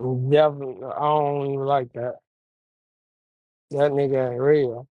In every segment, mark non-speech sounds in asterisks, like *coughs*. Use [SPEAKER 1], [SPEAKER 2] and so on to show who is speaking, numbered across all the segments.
[SPEAKER 1] Definitely, I don't even like that. That nigga ain't real.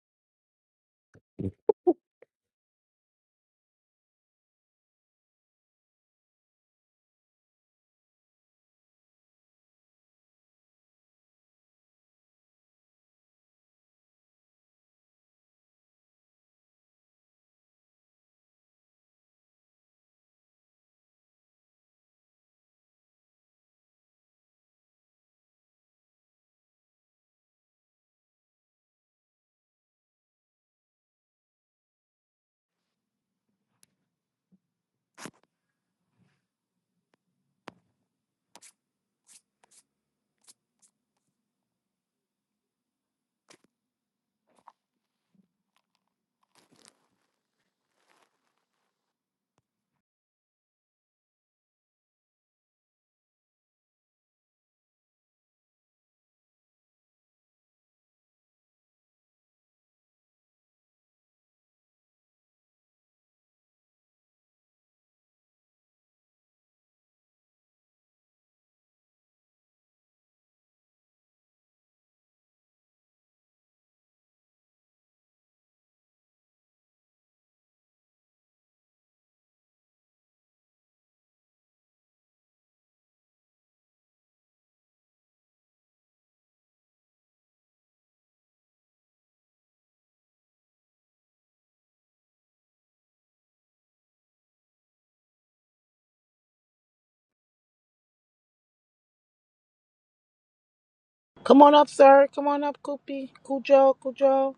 [SPEAKER 2] Come on up, sir. Come on up, Koopy. Cujo, Cujo.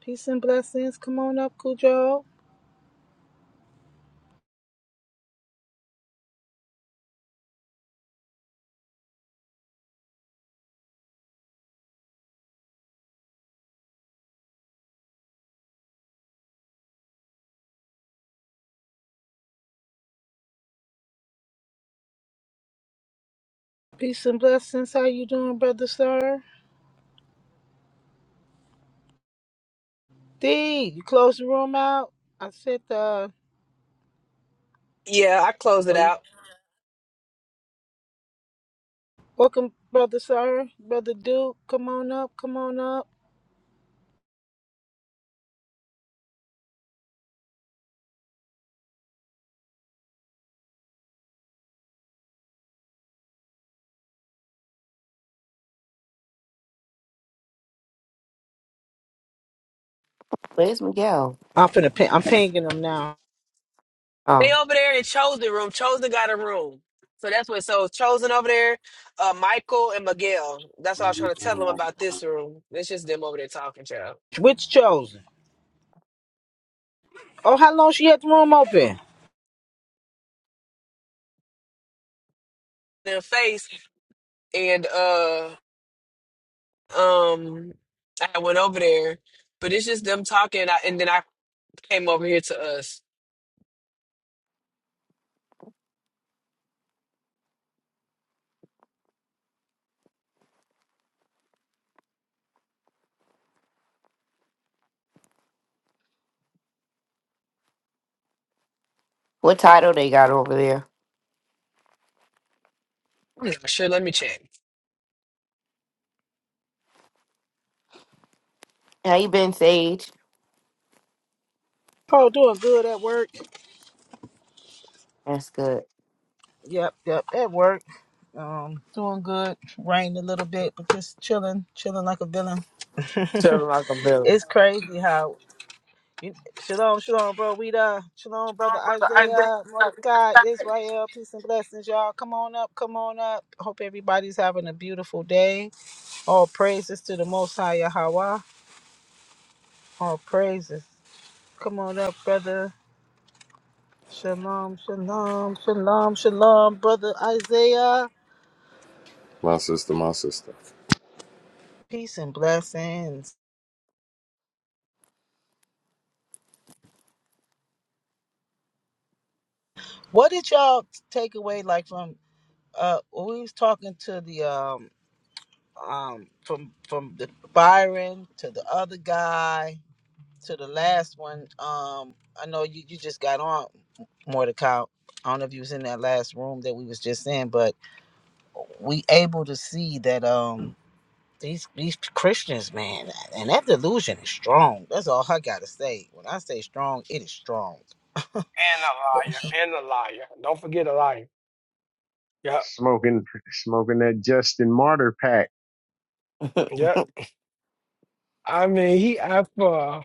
[SPEAKER 2] Peace and blessings. Come on up, Cujo. Peace and blessings. How you doing, brother, sir? D, you close the room out. I said, uh,
[SPEAKER 3] Yeah, I closed it
[SPEAKER 2] are you
[SPEAKER 3] out.
[SPEAKER 2] welcome, brother, sir? Brother Duke, come on up. Come on up.
[SPEAKER 4] Where's Miguel?
[SPEAKER 2] I'm finna ping. I'm pinging them now.
[SPEAKER 4] Oh,
[SPEAKER 3] They over there in Chosen room. Chosen got a room. So that's what so Chosen over there, uh Michael and Miguel. That's what I was trying to tell them about this room. It's just them over there talking, child.
[SPEAKER 2] Which chosen? Oh, how long she had the room open?
[SPEAKER 3] Their face and uh um I went over there, but it's just them talking I, and then I came over here to us.
[SPEAKER 4] what title they got over there?
[SPEAKER 3] I'm not sure, let me check.
[SPEAKER 4] How you been, Sage?
[SPEAKER 2] Oh, doing good at work.
[SPEAKER 4] That's good.
[SPEAKER 2] Yep, yep, at work. Um, doing good. Rained a little bit, but just chilling, chilling like a villain.
[SPEAKER 1] Tell him like a villain.
[SPEAKER 2] It's crazy how you, shalom, shalom, bro. We the shalom,
[SPEAKER 4] Strong
[SPEAKER 2] brother
[SPEAKER 4] brother, I guess.
[SPEAKER 2] Isaiah, Mordecai, Israel, peace and blessings, y'all. Come on up, come on up. Hope everybody's having a beautiful day. All praises to the Most High Yahweh. All praises. Come on up, brother. Shalom, shalom, shalom, shalom, brother Isaiah.
[SPEAKER 5] My sister, my sister.
[SPEAKER 2] Peace and blessings. What did y'all take away like from uh when we was talking to the um um from from the Byron to the other guy to the last one. Um, I know you you just got on Mordecai. I don't know if you was in that last room that we was just in, but we able to see that um these these Christians, man, and that delusion is strong. That's all I gotta say. When I say strong, it is strong.
[SPEAKER 1] And a liar. And a liar. Don't forget a liar. Yep.
[SPEAKER 6] smoking smoking that Justin Martyr pack.
[SPEAKER 1] Yep. I mean, he asked for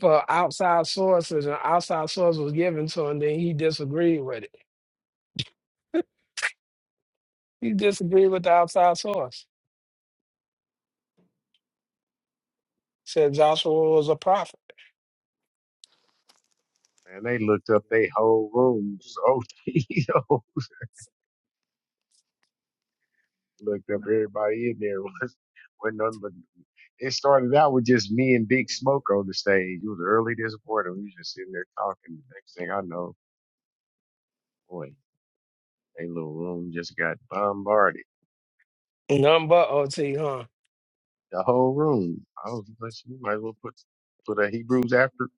[SPEAKER 1] for outside sources, and outside source was given to him. Then he disagreed with it. He disagreed with the outside source. Said Joshua was a prophet.
[SPEAKER 6] and they looked up their whole rooms. Oh, *laughs* yo, looked up everybody in there. *laughs* Was Wasn't none but it started out with just me and Big Smoke on the stage. It was early this morning. We was just sitting there talking. The next thing I know, boy, a little room just got bombarded.
[SPEAKER 1] None but OT, huh?
[SPEAKER 6] The whole room. I was like, we might as well put put a Hebrews after.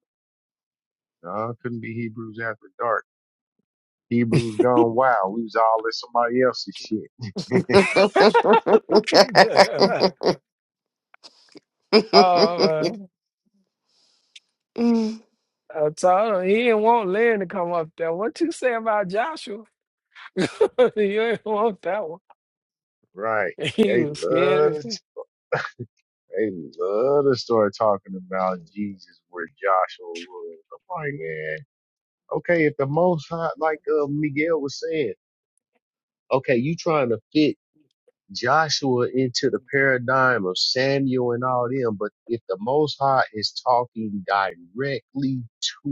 [SPEAKER 6] No, it couldn't be Hebrews after dark. Hebrews gone wild. We was all in somebody else's shit. *laughs*
[SPEAKER 1] *laughs* oh, man. I told him he didn't want Lynn to come up there. What you say about Joshua? *laughs* you ain't want that one.
[SPEAKER 6] Right.
[SPEAKER 1] *laughs* He
[SPEAKER 6] They
[SPEAKER 1] was scared.
[SPEAKER 6] love
[SPEAKER 1] as
[SPEAKER 6] to,
[SPEAKER 1] hell.
[SPEAKER 6] they love to start talking about Jesus where Joshua was. I'm like, man, okay, if the most high, like uh, Miguel was saying, okay, you trying to fit Joshua into the paradigm of Samuel and all them, but if the most high is talking directly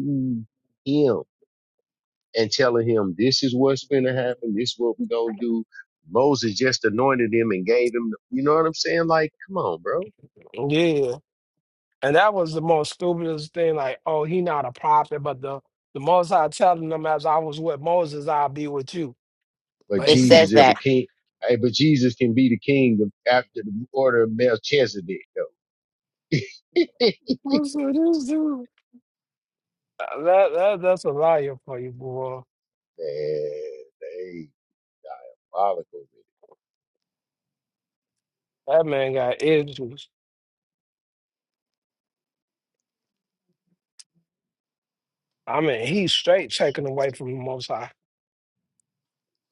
[SPEAKER 6] to him and telling him this is what's going to happen, this is what we're going to do. Moses just anointed him and gave him, the, you know what I'm saying? Like, come on, bro
[SPEAKER 1] Yeah. And that was the most stupidest thing. Like, oh, he not a prophet, but the, the most I telling them as I was with Moses, I'll be with you.
[SPEAKER 6] but
[SPEAKER 1] But
[SPEAKER 4] it
[SPEAKER 1] he
[SPEAKER 4] says
[SPEAKER 6] Jesus is a
[SPEAKER 4] that.
[SPEAKER 6] king. Hey, but Jesus can be the king of, after the order of Melchizedek, though. *laughs* Man,
[SPEAKER 1] *laughs* with this dude. Uh, That, that that's a liar for you, boy.
[SPEAKER 6] they diabolical with it.
[SPEAKER 1] That man got issues. I mean, he's straight taken away from the most high.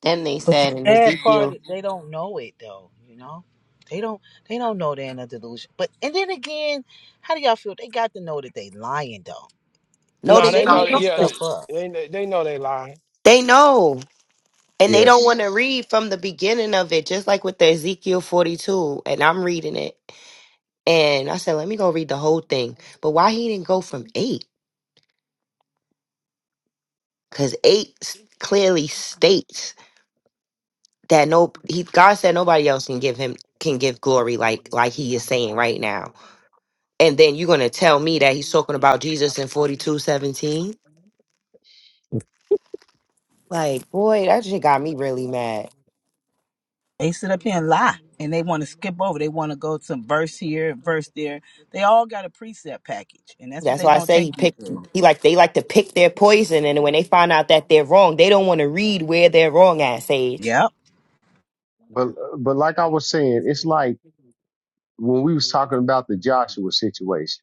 [SPEAKER 4] Then they
[SPEAKER 2] But the
[SPEAKER 4] said in
[SPEAKER 2] sad part
[SPEAKER 4] Ezekiel.
[SPEAKER 2] is they don't know it though, you know? They don't they don't know they're in a delusion. But and then again, how do y'all feel? They got to know that they lying though.
[SPEAKER 4] No,
[SPEAKER 1] No,
[SPEAKER 2] If
[SPEAKER 4] they
[SPEAKER 1] they
[SPEAKER 2] they
[SPEAKER 4] No,
[SPEAKER 1] know
[SPEAKER 4] do.
[SPEAKER 1] that
[SPEAKER 4] you
[SPEAKER 2] making
[SPEAKER 1] yeah,
[SPEAKER 2] stuff up,
[SPEAKER 1] they they they know they lying.
[SPEAKER 4] They know. And they don't want
[SPEAKER 6] Yes,
[SPEAKER 4] to read from the beginning of it, just like with the Ezekiel 42. And I'm reading it. And I said, let me go read the whole thing. But why he didn't go from eight? Because eight s- clearly states. that no he God said nobody else can give him can give glory like like he is saying right now. And then you're gonna tell me that he's talking about Jesus in 42:17. Like, boy, that shit got me really mad.
[SPEAKER 2] They sit up here and lie and they want to skip over. They want to go to verse here, verse there. They all got a precept package and that's what
[SPEAKER 4] That's
[SPEAKER 2] they
[SPEAKER 4] why I
[SPEAKER 2] going to
[SPEAKER 4] say he
[SPEAKER 2] take you
[SPEAKER 4] picked
[SPEAKER 2] through.
[SPEAKER 4] he like they like to pick their poison and when they find out that they're wrong, they don't want to read where they're wrong at, Sage.
[SPEAKER 2] Yep.
[SPEAKER 6] but but like I was saying, it's like when we was talking about the Joshua situation.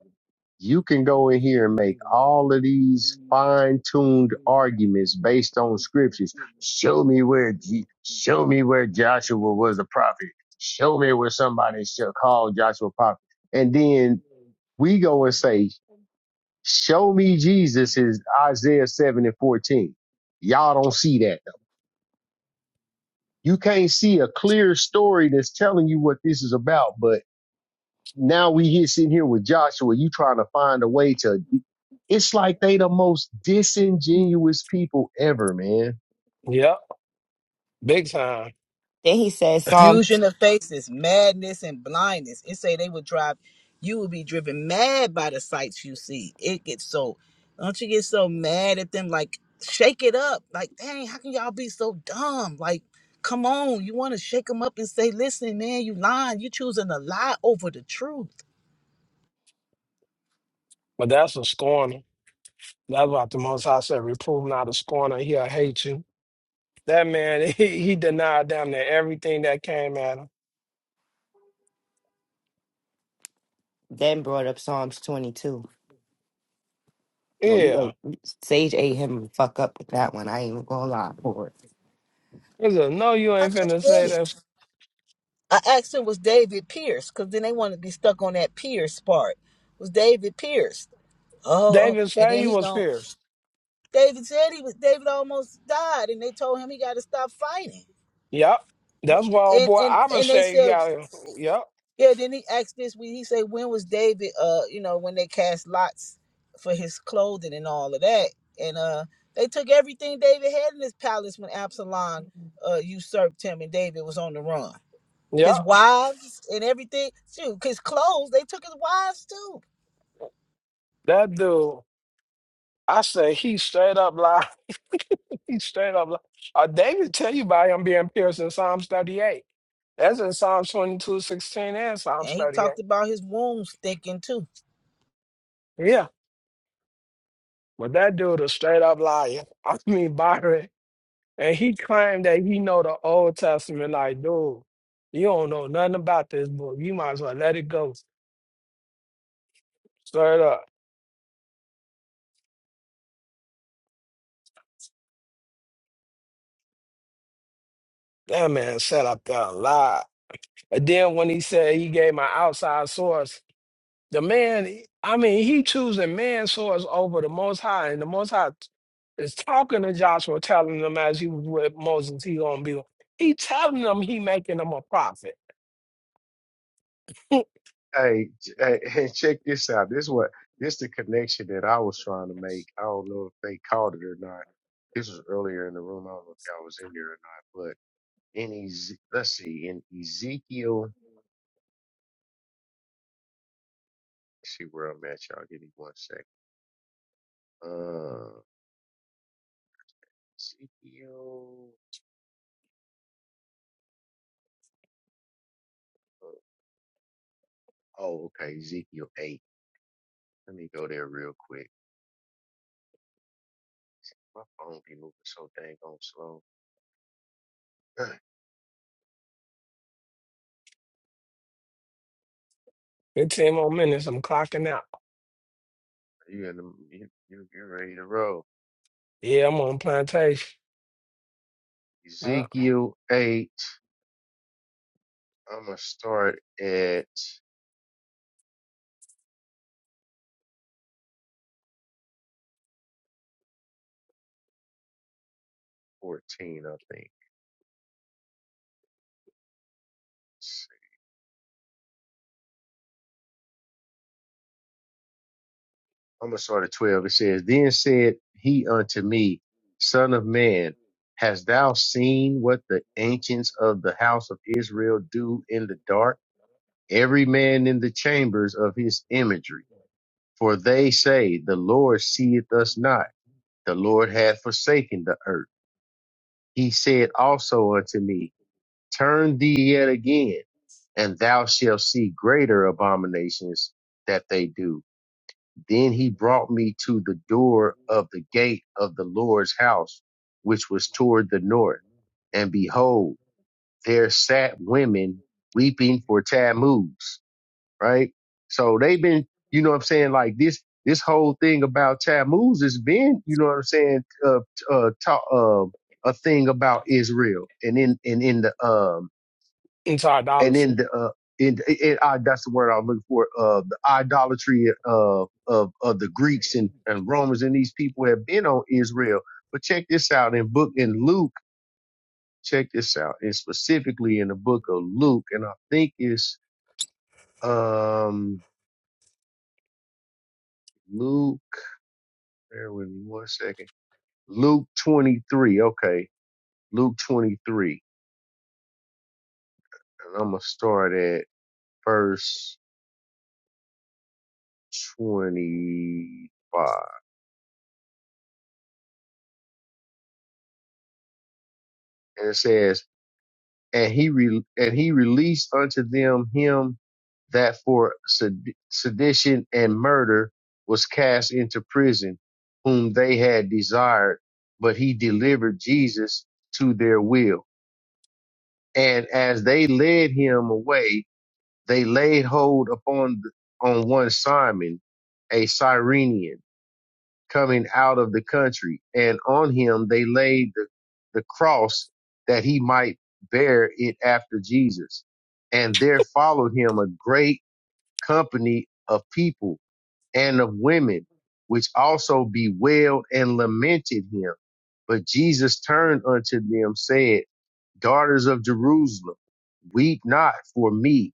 [SPEAKER 6] You can go in here and make all of these fine-tuned arguments based on scriptures. Show me where, Je- show me where Joshua was a prophet. Show me where somebody should call Joshua a prophet. And then we go and say, show me Jesus is Isaiah 7 and 14. Y'all don't see that. You can't see a clear story that's telling you what this is about. But now we here sitting here with Joshua, you trying to find a way to, it's like they the most disingenuous people ever, man.
[SPEAKER 1] Yep, big time.
[SPEAKER 4] Then he said Psalm.
[SPEAKER 2] Fusion of faces, madness and blindness. It say they would drive, you will be driven mad by the sights you see. It gets so, don't you get so mad at them? Like, shake it up. Like, dang, how can y'all be so dumb? Like, come on. You want to shake them up and say, listen, man, you lying. You choosing a lie over the truth.
[SPEAKER 1] But that's a scorner. That's what the Most High said, reprove not a scorner, he'll hate you. That man, *laughs* he, he denied damn near everything that came at him.
[SPEAKER 4] Then brought up Psalms twenty two. No, you
[SPEAKER 1] Yeah.
[SPEAKER 4] ate Sage ate him the fuck up with that one. I ain't even gonna lie for it.
[SPEAKER 1] He said, no, you
[SPEAKER 2] I
[SPEAKER 1] ain't
[SPEAKER 2] just
[SPEAKER 1] finna
[SPEAKER 2] did
[SPEAKER 1] say that.
[SPEAKER 2] it. I asked him, was David Pierce? Because then they wanted to be stuck on that Pierce part. Was David Pierce? Oh, oh.
[SPEAKER 1] David
[SPEAKER 2] and
[SPEAKER 1] said
[SPEAKER 2] then
[SPEAKER 1] he
[SPEAKER 2] he
[SPEAKER 1] was
[SPEAKER 2] gone.
[SPEAKER 1] pierced.
[SPEAKER 2] David said he was. David almost died, and they told him he got to stop fighting.
[SPEAKER 1] Yep. That's why, old
[SPEAKER 2] And
[SPEAKER 1] boy,
[SPEAKER 2] and
[SPEAKER 1] I would
[SPEAKER 2] and they
[SPEAKER 1] say you
[SPEAKER 2] said,
[SPEAKER 1] got him. Yep.
[SPEAKER 2] yeah. Then he asked this. He said, when was David? Uh, you know, when they cast lots for his clothing and all of that. And uh, they took everything David had in his palace when Absalom uh usurped him, and David was on the run.
[SPEAKER 1] Yep.
[SPEAKER 2] his wives and everything. Shoot, his clothes, they took his wives too.
[SPEAKER 1] That dude, I say he straight up lied. *laughs* he straight up lied. Uh, David tell you about him being pierced in Psalms 38. That's in Psalms 22:16 and Psalms
[SPEAKER 2] And he
[SPEAKER 1] 38.
[SPEAKER 2] talked about his wounds stinking too.
[SPEAKER 1] Yeah. But that dude a straight up liar. *laughs* I mean Byron. And he claimed that he know the Old Testament. Like, dude, you don't know nothing about this book. You might as well let it go. Straight up. That man sat up there and lied. And then when he said he gave my outside source, the man, I mean, he choosing man source over the most high. And the most high is talking to Joshua, telling him as he was with Moses, he gonna be he telling them he making them a prophet.
[SPEAKER 6] Hey, j- hey, *laughs* and check this out. This what this the connection that I was trying to
[SPEAKER 1] *laughs*
[SPEAKER 6] make. I don't know if they caught it or not. This was earlier in the room. I don't know if I was in there or not, in Ez- let's see, in Ezekiel, let's see where I'm at, y'all. Give me one second. Uh, Ezekiel. uh, Oh, okay, Ezekiel eight. Let me go there real quick. My phone be moving so dang on slow. *clears throat*
[SPEAKER 1] 15 more minutes. I'm clocking out.
[SPEAKER 6] you in the you you you ready to roll?
[SPEAKER 1] Yeah, I'm on plantation. Uh,
[SPEAKER 6] Ezekiel eight. I'm gonna start at fourteen, I think. I'm gonna start at twelve. It says, Then said he unto me, Son of man, hast thou seen what the ancients of the house of Israel do in the dark? Every man in the chambers of his imagery. For they say, The Lord seeth us not. The Lord hath forsaken the earth. He said also unto me, Turn thee yet again, and thou shalt see greater abominations that they do. Then he brought me to the door of the gate of the Lord's house, which was toward the north. And behold, there sat women weeping for Tammuz, right? So they've been, you know what I'm saying? Like this, this whole thing about Tammuz has been, you know what I'm saying? Uh, uh, ta- uh, a thing about Israel and in, and in the, um,
[SPEAKER 1] it's
[SPEAKER 6] and in
[SPEAKER 1] idolatry.
[SPEAKER 6] the uh, in, in I, that's the word I was looking for. Uh, the idolatry of of of the Greeks and, and Romans and these people have been on Israel. But check this out in book in Luke. Check this out, and specifically in the book of Luke, and I think it's um Luke. Bear with me one second. Luke twenty three. Okay, Luke twenty three, and I'm gonna start at verse twenty five, and it says. and he re- and he released unto them him that for sed- sedition and murder was cast into prison, whom they had desired, but he delivered Jesus to their will. And as they led him away, they laid hold upon on one Simon, a Cyrenian coming out of the country. And on him they laid the, the cross that he might bear it after Jesus. And there followed him a great company of people and of women, which also bewailed and lamented him. But Jesus turned unto them, said, Daughters of Jerusalem, weep not for me,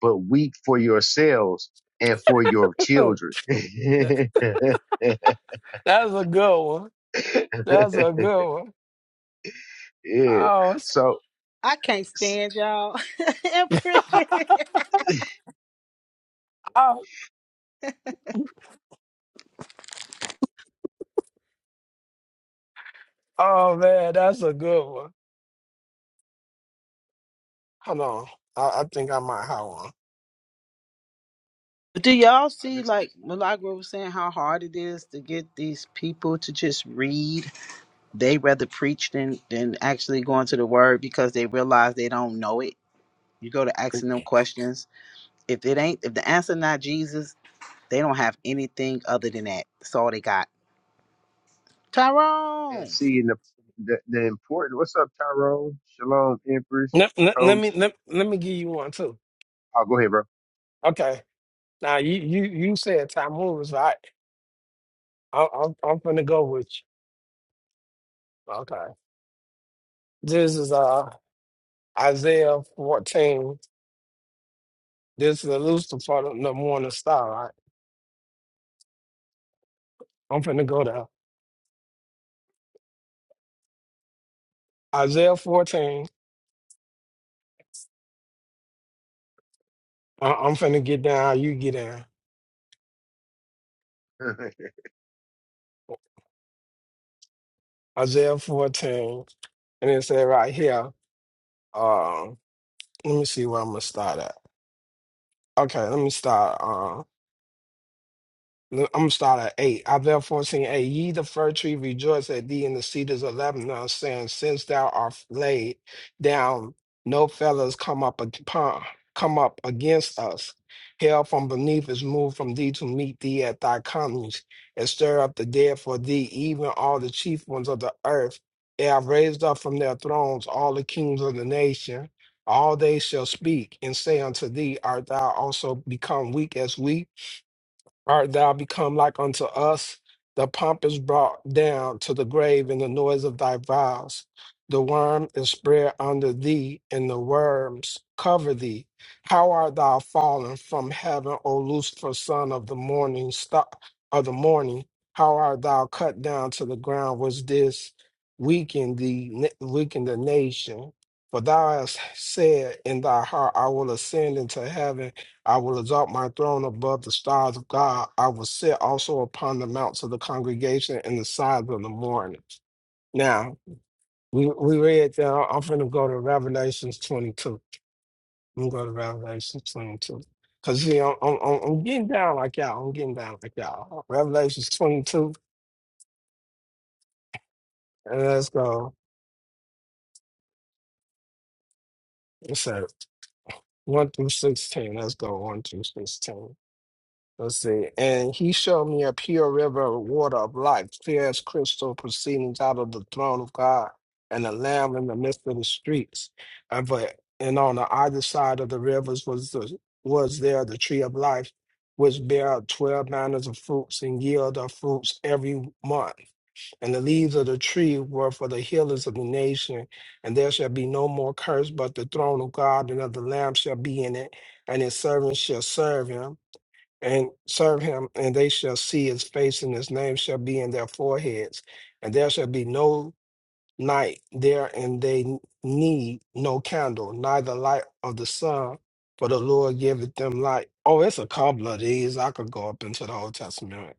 [SPEAKER 6] but weep for yourselves and for your
[SPEAKER 1] *laughs*
[SPEAKER 6] children.
[SPEAKER 1] That-
[SPEAKER 6] *laughs*
[SPEAKER 1] That's a good one. That's a good one.
[SPEAKER 6] Yeah.
[SPEAKER 1] Oh, s-
[SPEAKER 6] So
[SPEAKER 2] I can't
[SPEAKER 6] s-
[SPEAKER 2] stand y'all *laughs* in
[SPEAKER 1] *laughs*
[SPEAKER 2] prayer.
[SPEAKER 1] oh, oh man, that's a good one. Hold on. I, I think I might have one.
[SPEAKER 2] Do y'all
[SPEAKER 6] I
[SPEAKER 2] see,
[SPEAKER 6] just
[SPEAKER 2] like Milagro was saying, how hard it is to get these people to just read? They rather preach than than actually going to the Word because they realize they don't know it. You go to asking them questions. If it ain't, if the answer not Jesus, they don't have anything other than that. That's all they got. Tyrone.
[SPEAKER 6] and seeing the the, the important. What's up, Tyrone? Shalom, Empress,
[SPEAKER 1] Let, let, let me
[SPEAKER 6] Coach.
[SPEAKER 1] let, let me give you one too.
[SPEAKER 6] Oh, go ahead, bro.
[SPEAKER 1] Okay. Now you you you said time moves, right? I, I'm I'm gonna go with you. Okay. This is uh Isaiah 14. This is the Lucifer, the morning star, right? I'm finna go down. Isaiah 14. I- I'm finna get down. You get down. Isaiah 14. And it said right here. Um, let me see where I'm gonna start at. Okay, let me start. um, I'm gonna start at eight. I've therefore seen eight. Ye the fir tree rejoice at thee in the cedars of Lebanon, saying, Since thou art laid down, no fellows come up upon come up against us. Hell from beneath is moved from thee to meet thee at thy comings, and stir up the dead for thee, even all the chief ones of the earth. They have raised up from their thrones all the kings of the nation. All they shall speak and say unto thee, Art thou also become weak as we? art thou become like unto us? The pomp is brought down to the grave in the noise of thy vows. The worm is spread under thee, and the worms cover thee. How art thou fallen from heaven, O Lucifer, son of the morning star of the morning? How art thou cut down to the ground? Was this weaken the weaken the nation? For thou hast said in thy heart, I will ascend into heaven. I will exalt my throne above the stars of God. I will sit also upon the mounts of the congregation in the sides of the morning. Now, we, we read that uh, I'm going to go to Revelations 22. I'm going to go to Revelations 22. Because, you know, I'm, I'm, I'm getting down like y'all. I'm getting down like y'all. Revelations 22, and let's go. It said 1 through 16. Let's go 1 through 16. Let's see. And he showed me a pure river of water of life, clear as crystal, proceeding out of the throne of God and the Lamb in the midst of the streets. And but and on the other side of the rivers was the was there the tree of life, which bare twelve manners of fruits and yield of fruits every month. And the leaves of the tree were for the healers of the nation. And there shall be no more curse, but the throne of God and of the Lamb shall be in it, and his servants shall serve him and serve him, and they shall see his face, and his name shall be in their foreheads, and there shall be no night there and they need no candle, neither light of the sun, for the Lord giveth them light. Oh, it's a couple of these. I could go up into the Old Testament.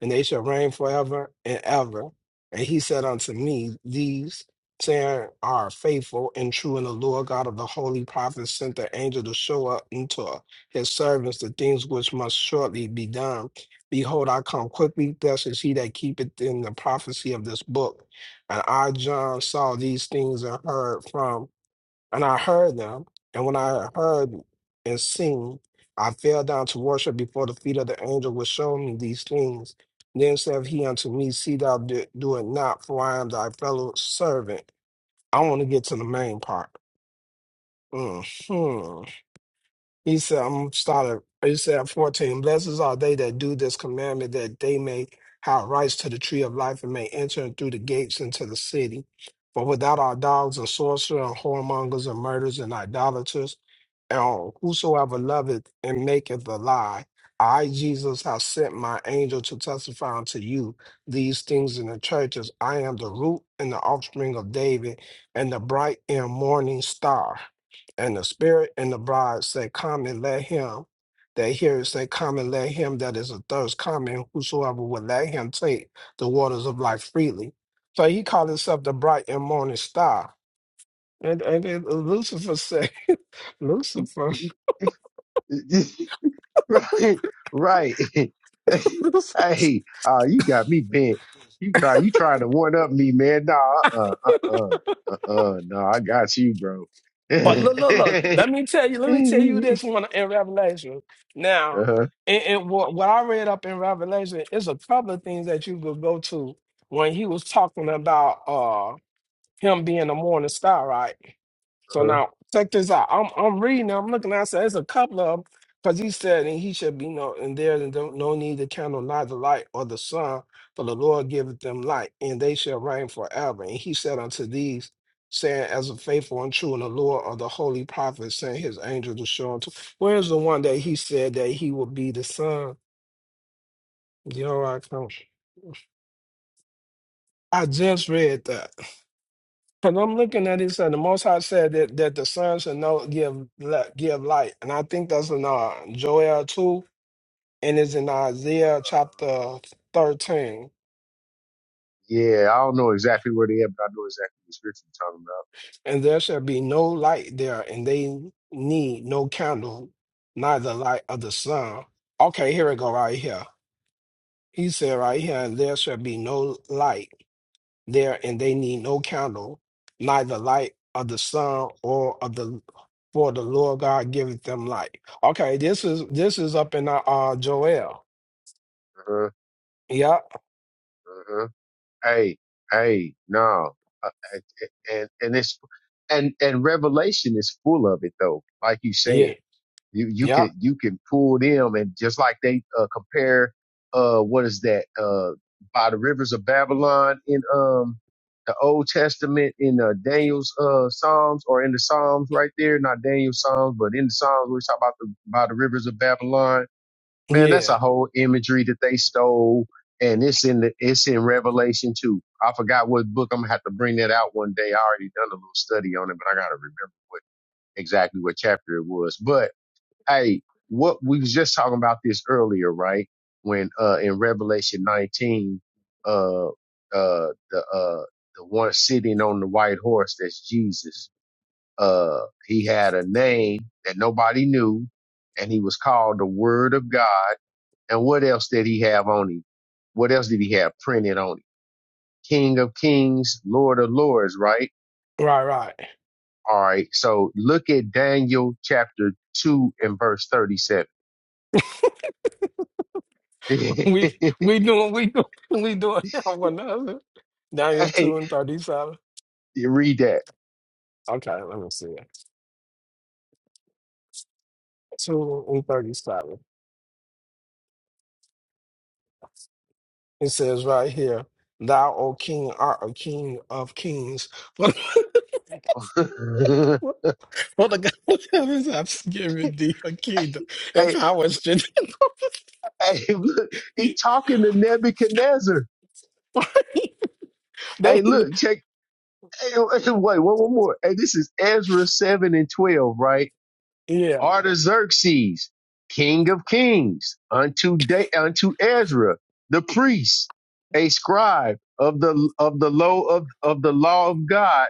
[SPEAKER 1] And they shall reign forever and ever. And he said unto me, These saying are faithful and true, and the Lord God of the holy prophets sent the angel to show up unto his servants the things which must shortly be done. Behold, I come quickly, blessed is he that keepeth in the prophecy of this book. And I, John, saw these things and heard from, and I heard them. And when I had heard and seen, I fell down to worship before the feet of the angel which showed me these things. Then said he unto me, See thou do, do it not, for I am thy fellow servant. I want to get to the main part. hmm he said, I'm starting. He said, 14, blessed are they that do this commandment, that they may have rights to the tree of life and may enter through the gates into the city. For without our dogs and sorcerers and whoremongers and murderers and idolaters, and whosoever loveth and maketh a lie, I, Jesus, have sent my angel to testify unto you these things in the churches. I am the root and the offspring of David and the bright and morning star. And the spirit and the bride say, Come and let him that heareth say, Come and let him that is athirst come, and whosoever would let him take the waters of life freely. So he called himself the bright and morning star. And, and then Lucifer said, *laughs* Lucifer,
[SPEAKER 6] *laughs* right, right. *laughs*
[SPEAKER 1] *laughs* Lucifer.
[SPEAKER 6] hey, uh, you got me bent. You try, you trying to one up me, man? Nah, uh, uh, uh, uh, uh no, I got you, bro. *laughs*
[SPEAKER 1] but
[SPEAKER 6] uh-huh,
[SPEAKER 1] look, look, look, let me tell you, let me tell you this one in Revelation. Now,
[SPEAKER 6] uh-huh.
[SPEAKER 1] and, and what, what I read up in Revelation is a couple of things that you could go to when he was talking about. uh, him being a morning star, right? So now check this out. I'm I'm reading. I'm looking. I said there's a couple of them because he said and he should be no and there is no no need to candle neither the light or the sun, for the Lord giveth them light, and they shall reign forever. And he said unto these, saying, as a faithful and true, and the Lord of the holy prophets sent his angel to show unto. Where's the one that he said that he will be the sun? You all right, Coach? I just read that. Because I'm looking at it, said the Most High said that, that the sun should know give li- give light, and I think that's in uh, Joel two, and it's in Isaiah chapter thirteen.
[SPEAKER 6] Yeah, I don't know exactly where they are, but I know exactly the scripture you're talking
[SPEAKER 1] And there shall be no light there, and they need no candle, neither light of the sun. Okay, here we go, right here. He said right here, and there shall be no light. there and they need no candle, neither light of the sun or of the for the Lord God giveth them light. Okay, this is this is up in uh, uh Joel.
[SPEAKER 6] about. Uh-huh,
[SPEAKER 1] Yeah,
[SPEAKER 6] uh-huh. hey, hey, no, Uh, and and it's and and Revelation is full of it though. Like you
[SPEAKER 1] yeah,
[SPEAKER 6] said, you you
[SPEAKER 1] yeah,
[SPEAKER 6] can you can pull them and just like they uh, compare uh what is that uh by the rivers of Babylon in um the Old Testament in uh, Daniel's uh Psalms or in the Psalms right there, not Daniel's Psalms, but in the Psalms we talk about the by the rivers of Babylon man, that's
[SPEAKER 1] yeah.
[SPEAKER 6] a whole imagery that they stole, and it's in the it's in Revelation too. I forgot what book. I'm gonna have to bring that out one day. I already done a little study on it, but I gotta remember what exactly what chapter it was. But hey, what we was just talking about this earlier, right? When uh in Revelation 19, uh uh the uh the one sitting on the white horse, that's Jesus. Uh, he had a name that nobody knew, and he was called the Word of God and what else did he have on him? What else did he have printed on him? King of Kings, Lord of Lords, right?
[SPEAKER 1] Right, right. *laughs*
[SPEAKER 6] All right. So look at Daniel chapter 2 and verse 37. *laughs* hey,
[SPEAKER 1] We we doing we doing *laughs* we doing *laughs* one another. Daniel two and thirty seven.
[SPEAKER 6] you read that.
[SPEAKER 1] Okay, let me see it. Two and thirty seven. It says right here, Thou, O King, art a King of kings.
[SPEAKER 6] *laughs*
[SPEAKER 1] *laughs* Well, the God heavens have given thee a kingdom *laughs* and
[SPEAKER 6] hey,
[SPEAKER 1] power and
[SPEAKER 6] hey, look,
[SPEAKER 1] *laughs*
[SPEAKER 6] he talking to Nebuchadnezzar. Hey,
[SPEAKER 1] they,
[SPEAKER 6] look, check. Hey, hey, wait, one, one more. Hey, this is Ezra 7 and 12, right?
[SPEAKER 1] yeah.
[SPEAKER 6] Artaxerxes, king of kings, unto da- unto Ezra, the priest, a scribe of the of the law of, of the law of God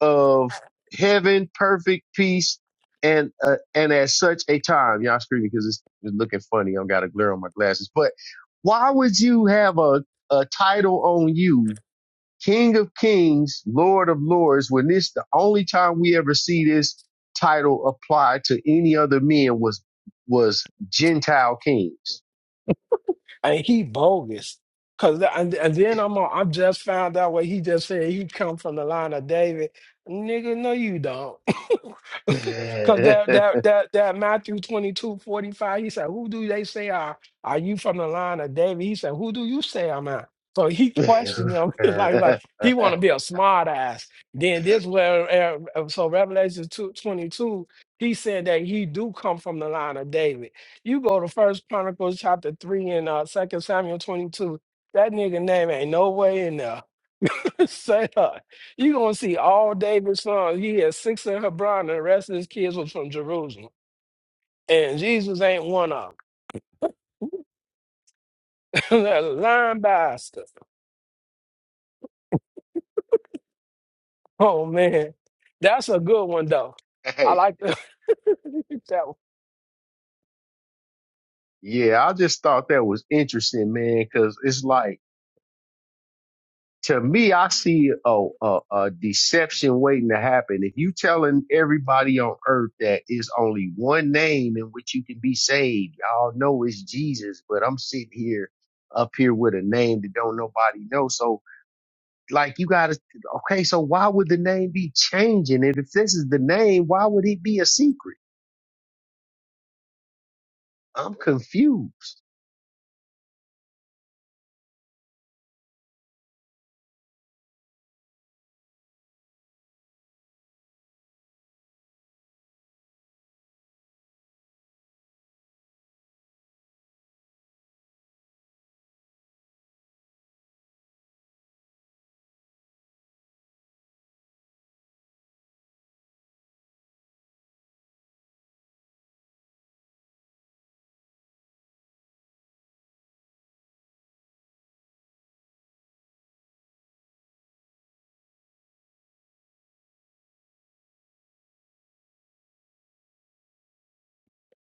[SPEAKER 6] of heaven, perfect peace, and uh, and at such a time, y'all screaming because it's, it's looking funny. I got a glare on my glasses, but why would you have a a title on you King of Kings, Lord of Lords, when this the only time we ever see this title applied to any other men was was Gentile kings.
[SPEAKER 1] and he bogus. Cause the- and, and then I'm a, I just found out what he just said. He come from the line of David, nigga. No, you don't.
[SPEAKER 6] *laughs*
[SPEAKER 1] *laughs* Cause
[SPEAKER 6] hey,
[SPEAKER 1] that that that that Matthew 22 45. He said, "Who do they say are are you from the line of David?" He said, "Who do you say I'm at?" So he questioned him *laughs* He was like like he want to be a smart ass. Then this where uh, uh, so Revelation 2 22. he said that he do come from the line of David. You go to First Chronicles chapter three and uh Second Samuel twenty two. That nigga name ain't no way in there. *laughs* Say that. You gonna see all David's sons. He had six in Hebron, and the rest of his kids was from Jerusalem. And Jesus ain't one of them. *laughs* That's a lying bastard. Oh man, that's a good one though. I like the, *laughs* that one.
[SPEAKER 6] yeah, I just thought that was interesting, man, because it's like to me, I see a, a, a deception waiting to happen. If you telling everybody on earth that it's only one name in which you can be saved, y'all know it's Jesus, but I'm sitting here up here with a name that don't nobody know. So like you gotta, okay, so why would the name be changing? And if this is the name, why would it be a secret? I'm confused.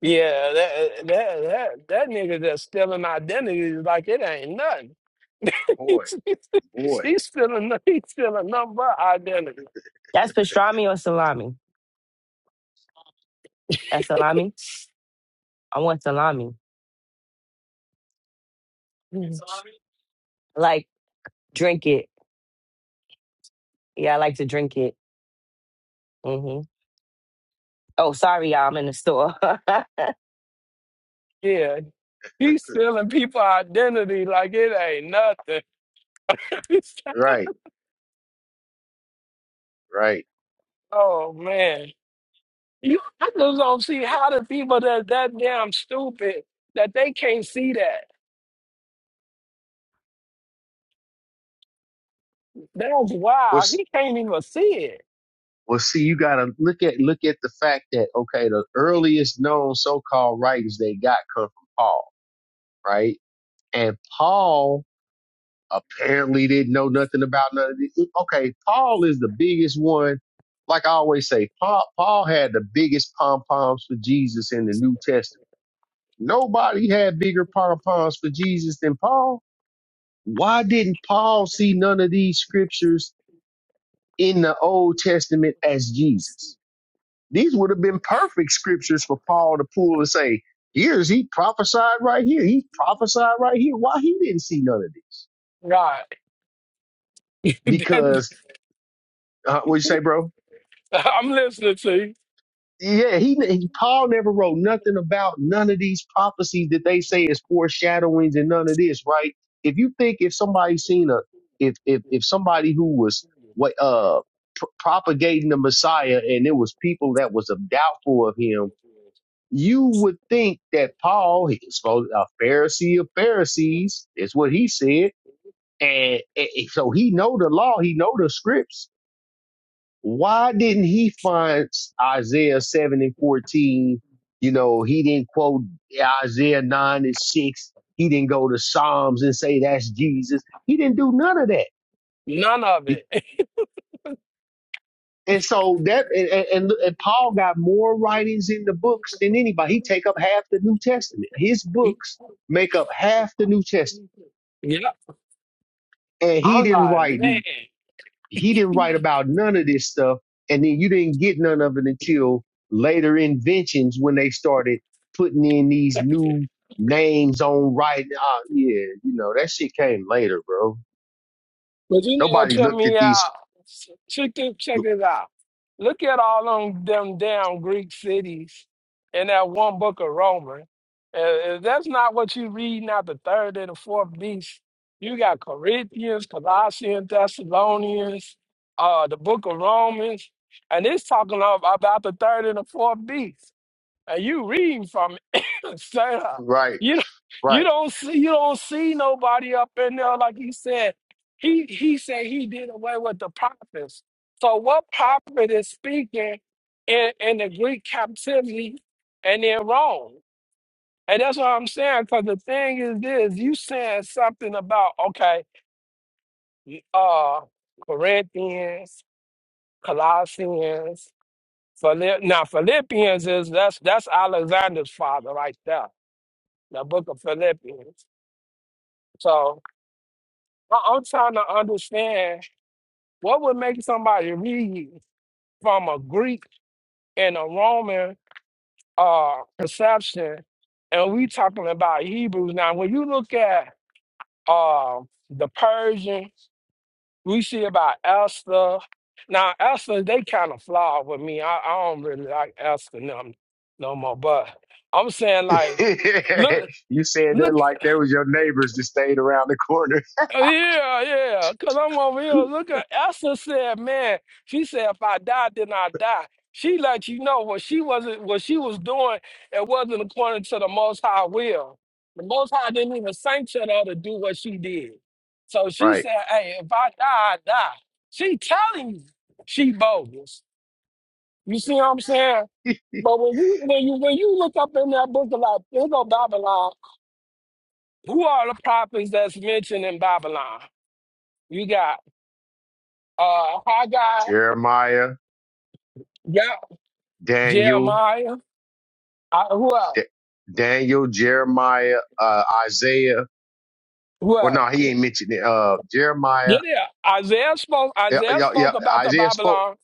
[SPEAKER 1] Yeah, that that that that nigga that's stealing identity is like it ain't nothing. *laughs*
[SPEAKER 6] Boy,
[SPEAKER 1] he's,
[SPEAKER 6] boy.
[SPEAKER 1] he's stealing he's stealing number identity.
[SPEAKER 4] That's pastrami or salami. That's salami. I want salami. Salami. Like drink it. Yeah, I like to drink it. hmm Oh, sorry, y'all. I'm in the store. *laughs*
[SPEAKER 1] Yeah, he's stealing people identity like it ain't nothing. *laughs* It's like,
[SPEAKER 6] Right, right.
[SPEAKER 1] oh man, you I just don't see how the people that that damn stupid that they can't see that. That's wild.
[SPEAKER 6] What's
[SPEAKER 1] He can't even see it.
[SPEAKER 6] Well, see, you gotta look at look at the fact that okay, the earliest known so-called writings they got come from Paul, right? And Paul apparently didn't know nothing about none of this. Okay, Paul is the biggest one. Like I always say, Paul, Paul had the biggest pom poms for Jesus in the New Testament. Nobody had bigger pom poms for Jesus than Paul. Why didn't Paul see none of these scriptures in the Old Testament as Jesus? These would have been perfect scriptures for Paul to pull and say, here's he prophesied right here. He prophesied right here. Why he didn't see none of this?
[SPEAKER 1] Right. *laughs*
[SPEAKER 6] Because, uh, what you say, bro?
[SPEAKER 1] That- I'm listening to you.
[SPEAKER 6] Yeah, he, he Paul never wrote nothing about none of these prophecies that they say is foreshadowings and none of this, right? If you think if somebody seen a if if if somebody who was what uh pr- propagating the Messiah and it was people that was doubtful of him You would think that Paul, he was supposed a Pharisee of Pharisees, is what he said, and, and and so he know the law, he know the scripts. Why didn't he find Isaiah seven and fourteen? You know, he didn't quote Isaiah nine and six. He didn't go to Psalms and say that's Jesus. He didn't do none of that
[SPEAKER 1] None of it.
[SPEAKER 6] And so that and, and, and Paul got more writings in the books than anybody. He take up half the New Testament. His books make up half the New Testament.
[SPEAKER 1] *laughs* yeah,
[SPEAKER 6] And he
[SPEAKER 1] I'm
[SPEAKER 6] didn't
[SPEAKER 1] like
[SPEAKER 6] write
[SPEAKER 1] man.
[SPEAKER 6] he didn't write about none of this stuff. And then you didn't get none of it until later inventions when they started putting in these
[SPEAKER 1] *laughs*
[SPEAKER 6] new names on writing. Ah, yeah, you know, that shit came later, bro.
[SPEAKER 1] But you know what
[SPEAKER 6] Nobody
[SPEAKER 1] tripped
[SPEAKER 6] looked at
[SPEAKER 1] me
[SPEAKER 6] these
[SPEAKER 1] out? Check this, check this out. Look at all them, them damn Greek cities in that one book of Romans. If that's not what you reading out the third and the fourth beast, you got Corinthians, Colossians, Thessalonians, uh, the book of Romans, and it's talking of, about the third and the fourth beast. And you reading from *laughs* Sarah,
[SPEAKER 6] right,
[SPEAKER 1] you don't- you
[SPEAKER 6] right.
[SPEAKER 1] don't see you don't see nobody up in there like he said. He he said he did away with the prophets. So what prophet is speaking in, in the Greek captivity and in Rome? And that's what I'm saying. Because the thing is this: you saying something about okay, uh, Corinthians, Colossians, Philipp. Now Philippians is that's that's Alexander's father right there, the book of Philippians. So I- I'm trying to understand what would make somebody read from a Greek and a Roman uh, perception, and we talking about Hebrews now. When you look at uh, the Persian, we see about Esther. Now Esther, they kind of flawed with me. I, I don't really like Esther no, no more. But I'm saying
[SPEAKER 6] *laughs*
[SPEAKER 1] like, look,
[SPEAKER 6] you said that
[SPEAKER 1] look.
[SPEAKER 6] like they was your neighbors that stayed around the corner.
[SPEAKER 1] Oh, Yeah, yeah. Cause I'm over here
[SPEAKER 6] *laughs*
[SPEAKER 1] looking. Esther said, man, she said, if I die, then I die. She let you know what she wasn't what she was doing, it wasn't according to the most high will. The most high didn't even sanction her to do what she did. So she
[SPEAKER 6] right.
[SPEAKER 1] said, Hey, if I die, I die. She telling you she bogus. You see what I'm saying? But when you when you when you look up in that book of like, here go Babylon, who are the prophets that's mentioned in Babylon? You got Uh, Haggai.
[SPEAKER 6] Jeremiah,
[SPEAKER 1] Yep.
[SPEAKER 6] Daniel,
[SPEAKER 1] Jeremiah. Uh, who else?
[SPEAKER 6] D- Daniel, Jeremiah, uh, Isaiah.
[SPEAKER 1] Who
[SPEAKER 6] Well,
[SPEAKER 1] else?
[SPEAKER 6] no, he ain't mentioned it. Uh,
[SPEAKER 1] Yeah,
[SPEAKER 6] Jeremiah.
[SPEAKER 1] yeah. Isaiah spoke.
[SPEAKER 6] Yeah,
[SPEAKER 1] Isaiah
[SPEAKER 6] yeah, yeah,
[SPEAKER 1] spoke about the
[SPEAKER 6] Isaiah spoke.
[SPEAKER 1] Babylon.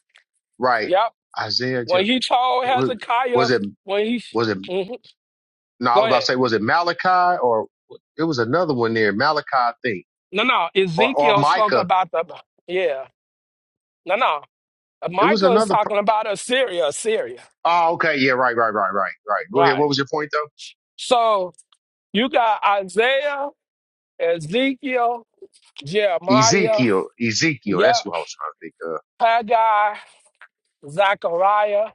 [SPEAKER 6] Right.
[SPEAKER 1] Yep.
[SPEAKER 6] Isaiah.
[SPEAKER 1] When
[SPEAKER 6] Jer-
[SPEAKER 1] he told
[SPEAKER 6] Was was
[SPEAKER 1] Hezekiah,
[SPEAKER 6] it,
[SPEAKER 1] when he
[SPEAKER 6] was it,
[SPEAKER 1] Mhm.
[SPEAKER 6] no, I
[SPEAKER 1] go
[SPEAKER 6] was about to
[SPEAKER 1] ahead.
[SPEAKER 6] say, was it Malachi or it was another one there? Malachi, I think,
[SPEAKER 1] No, no.
[SPEAKER 6] or, or
[SPEAKER 1] Ezekiel spoke
[SPEAKER 6] Micah.
[SPEAKER 1] about the. Yeah. No, no.
[SPEAKER 6] It was
[SPEAKER 1] Michael is
[SPEAKER 6] another. Pro-
[SPEAKER 1] talking about Assyria. Assyria.
[SPEAKER 6] oh, okay. Yeah. Right, right, right, right, right. Go ahead.
[SPEAKER 1] Right.
[SPEAKER 6] What was your point though?
[SPEAKER 1] So you got Isaiah, Ezekiel, Jeremiah.
[SPEAKER 6] Ezekiel, Ezekiel. That's
[SPEAKER 1] Yep.
[SPEAKER 6] what I was trying to think of.
[SPEAKER 1] Haggai, Zechariah.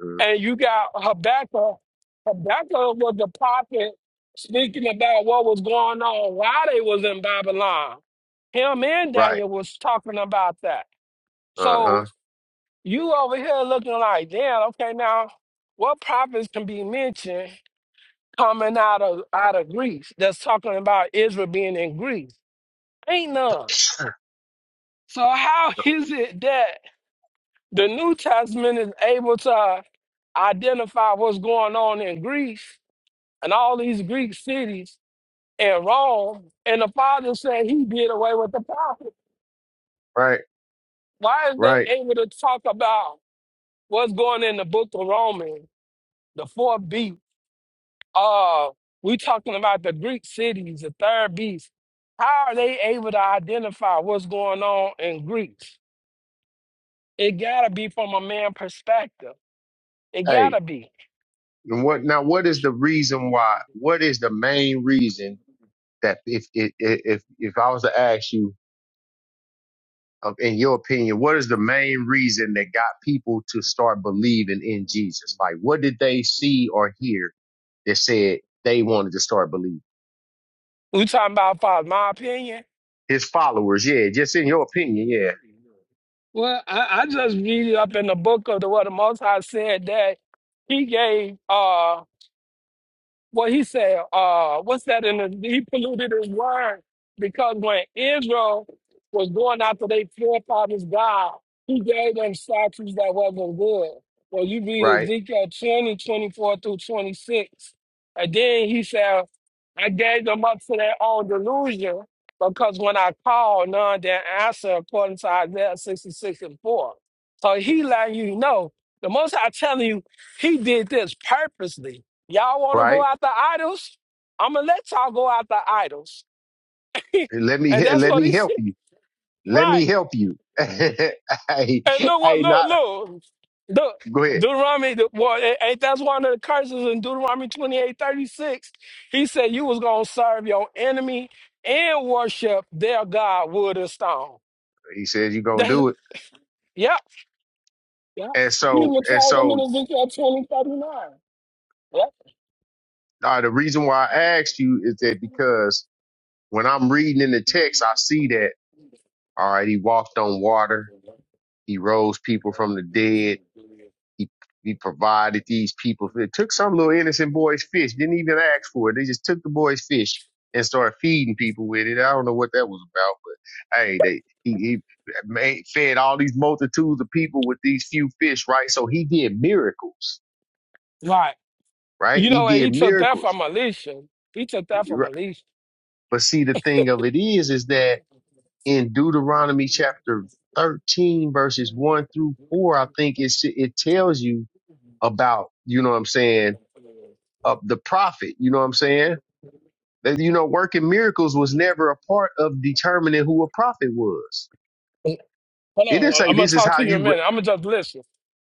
[SPEAKER 6] hmm
[SPEAKER 1] and you got Habakkuk. Habakkuk was the prophet speaking about what was going on while they was in Babylon. Him and
[SPEAKER 6] Right.
[SPEAKER 1] Daniel was talking about that.
[SPEAKER 6] Uh
[SPEAKER 1] So
[SPEAKER 6] huh.
[SPEAKER 1] you over here looking like, damn, okay, now what prophets can be mentioned coming out of out of Greece that's talking about Israel being in Greece? Ain't none. So how *laughs* is it that the New Testament is able to identify what's going on in Greece and all these Greek cities and Rome. And the father said he did away with the prophet.
[SPEAKER 6] Right.
[SPEAKER 1] Why is they
[SPEAKER 6] Right.
[SPEAKER 1] able to talk about what's going in the book of Romans, the fourth beast? Uh, we talking about the Greek cities, the third beast. How are they able to identify what's going on in Greece? It gotta be from a man perspective. It
[SPEAKER 6] Hey,
[SPEAKER 1] gotta be.
[SPEAKER 6] and what now? What is the reason why? What is the main reason that if if if if I was to ask you, um, in your opinion, what is the main reason that got people to start believing in Jesus? Like, what did they see or hear that said they wanted to start believing?
[SPEAKER 1] We talking about, Father, my opinion.
[SPEAKER 6] His followers, yeah. Just in your opinion, yeah.
[SPEAKER 1] Well, I, I just read up in the book of the what the Most High said that He gave uh well, he said, uh, what's that in the, he polluted his word because when Israel was going after their forefathers' God, he gave them statues that wasn't good. Well, you read
[SPEAKER 6] Right.
[SPEAKER 1] Ezekiel 20 24 through 26. And then he said, I gave them up to their own delusion because when I called, none did answer according to Isaiah 66 and 4. So he letting you know, the most I telling you, he did this purposely Y'all want to go
[SPEAKER 6] Right.
[SPEAKER 1] after idols? I'm gonna let y'all go after idols. *laughs* and
[SPEAKER 6] Let me he-
[SPEAKER 1] that's
[SPEAKER 6] let
[SPEAKER 1] what
[SPEAKER 6] me
[SPEAKER 1] he
[SPEAKER 6] help
[SPEAKER 1] said.
[SPEAKER 6] you. Let me
[SPEAKER 1] Right.
[SPEAKER 6] help you. *laughs* hey,
[SPEAKER 1] And look what
[SPEAKER 6] hey,
[SPEAKER 1] look
[SPEAKER 6] not
[SPEAKER 1] look. Look.
[SPEAKER 6] go ahead.
[SPEAKER 1] Deuteronomy the- well, a- ain't that's one of the curses in Deuteronomy 28 36? He said you was gonna serve your enemy and worship their God wood and stone. *laughs*
[SPEAKER 6] He says you're gonna
[SPEAKER 1] That
[SPEAKER 6] do it.
[SPEAKER 1] yep. Yep.
[SPEAKER 6] And
[SPEAKER 1] He
[SPEAKER 6] so
[SPEAKER 1] even
[SPEAKER 6] and
[SPEAKER 1] told them in
[SPEAKER 6] so
[SPEAKER 1] Ezekiel twenty thirty nine. 39.
[SPEAKER 6] uh, the reason why I asked you is that because when I'm reading in the text, I see that all right, he walked on water, he rose people from the dead He, he provided these people. It took some little innocent boy's fish. Didn't even ask for it. They just took the boy's fish and started feeding people with it. I don't know what that was about, but hey, they he, he made, fed all these multitudes of people with these few fish, right? So he did miracles,
[SPEAKER 1] Yep. Right.
[SPEAKER 6] right?
[SPEAKER 1] You
[SPEAKER 6] He
[SPEAKER 1] know what?
[SPEAKER 6] did
[SPEAKER 1] He took that
[SPEAKER 6] miracles.
[SPEAKER 1] from Alicia. He took that from
[SPEAKER 6] Right.
[SPEAKER 1] Alicia.
[SPEAKER 6] But see, the thing of it is, is that in Deuteronomy chapter 13, verses 1 through 4, I think it's, it tells you about, you know what I'm saying? uh, the prophet. You know what I'm saying? That, you know, working miracles was never a part of determining who a prophet was.
[SPEAKER 1] Hold
[SPEAKER 6] It didn't
[SPEAKER 1] on.
[SPEAKER 6] say
[SPEAKER 1] I'm going to
[SPEAKER 6] this is
[SPEAKER 1] talk
[SPEAKER 6] how
[SPEAKER 1] to you in
[SPEAKER 6] you.
[SPEAKER 1] a minute.
[SPEAKER 6] Re-
[SPEAKER 1] I'm going to just listen.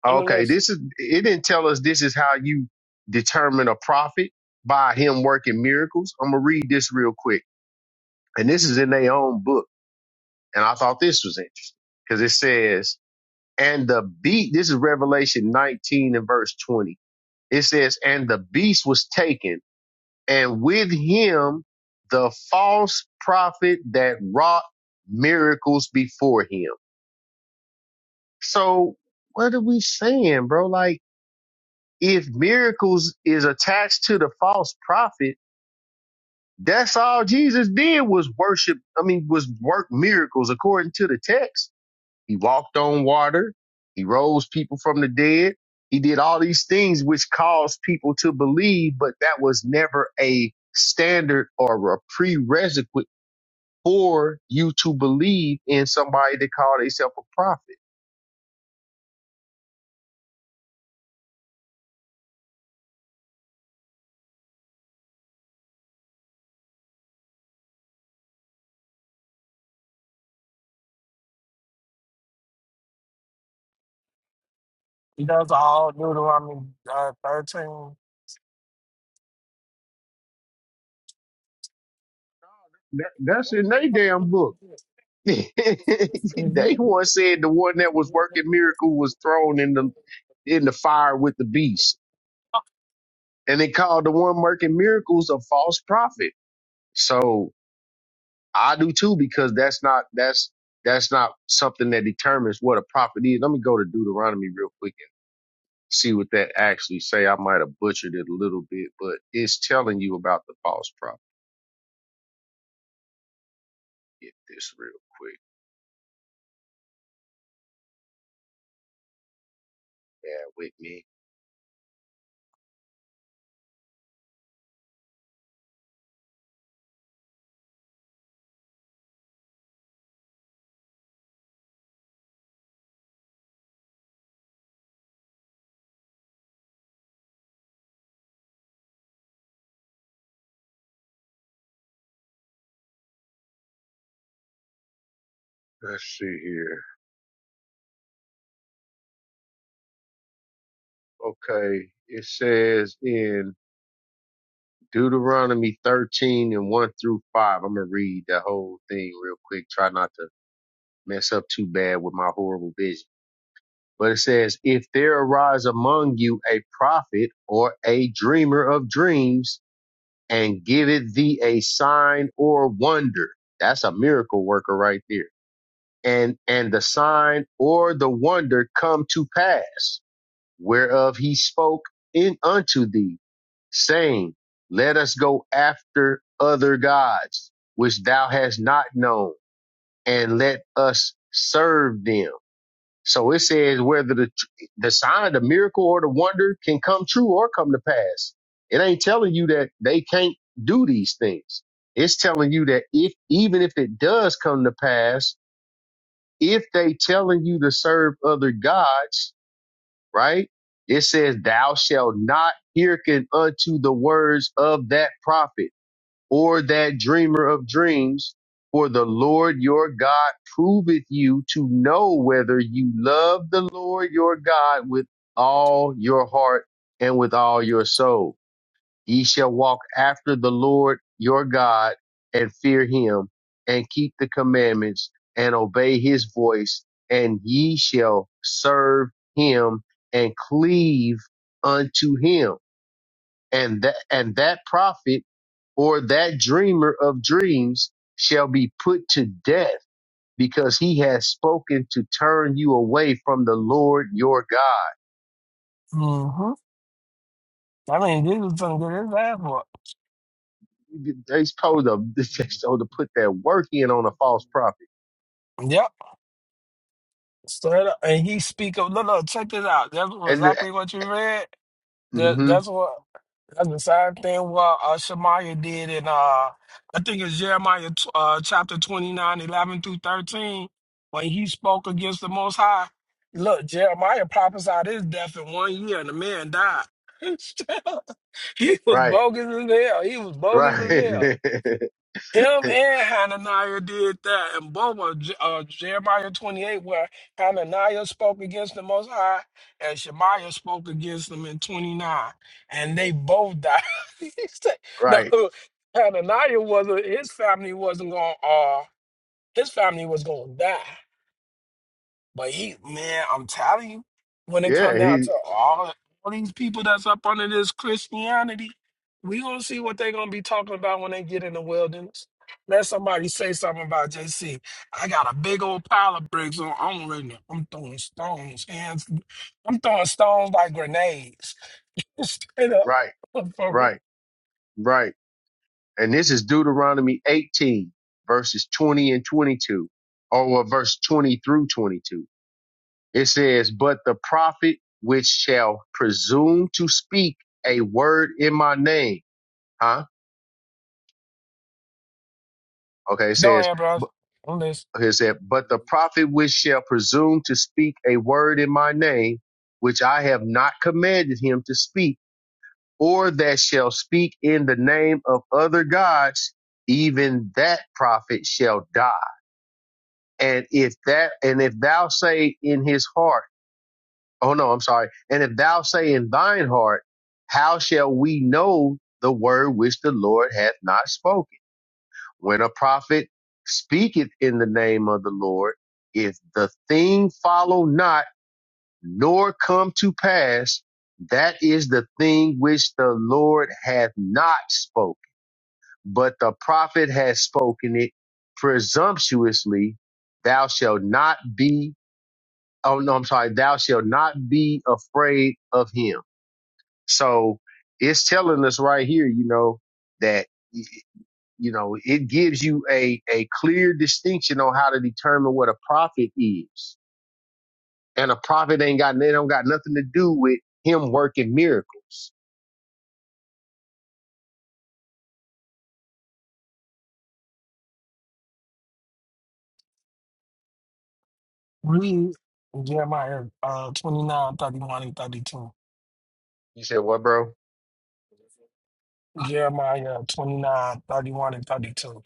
[SPEAKER 1] I'm going to
[SPEAKER 6] okay,
[SPEAKER 1] listen.
[SPEAKER 6] this is. It didn't tell us this is how you determine a prophet by him working miracles. I'm gonna read this real quick, and this is in their own book, and I thought this was interesting because it says, "And the beast." This is Revelation 19 and verse 20. It says, "And the beast was taken." and with him the false prophet that wrought miracles before him. So what are we saying, bro? Like if miracles is attached to the false prophet, that's all Jesus did was worship. I mean, was work miracles according to the text. He walked on water. He rose people from the dead. He did all these things which caused people to believe, but that was never a standard or a prerequisite for you to believe in somebody that call themselves a prophet.
[SPEAKER 1] He does all Deuteronomy uh, 13.
[SPEAKER 6] That, that's in they damn book. *laughs*
[SPEAKER 1] Mm-hmm.
[SPEAKER 6] they once said the one that was working miracles was thrown in the in the fire with the beast, and they called the one working miracles a false prophet. So I do too because that's not that's that's not something that determines what a prophet is. Let me go to Deuteronomy real quick and see what that actually say. I might have butchered it a little bit, but it's telling you about the false prophet. get this real quick. Bear with me. Let's see here. Okay. It says in Deuteronomy 13 and 1 through 5. I'm going to read the whole thing real quick. Try not to mess up too bad with my horrible vision. But it says, if there arise among you a prophet or a dreamer of dreams and giveth thee a sign or wonder. That's a miracle worker right there. And, and the sign or the wonder come to pass whereof he spoke in unto thee, saying, Let us go after other gods, which thou hast not known, and let us serve them. So it says whether the the sign, the miracle, or the wonder can come true or come to pass. It ain't telling you that they can't do these things. It's telling you that if even if it does come to pass, if they telling you to serve other gods, right? It says, Thou shalt not hearken unto the words of that prophet or that dreamer of dreams, for the Lord your God proveth you to know whether you love the Lord your God with all your heart and with all your soul. Ye shall walk after the Lord your God and fear him and keep the commandments and obey his voice and ye shall serve him and cleave unto him. And that, and that prophet or that dreamer of dreams shall be put to death because he has spoken to turn you away from the Lord your God.
[SPEAKER 1] Mm-hmm. I mean, Jesus is going to get his ass whooped.
[SPEAKER 6] They supposed to, *laughs* they supposed to put that work in on a false prophet.
[SPEAKER 1] Yep. Straight up. And he speak of, look, look, check this out. That's
[SPEAKER 6] and
[SPEAKER 1] exactly what you read. That,
[SPEAKER 6] hmm
[SPEAKER 1] that's what That's the same thing what uh, Shemaiah did in uh, I think it's Jeremiah tw- uh, chapter twenty nine, eleven 11 through 13, when he spoke against the Most High. Look, Jeremiah prophesied his death in one year, and the man died. *laughs* he was
[SPEAKER 6] Right.
[SPEAKER 1] bogus as hell. He was bogus as
[SPEAKER 6] Right.
[SPEAKER 1] hell. Him
[SPEAKER 6] *laughs*
[SPEAKER 1] and Hananiah did that, and both were Je- uh, Jeremiah 28, where Hananiah spoke against the Most High, and Shemaiah spoke against them in 29, and they both died. *laughs* He said- no,
[SPEAKER 6] right.
[SPEAKER 1] Hananiah wasn't. His family wasn't going. to Uh, his family was going to die. But he, man, I'm telling you, when it come
[SPEAKER 6] Yeah.
[SPEAKER 1] down
[SPEAKER 6] He.
[SPEAKER 1] to all, all these people that's up under this Christianity, we gonna see what they gonna be talking about when they get in the wilderness. Let somebody say something about JC. I got a big old pile of bricks on. I'm ready. to- I'm throwing stones, hands. I'm throwing stones like grenades. *laughs* Straight up.
[SPEAKER 6] Right.
[SPEAKER 1] *laughs* For real.
[SPEAKER 6] Right. Right. And this is Deuteronomy 18, verses 20 and 22, or well, verse 20 through 22. It says, "But the prophet which shall presume to speak a word in my name, huh? Okay. It
[SPEAKER 1] Go
[SPEAKER 6] says,
[SPEAKER 1] ahead, bro.
[SPEAKER 6] bu-
[SPEAKER 1] Let's
[SPEAKER 6] it said, but the prophet which shall presume to speak a word in my name, which I have not commanded him to speak." or that shall speak in the name of other gods, even that prophet shall die. And if that, and if thou say in his heart, oh no, I'm sorry. And if thou say in thine heart, how shall we know the word which the Lord hath not spoken? When a prophet speaketh in the name of the Lord, if the thing follow not, nor come to pass, that is the thing which the Lord hath not spoken but the prophet has spoken it presumptuously. Thou shalt not be, oh no, I'm sorry, thou shalt not be afraid of him. So it's telling us right here, you know, that, y- you know, it gives you a, a clear distinction on how to determine what a prophet is. And a prophet ain't got, they don't got nothing to do with him working miracles.
[SPEAKER 1] read Jeremiah uh, 29, 31, and 32.
[SPEAKER 6] You said, what, bro?
[SPEAKER 1] *laughs* Jeremiah 29 31 and 32.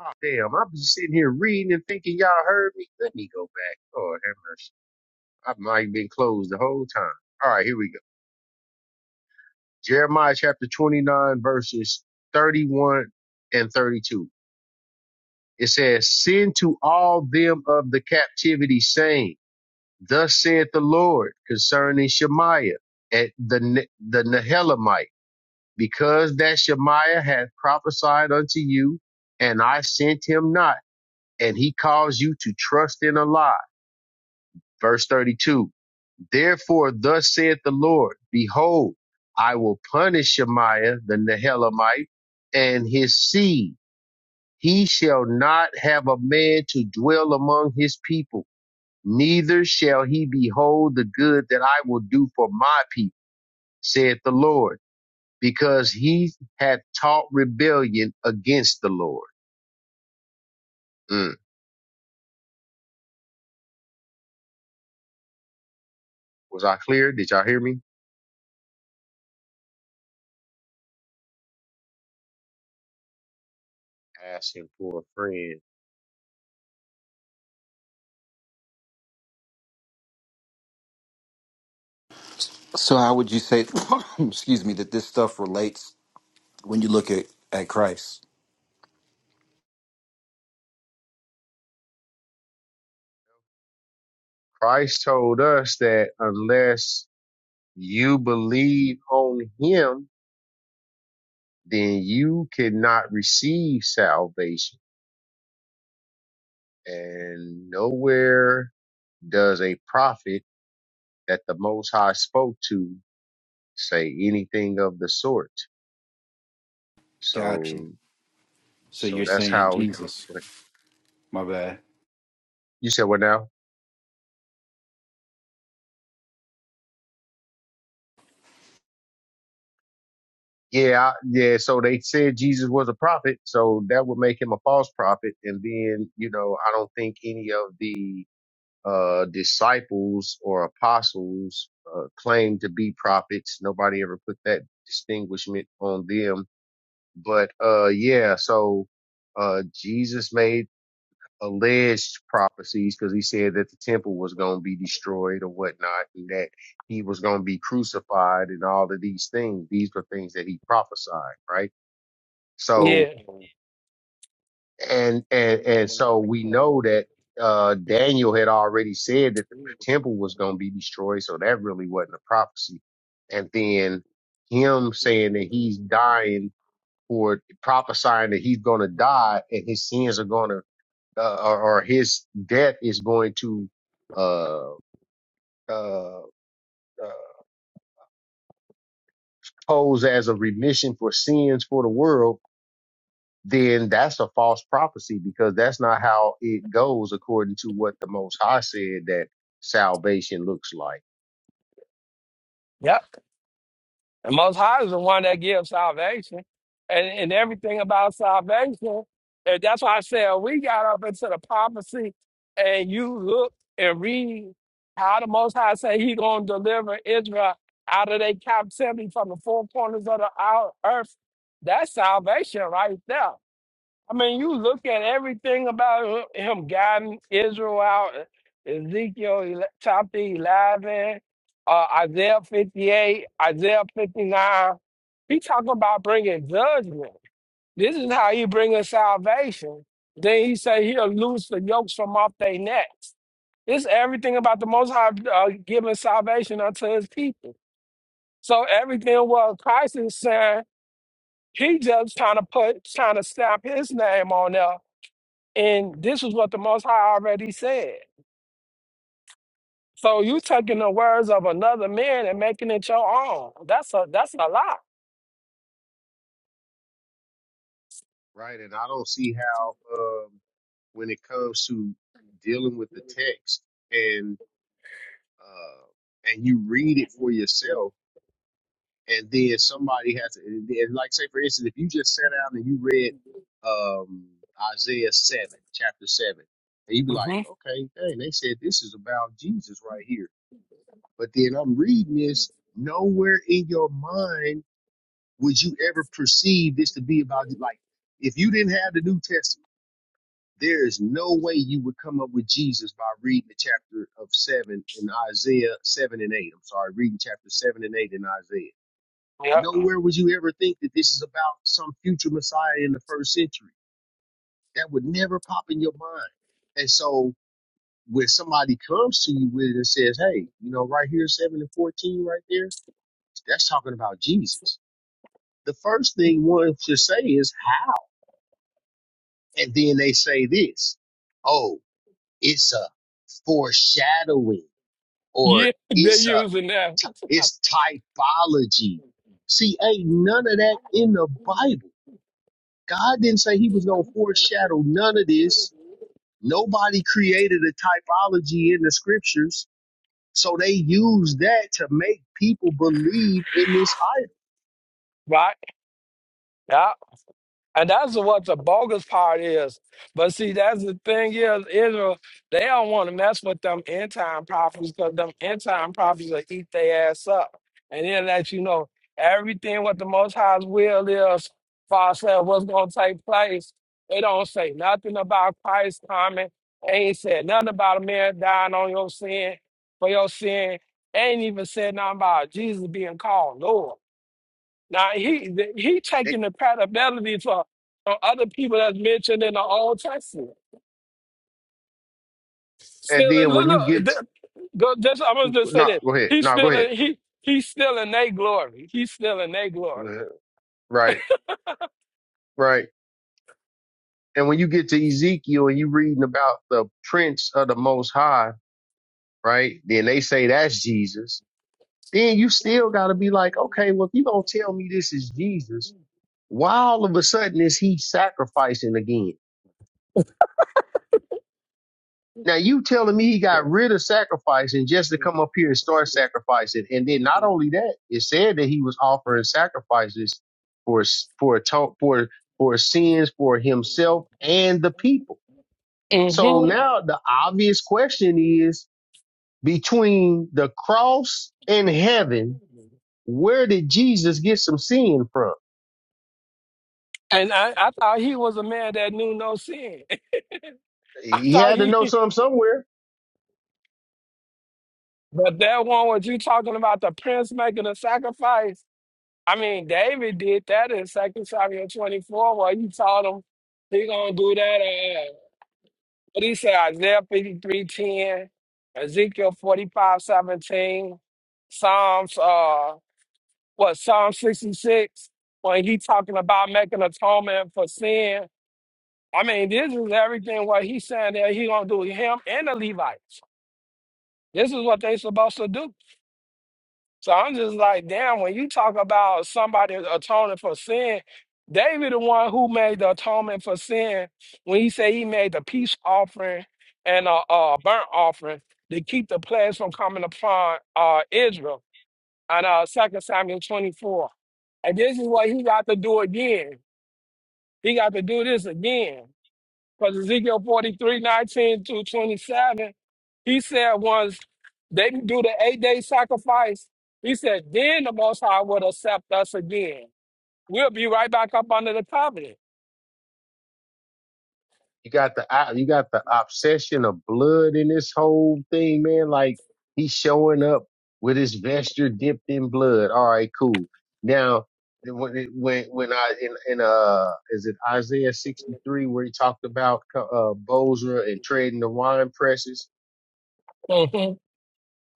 [SPEAKER 6] Oh, damn, I'm just sitting here reading and thinking y'all heard me. Let me go back. Lord have mercy. I've been closed the whole time. All right, here we go. Jeremiah chapter 29, verses 31 and 32. It says, Send to all them of the captivity, saying, Thus saith the Lord concerning Shemaiah at the, Ne- the Nehelamite, because that Shemaiah hath prophesied unto you, and I sent him not, and he caused you to trust in a lie Verse 32. Therefore, thus saith the Lord, Behold, I will punish Shemaiah the Nehelamite and his seed. He shall not have a man to dwell among his people, neither shall he behold the good that I will do for my people, saith the Lord, because he hath taught rebellion against the Lord. Mm. Was I clear? Did y'all hear me? Asking for a friend.
[SPEAKER 7] So how would you say, *laughs* *coughs* excuse me, that this stuff relates when you look at, at Christ?
[SPEAKER 6] Christ told us that unless you believe on him, then you cannot receive salvation. And nowhere does a prophet that the Most High spoke to say anything of the sort.
[SPEAKER 7] Gotcha.
[SPEAKER 6] So,
[SPEAKER 7] So
[SPEAKER 6] so
[SPEAKER 7] you're
[SPEAKER 6] that's
[SPEAKER 7] saying
[SPEAKER 6] how we.
[SPEAKER 7] Jesus.
[SPEAKER 6] what-
[SPEAKER 7] My bad.
[SPEAKER 6] You said what now? Yeah, I, yeah. So they said Jesus was a prophet, so that would make him a false prophet. And then, you know, I don't think any of the uh, disciples or apostles uh, claim to be prophets. Nobody ever put that distinguishment on them. But uh, yeah, so uh, Jesus made alleged prophecies because he said that the temple was going to be destroyed or whatnot, and that he was going to be crucified and all of these things. These were things that he prophesied, right? So and and and so we know that uh Daniel had already said that the temple was going to be destroyed, so that really wasn't a prophecy. And then him saying that he's dying or prophesying that he's going to die and his sins are going to uh, or, or his death is going to uh uh, uh pose as a remission for sins for the world then that's a false prophecy because that's not how it goes according to what the Most High said that salvation looks like.
[SPEAKER 1] Yep. The Most High is the one that gives salvation. And, and everything about salvation, and that's why I said we got up into the prophecy and you look and read how the Most High say he going to deliver Israel out of their captivity from the four corners of the ou- earth. That's salvation right there. I mean, you look at everything about him, him guiding Israel out, E, Ezekiel ele- chapter 11, uh, Isaiah 58, Isaiah 59. He talking about bringing judgment. This is how he bringing salvation. Then he say he'll loose the yokes from off their necks. It's everything about the Most High uh, giving salvation unto His people. So everything what Christ is saying, He just trying to put, trying to stamp His name on there and this was what the Most High already said. So you taking the words of another man and making it your own. That's a that's a lie.
[SPEAKER 6] Right. And I don't see how, um, when it comes to dealing with the text and, uh, and you read it for yourself and then somebody has to, and and like say for instance, if you just sat down and you read, um, Isaiah 7, chapter 7, and you'd be like,
[SPEAKER 1] hmm
[SPEAKER 6] okay, dang, they said this is about Jesus right here But then I'm reading this. Nowhere in your mind would you ever perceive this to be about like if you didn't have the New Testament, there is no way you would come up with Jesus by reading the chapter of seven in Isaiah seven and eight. I'm sorry, reading chapter seven and eight in Isaiah.
[SPEAKER 1] Yeah.
[SPEAKER 6] Nowhere would you ever think that this is about some future Messiah in the first century. That would never pop in your mind. And so when somebody comes to you with it and says, Hey, you know, right here, seven and fourteen, right there That's talking about Jesus. The first thing one should say is how. And then they say this oh, it's a foreshadowing or
[SPEAKER 1] Yeah, *laughs* they're
[SPEAKER 6] it's a
[SPEAKER 1] using that.
[SPEAKER 6] ty- it's typology. See, ain't none of that in the Bible. God didn't say he was going to foreshadow none of this. Nobody created a typology in the scriptures. So they use that to make people believe in this
[SPEAKER 1] *laughs* right? Yeah. And that's what the bogus part is. But see, that's the thing is, Israel, they don't want to mess with them end time prophets because them end time prophets will eat their ass up. And they'll let you know everything what the Most High's will is, far said what's going to take place. They don't say nothing about Christ coming. They ain't said nothing about a man dying on your sin, for your sin. They ain't even said nothing about Jesus being called Lord. Now he he
[SPEAKER 6] idol.
[SPEAKER 1] taking the paternity for uh, other people that's mentioned in the Old Testament.
[SPEAKER 6] And
[SPEAKER 1] Still in
[SPEAKER 6] then
[SPEAKER 1] look,
[SPEAKER 6] when you
[SPEAKER 1] look
[SPEAKER 6] get
[SPEAKER 1] th- go- just, I'm gonna just say
[SPEAKER 6] no,
[SPEAKER 1] this.
[SPEAKER 6] go ahead.
[SPEAKER 1] He's
[SPEAKER 6] No, go
[SPEAKER 1] still
[SPEAKER 6] ahead.
[SPEAKER 1] in he he's still in their glory. He's still in their glory.
[SPEAKER 6] Uh, Right, right. And when you get to Ezekiel and you reading about the Prince of the Most High, right? Then they say that's Jesus. Then you still got to be like, okay, well, if you gonna tell me this is Jesus, why all of a sudden is he sacrificing again? Now you telling me he got rid of sacrificing just to come up here and start sacrificing, and then not only that, it said that he was offering sacrifices for for for for, for sins for himself and the people. So
[SPEAKER 1] hmm
[SPEAKER 6] now the obvious question is between the cross and heaven, where did Jesus get some sin from?
[SPEAKER 1] And I, I thought he was a man that knew no sin. *laughs* I
[SPEAKER 6] He
[SPEAKER 1] thought
[SPEAKER 6] had to know
[SPEAKER 1] he
[SPEAKER 6] something somewhere.
[SPEAKER 1] but that one was you talking about the prince making a sacrifice. I mean David did that in Second Samuel 24 where he told him he gonna do that. uh, What he you say? Isaiah 53 10, Ezekiel 45 17, Psalms, uh, what, Psalm 66, when he talking about making atonement for sin. I mean, this is everything what he's saying that he gonna do, him and the Levites. This is what they supposed to do. So I'm just like, damn, when you talk about somebody atoning for sin, David, the one who made the atonement for sin, when he said he made the peace offering and a, a burnt offering to keep the plagues from coming upon uh, Israel on uh, 2 Samuel 24. And this is what he got to do again. He got to do this again. Because Ezekiel forty three nineteen 19 through 27, he said once they do the eight day sacrifice, he said, then the Most High will accept us again. We'll be right back up under the covenant.
[SPEAKER 6] You got the uh, you got the obsession of blood in this whole thing, man. Like he's showing up with his vesture dipped in blood. All right, cool. Now when it- when when I in in uh is it Isaiah sixty three where he talked about uh Bozrah and trading the wine presses
[SPEAKER 1] *laughs*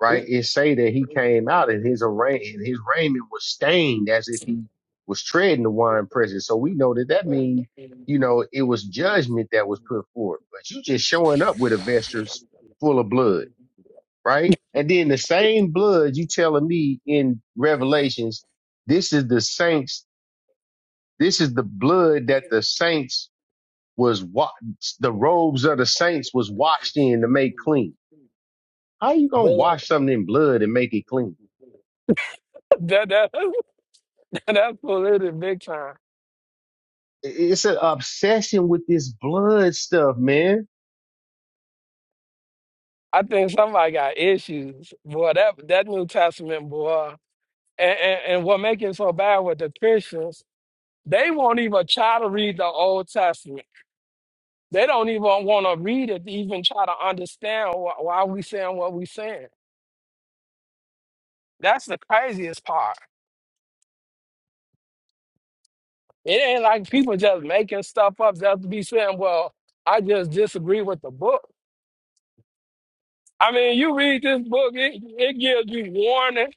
[SPEAKER 6] right? It say that he came out and his arra- and his raiment was stained as if he was treading the wine presses. So we know that that means,
[SPEAKER 1] Mhm.
[SPEAKER 6] you know, it was judgment that was put forth. But you just showing up with a vesture full of blood, right? And then the same blood you telling me in Revelations, this is the saints, this is the blood that the saints was wa- the robes of the saints was washed in to make clean. How you gonna wash something in blood and make it clean?
[SPEAKER 1] that, that, *laughs* that's polluted big time.
[SPEAKER 6] it's an obsession with this blood stuff, man.
[SPEAKER 1] I think somebody got issues. Boy, that, that New Testament, boy. And, and, and what makes it so bad with the Christians, they won't even try to read the Old Testament They don't even want to read it, to even try to understand wh- why we saying what we saying. That's the craziest part. It ain't like people just making stuff up just to be saying, well, I just disagree with the book. I mean, you read this book, it, it gives you warning.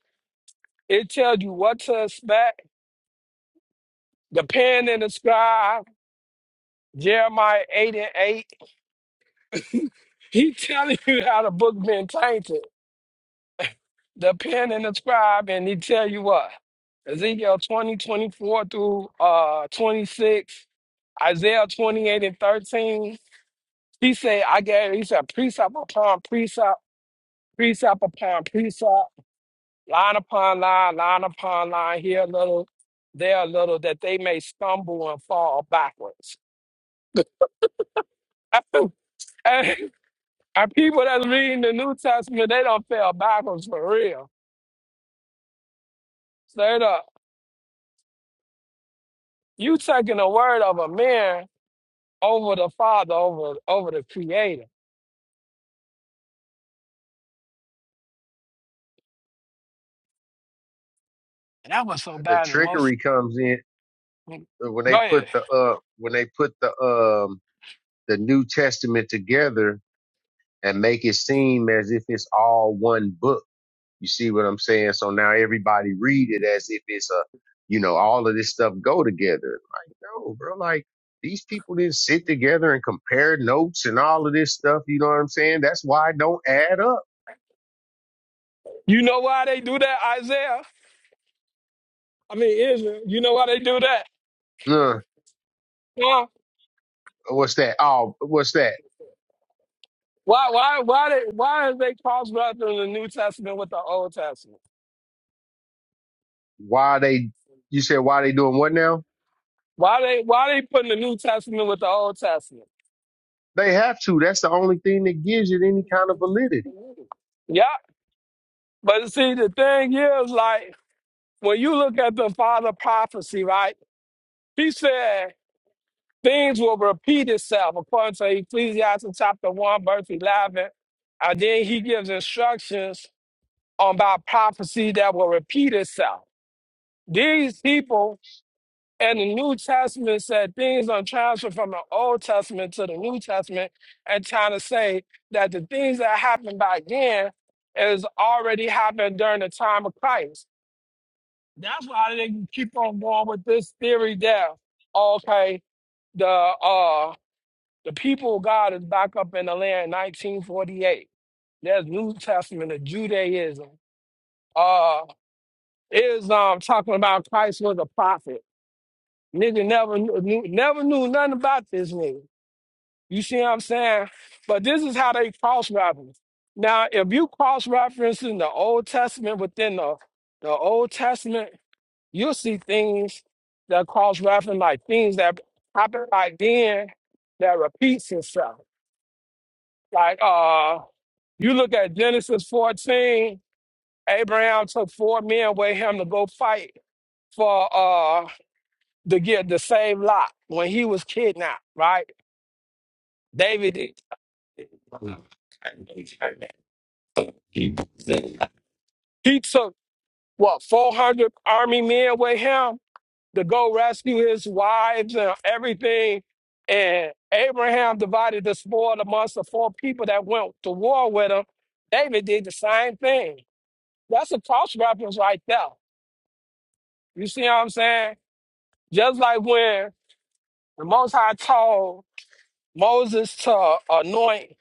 [SPEAKER 1] It tells you what to expect. The pen and the scribe, Jeremiah 8 and 8, he *laughs* telling you how the book been tainted. the pen and the scribe, and he tell you what. Ezekiel 20 24 through uh 26, Isaiah 28 and 13. He said, I gave, he said, precept upon precept, precept upon precept, line upon line, line upon line, here a little, there a little, that they may stumble and fall backwards. *laughs* And and people that's reading the New Testament, they don't fell backwards for real. Straight up. You taking the word of a man over the Father, over over the Creator. And that was so
[SPEAKER 6] The
[SPEAKER 1] bad. The most.
[SPEAKER 6] trickery comes in
[SPEAKER 1] Go
[SPEAKER 6] uh, when they
[SPEAKER 1] ahead.
[SPEAKER 6] put the uh when they put the um the New Testament together and make it seem as if it's all one book. You see what I'm saying? So now everybody read it as if it's a you know all of this stuff go together. Like no, bro, like these people didn't sit together and compare notes and all of this stuff. You know what I'm saying? That's why it don't add up.
[SPEAKER 1] You know why they do that, Isaiah? I mean Israel. You know why they do that?
[SPEAKER 6] Uh,
[SPEAKER 1] Huh?
[SPEAKER 6] what's that? Oh, what's that?
[SPEAKER 1] Why? Why? Why? They, why is they cross referencing the New Testament with the Old Testament?
[SPEAKER 6] Why they, you said why they doing what now?
[SPEAKER 1] Why they? Why they putting the New Testament with the Old Testament?
[SPEAKER 6] They have to. That's the only thing that gives it any kind of validity.
[SPEAKER 1] Yeah. But see, the thing is, like when you look at the Father prophecy, right? He said. Things will repeat itself according to Ecclesiastes chapter 1, verse 11. And then he gives instructions on about prophecy that will repeat itself. These people in the New Testament said things on transfer from the Old Testament to the New Testament and trying to say that the things that happened back then is already happened during the time of Christ. That's why they can keep on going with this theory There, okay, the uh The people of God is back up in the land in 1948. There's New Testament of Judaism. Uh, Islam talking about Christ was a prophet. Nigga never knew, knew- never knew nothing about this nigga. You see what I'm saying? But this is how they cross reference. Now, if you cross reference in the Old Testament within the, the Old Testament, you'll see things that cross reference like things that happened back then that repeats itself. Like uh you look at Genesis 14, Abraham took four men with him to go fight for uh to get to save Lot when he was kidnapped, right? David did. He took what 400 army men with him to go rescue his wives and everything. And Abraham divided the spoil amongst the four people that went to war with him. David did the same thing. That's a cross reference right there. You see what I'm saying? Just like when the Most High told Moses to anoint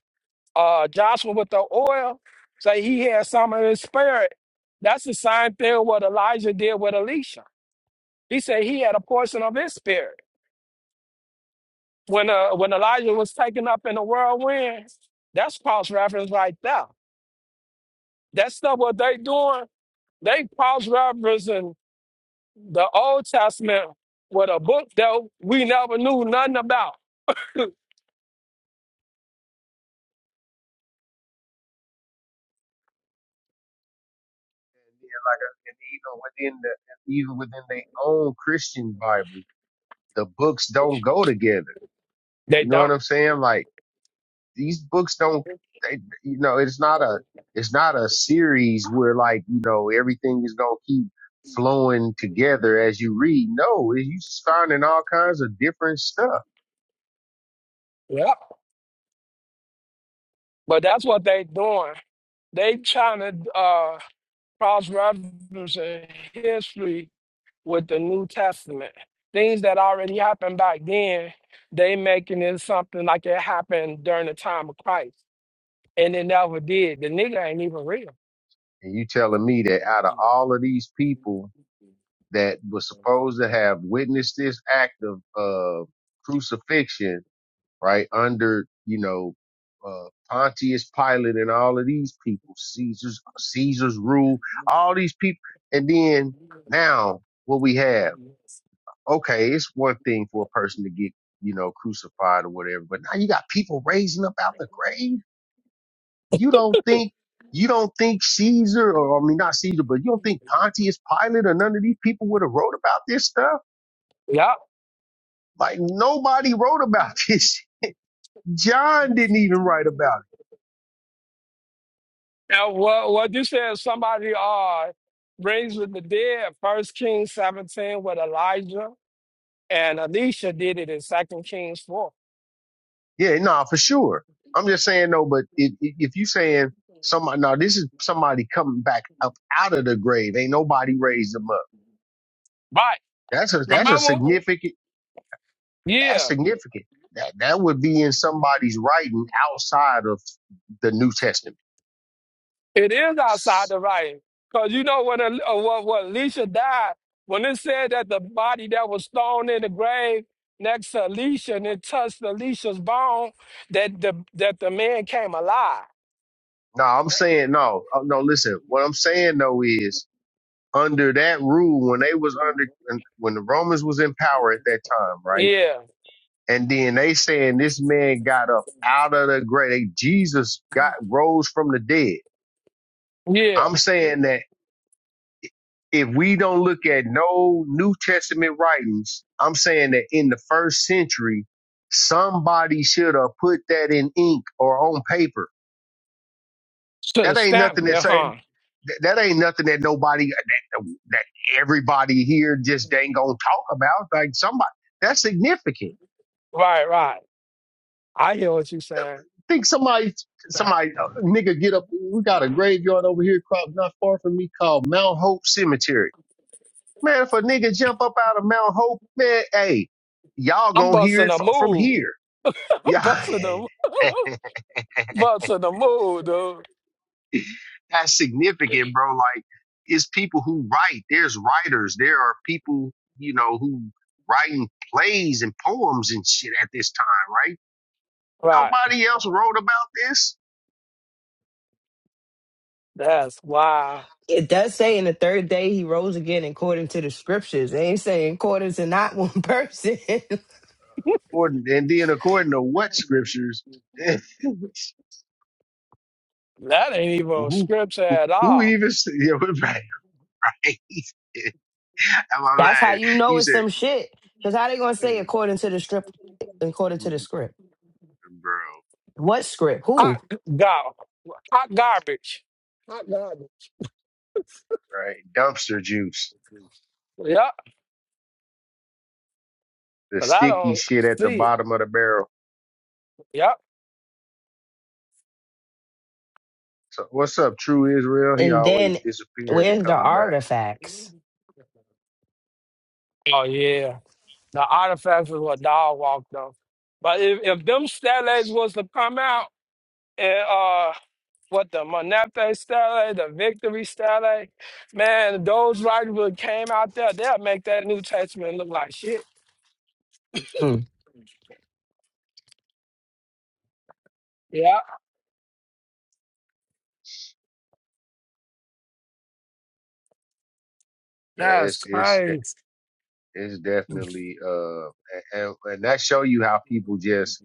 [SPEAKER 1] uh, Joshua with the oil, say he had some of his spirit. That's the same thing what Elijah did with Elisha. He said he had a portion of his spirit. When uh, when Elijah was taken up in the whirlwind, that's cross reference right there. That stuff what they doing, they cross referencing the Old Testament with a book that we never knew nothing about.
[SPEAKER 6] Even within the, even within their own Christian Bible, the books don't go together.
[SPEAKER 1] They
[SPEAKER 6] You know what
[SPEAKER 1] don't.
[SPEAKER 6] I'm saying? Like these books don't, they, you know, it's not a, it's not a series where like, you know, everything is going to keep flowing together as you read. No, you just finding all kinds of different stuff.
[SPEAKER 1] Yeah. But that's what they doing. They trying to uh, cross reference history with the New Testament. Things that already happened back then, they making it something like it happened during the time of Christ, and it never did. The nigga ain't even real.
[SPEAKER 6] And you telling me that out of all of these people, that was supposed to have witnessed this act of uh, crucifixion, right under you know uh, Pontius Pilate and all of these people, Caesar's Caesar's rule, all these people, and then now what we have? Okay, it's one thing for a person to get you know crucified or whatever, but now you got people raising up out the grave. You don't think you don't think Caesar, or I mean not Caesar, but you don't think Pontius Pilate or none of these people would have wrote about this stuff?
[SPEAKER 1] Yeah.
[SPEAKER 6] Like nobody wrote about *laughs* this. John didn't even write about
[SPEAKER 1] Now what what you said? Somebody uh brings with the dead. First Kings seventeen with Elijah and Elisha did it in Second Kings four.
[SPEAKER 6] it. Yeah, nah, for sure. I'm just saying no, but if, if if you saying somebody, no, this is somebody coming back up out of the grave. Ain't nobody raised them up.
[SPEAKER 1] Right.
[SPEAKER 6] That's a that's a
[SPEAKER 1] Remember?
[SPEAKER 6] significant.
[SPEAKER 1] Yeah.
[SPEAKER 6] That's significant. That that would be in somebody's writing outside of the New Testament.
[SPEAKER 1] It is outside the writing. Because you know, when, El- uh, when, when Elisha died, when it said that the body that was thrown in the grave next to Elisha and it touched Elisha's bone, that the, that the man came alive.
[SPEAKER 6] No, I'm saying no, Uh, no. Listen, what I'm saying though is under that rule when they was under when the Romans was in power at that time, right?
[SPEAKER 1] Yeah,
[SPEAKER 6] And then they saying this man got up out of the grave. They- Jesus got rose from the dead.
[SPEAKER 1] yeah.
[SPEAKER 6] I'm saying that if we don't look at no New Testament writings, I'm saying that in the first century, somebody should have put that in ink or on paper.
[SPEAKER 1] Should have
[SPEAKER 6] That ain't
[SPEAKER 1] stamped
[SPEAKER 6] nothing that
[SPEAKER 1] it,
[SPEAKER 6] say
[SPEAKER 1] huh?
[SPEAKER 6] that that ain't nothing that nobody that, that everybody here just ain't gonna talk about. Like somebody that's significant.
[SPEAKER 1] Right, right. I hear what you're saying.
[SPEAKER 6] think somebody, somebody, uh, nigga, get up. We got a graveyard over here, crop not far from me, called Mount Hope Cemetery. Man, if a nigga jump up out of Mount Hope, man, hey, y'all
[SPEAKER 1] I'm
[SPEAKER 6] gonna hear
[SPEAKER 1] busting
[SPEAKER 6] it
[SPEAKER 1] a
[SPEAKER 6] fro- from
[SPEAKER 1] move.
[SPEAKER 6] here.
[SPEAKER 1] *laughs* I'm
[SPEAKER 6] Yeah,
[SPEAKER 1] busting a, *laughs* busting a move, dude.
[SPEAKER 6] *laughs* that's significant, bro. Like, it's people who write. There's writers. There are people, you know, who writing plays and poems and shit at this time, right?
[SPEAKER 1] Right.
[SPEAKER 6] Nobody else wrote about this.
[SPEAKER 1] That's wow.
[SPEAKER 4] it does say in the third day he rose again according to the scriptures. They ain't saying according to not one person. *laughs*
[SPEAKER 6] According and then according to what scriptures? *laughs*
[SPEAKER 1] That ain't even
[SPEAKER 6] who
[SPEAKER 1] scripture
[SPEAKER 6] who,
[SPEAKER 1] at
[SPEAKER 6] who
[SPEAKER 1] all.
[SPEAKER 6] even s- yeah *laughs* we're right, right. *laughs* I'm
[SPEAKER 4] That's how
[SPEAKER 6] like
[SPEAKER 4] you know
[SPEAKER 6] you
[SPEAKER 4] it's
[SPEAKER 6] said
[SPEAKER 4] some shit. Cause how they gonna say
[SPEAKER 6] mm,
[SPEAKER 4] according to the strip, according to the
[SPEAKER 6] mm,
[SPEAKER 4] script?
[SPEAKER 6] bro
[SPEAKER 4] What script? Who?
[SPEAKER 1] Hot g- gar, hot garbage. Hot garbage.
[SPEAKER 6] right dumpster juice
[SPEAKER 1] Yep,
[SPEAKER 6] the
[SPEAKER 1] cause I
[SPEAKER 6] sticky
[SPEAKER 1] don't
[SPEAKER 6] shit at the
[SPEAKER 1] see it.
[SPEAKER 6] bottom of the barrel.
[SPEAKER 1] Yep.
[SPEAKER 6] So what's up, True Israel? He
[SPEAKER 4] And
[SPEAKER 6] always
[SPEAKER 4] then
[SPEAKER 6] disappearing and
[SPEAKER 4] where's the
[SPEAKER 6] coming back.
[SPEAKER 4] artifacts?
[SPEAKER 1] Oh yeah, the artifacts is what dog walked on. But if, if them stellates was to come out and uh, what the Monete stellate, the Victory stellate, man, those writers would came out there, they'll make that New Testament look like shit.
[SPEAKER 4] Hmm.
[SPEAKER 1] Yeah,
[SPEAKER 6] Yeah,
[SPEAKER 1] that's
[SPEAKER 6] it's it's de-
[SPEAKER 1] crazy.
[SPEAKER 6] it's definitely uh and, and and that show you how people just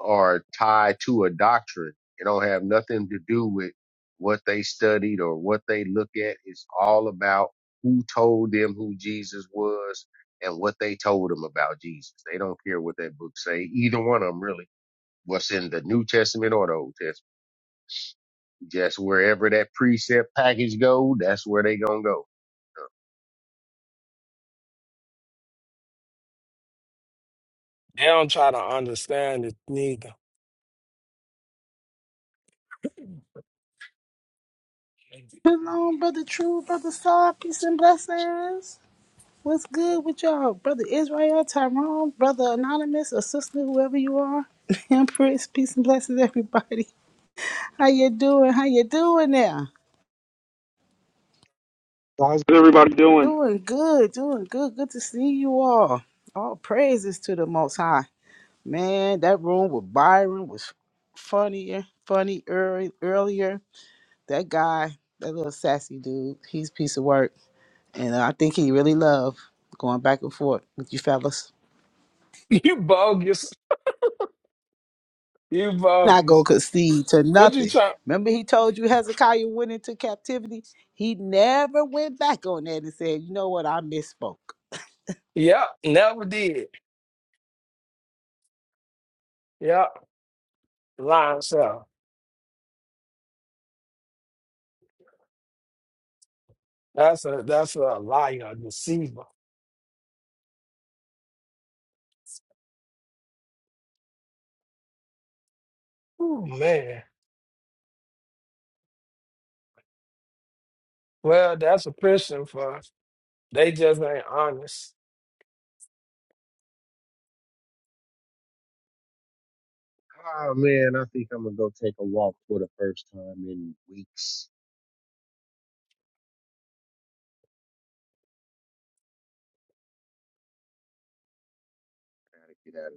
[SPEAKER 6] are tied to a doctrine. It don't have nothing to do with what they studied or what they look at. It's all about who told them who Jesus was and what they told them about Jesus. They don't care what that book say. Either one of them really. What's in the New Testament or the Old Testament. Just wherever that precept package go, that's where they gonna go.
[SPEAKER 1] They don't try to understand it neither. *laughs*
[SPEAKER 2] Shalom, brother True, brother Star, peace and blessings. What's good with y'all, brother Israel, Tyrone, brother Anonymous, or sister, whoever you are, *laughs* Empress, peace and blessings, everybody. How you doing? How you doing now?
[SPEAKER 8] How's everybody doing?
[SPEAKER 2] Doing good, doing good. Good to see you all. All praises to the Most High. Man, that room with Byron was funnier, funny earlier. That guy, that little sassy dude, he's a piece of work. And I think he really loved going back and forth with you fellas.
[SPEAKER 1] You bogus. You
[SPEAKER 2] Not
[SPEAKER 1] bogus.
[SPEAKER 2] gonna concede to
[SPEAKER 1] What you
[SPEAKER 2] nothing.
[SPEAKER 1] try?
[SPEAKER 2] Remember he told you Hezekiah went into captivity? He never went back on that and said, you know what, I misspoke.
[SPEAKER 1] Yep, never did. Yep, lying self. That's a that's a liar, a deceiver. Oh man. Well, that's a prison for They just ain't honest.
[SPEAKER 6] Oh man, I think I'm gonna go take a walk for the first time in weeks. Gotta get out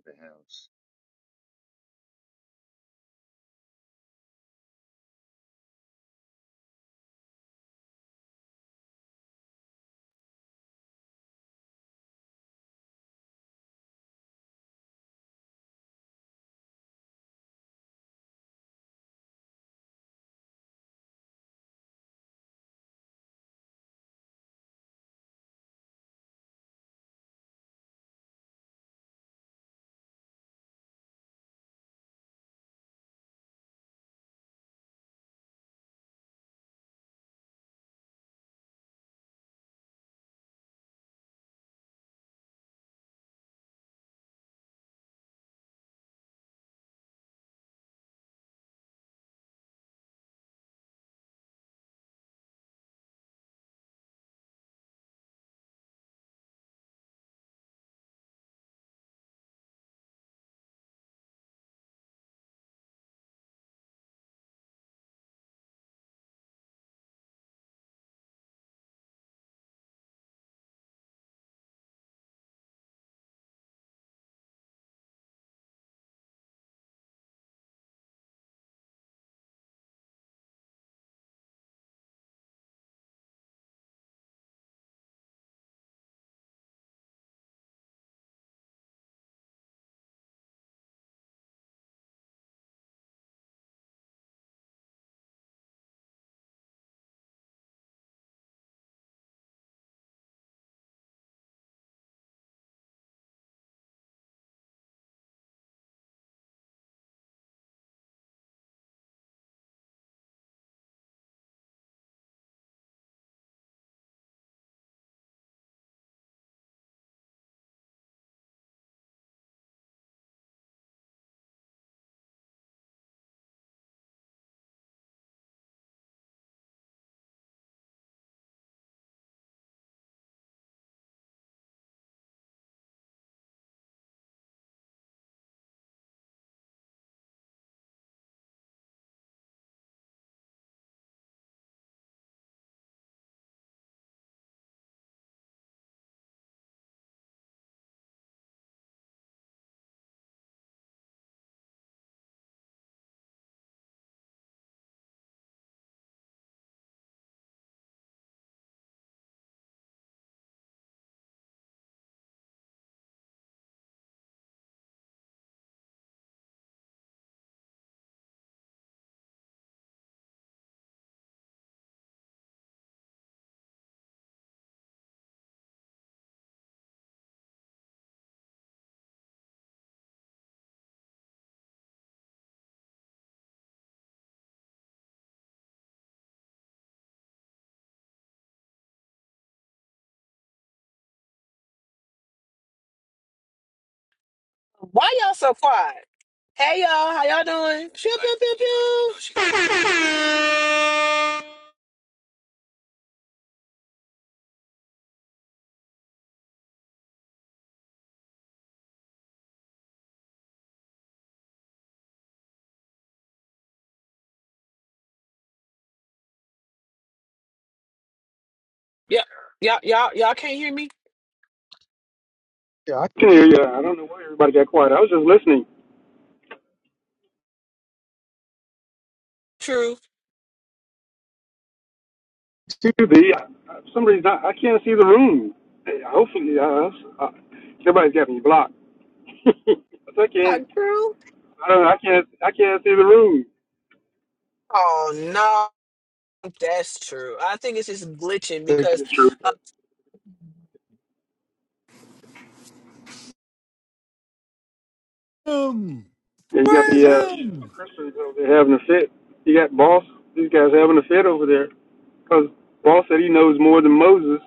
[SPEAKER 3] Why y'all so quiet? Hey y'all, how y'all doing? Pew pew pew pew. Yep, y'all y'all y'all can't hear me.
[SPEAKER 8] yeah, I can hear you. I don't know why everybody got quiet. I was just listening.
[SPEAKER 3] True.
[SPEAKER 8] see QB, I- I- for some reason, I, I can't see the room. Hey, Hopefully, uh, uh, everybody's got me blocked. *laughs* But I
[SPEAKER 3] Not
[SPEAKER 8] can't.
[SPEAKER 3] true.
[SPEAKER 8] I don't know. I can't. I can't see the room.
[SPEAKER 3] Oh no, that's true. I think it's just glitching
[SPEAKER 8] they
[SPEAKER 3] because
[SPEAKER 8] It's true.
[SPEAKER 3] uh,
[SPEAKER 8] But
[SPEAKER 9] him.
[SPEAKER 8] yeah, you got
[SPEAKER 9] Praise
[SPEAKER 8] the uh,
[SPEAKER 9] him.
[SPEAKER 8] Christians over there having a fit. You got Boss. These guys having a fit over there because Boss said he knows more than Moses.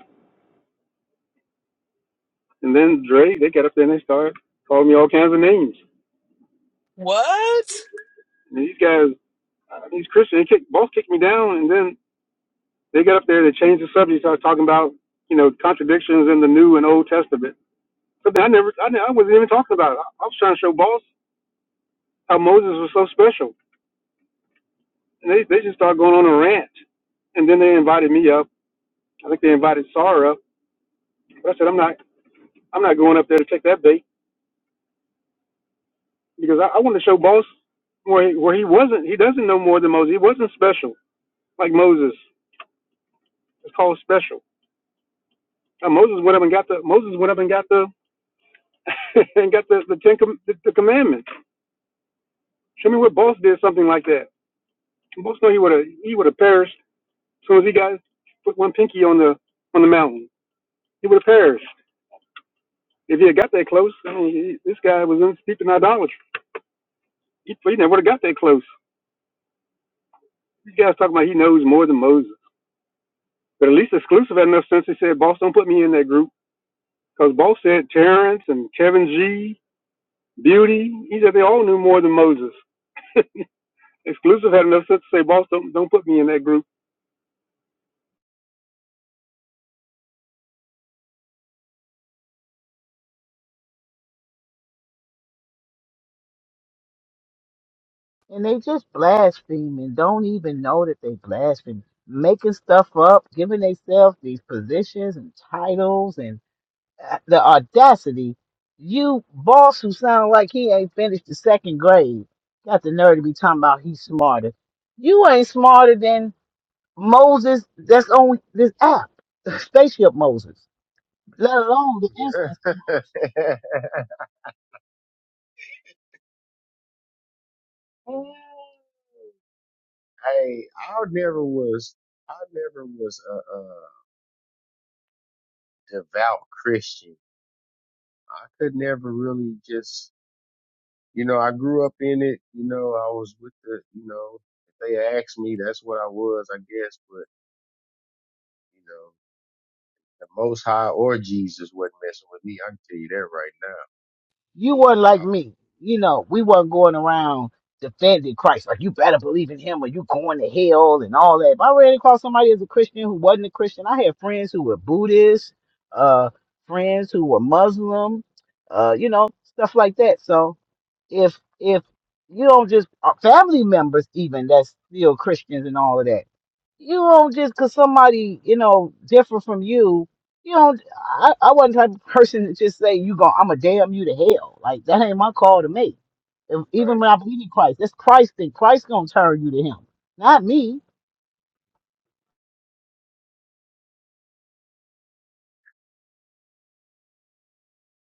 [SPEAKER 8] And then Dre, they got up there and they started calling me all kinds of names.
[SPEAKER 3] what?
[SPEAKER 8] And these guys uh, these Christians, they kicked, both kicked me down, and then they got up there, they changed the subject, started talking about, you know, contradictions in the New and Old Testament. Something I never, I, I wasn't even talking about. I, I was trying to show boss how Moses was so special, and they they just started going on a rant, and then they invited me up. I think they invited Sarah up, but I said I'm not, I'm not going up there to take that bait because I, I want to show boss where he, where he wasn't, he doesn't know more than Moses. He wasn't special like Moses. It's called special. Now, Moses went up and got the Moses went up and got the *laughs* and got the the ten com- the, the commandments. Show me where Boss did something like that. Boss know he would have he would have perished as soon as he got put one pinky on the on the mountain. He would have perished if he had got that close. I mean, he, this guy was in deep in idolatry. He, he never would have got that close. These guys talking about he knows more than Moses, but at least exclusive had enough sense. He said, "Boss, don't put me in that group," because Boss said Terrence and Kevin G, Beauty. He said they all knew more than Moses. *laughs* exclusive had enough sense to say, "Boss, don't don't put me in that group."
[SPEAKER 2] And they just blaspheme and don't even know that they blaspheme, making stuff up, giving themselves these positions and titles and. the audacity, you boss who sound like he ain't finished the second grade, got the nerve to be talking about he's smarter. You ain't smarter than Moses that's on this app, *laughs* spaceship Moses, let alone the instance.
[SPEAKER 6] of the house. *laughs* Mm. Hey, I never was, I never was a, a devout Christian. I could never really just, you know, I grew up in it. You know, I was with the, you know, if they asked me, that's what I was, I guess. But you know, the Most High or Jesus wasn't messing with me. I can tell you that right now,
[SPEAKER 2] you weren't like me. You know, we weren't going around defending Christ. Like, you better believe in him or you going to hell and all that. If I ran across somebody as a Christian who wasn't a Christian, I had friends who were Buddhists, uh, friends who were Muslim, uh, you know, stuff like that. So if, if you don't just, uh, family members even that's still Christians and all of that, you don't just, cause somebody, you know, different from you you know, I, I wasn't the type of person to just say, you go, I'm going to damn you to hell. Like, that ain't my call to make. If, even
[SPEAKER 6] right
[SPEAKER 2] when I believe in Christ, that's Christ thing. Christ going to turn you to him, not me.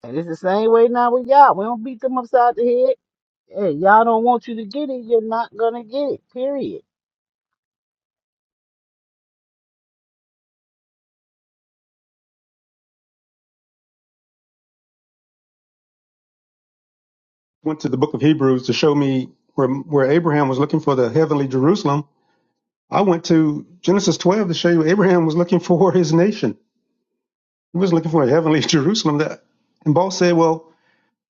[SPEAKER 2] And it's the same way now with y'all. We don't beat them upside the head. Hey, y'all don't want you to get it. You're not going to get it, period.
[SPEAKER 8] went to the book of Hebrews to show me where where Abraham was looking for the heavenly Jerusalem. I went to Genesis 12 to show you Abraham was looking *laughs* for his nation. He was looking for a heavenly *laughs* Jerusalem. That and Paul said, well,